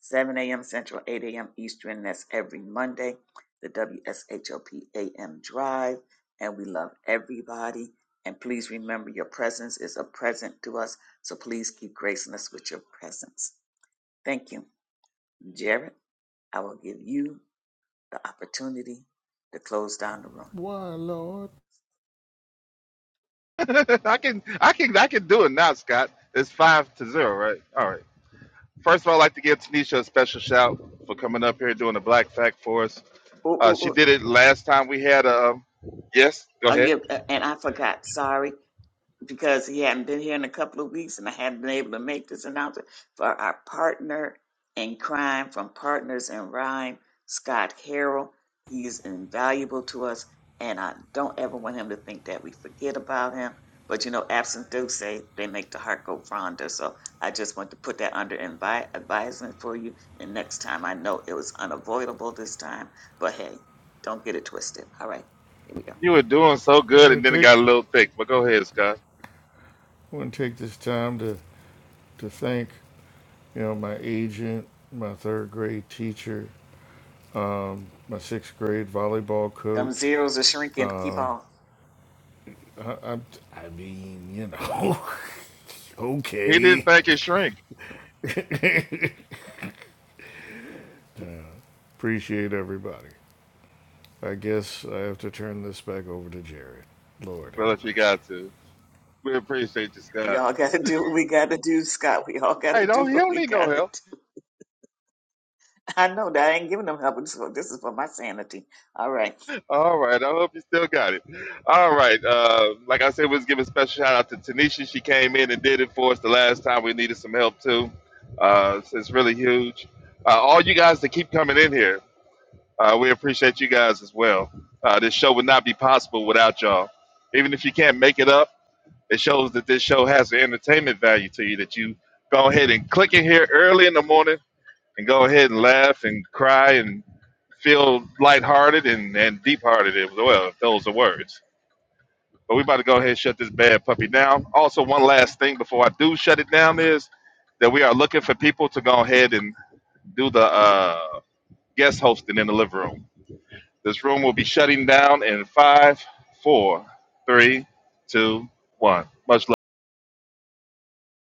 7 a.m. Central, 8 a.m. Eastern. That's every Monday, the WSHOPAM Drive. And we love everybody. And please remember your presence is a present to us. So please keep gracing us with your presence. Thank you. Jared, I will give you the opportunity to close down the room. Why, Lord? *laughs* I can I can I can do it now, Scott. It's five to zero, right? All right. First of all, I'd like to give Tanisha a special shout for coming up here doing the black fact for us. Ooh, ooh, Uh, she ooh. did ooh. it last time we had a um, yes, go I ahead. give, and I forgot. Sorry. because he hadn't been here in a couple of weeks and I hadn't been able to make this announcement for our partner in crime from Partners in Rhyme, Scott Harrell. He is invaluable to us, and I don't ever want him to think that we forget about him. But you know, absent do say they make the heart go fonder. So I just want to put that under invi- advisement for you. And next time, I know it was unavoidable this time, but hey, don't get it twisted. All right, here we go. You were doing so I want good to and then it take, got a little thick, but go ahead, Scott. I want to take this time to, to thank, you know, my agent, my third grade teacher, my sixth grade volleyball Them coach. zeros are shrinking. Keep on. I, I, I mean, you know, *laughs* He didn't okay. think it shrink. Appreciate everybody. I guess I have to turn this back over to Jared. Lord Well if have you mercy. got to. We appreciate you, We Scott. all *laughs* gotta do what we gotta do, Scott. We all Hey, gotta do don't he what don't we need no gotta help. do. I know that I ain't giving them help. This is for, this is for my sanity. All right. All right. I hope you still got it. All right. Uh, like I said, let's give a special shout out to Tanisha. She came in and did it for us the last time we needed some help too. Uh, so it's really huge. Uh, all you guys that keep coming in here, uh, we appreciate you guys as well. Uh, this show would not be possible without y'all. Even if you can't make it up, it shows that this show has an entertainment value to you. That you go ahead and click in here early in the morning and go ahead and laugh and cry and feel lighthearted and, and deep hearted as well, if those are words. But we about to go ahead and shut this bad puppy down. Also, one last thing before I do shut it down is that we are looking for people to go ahead and do the uh, guest hosting in the living room. This room will be shutting down in five, four, three, two, one. Much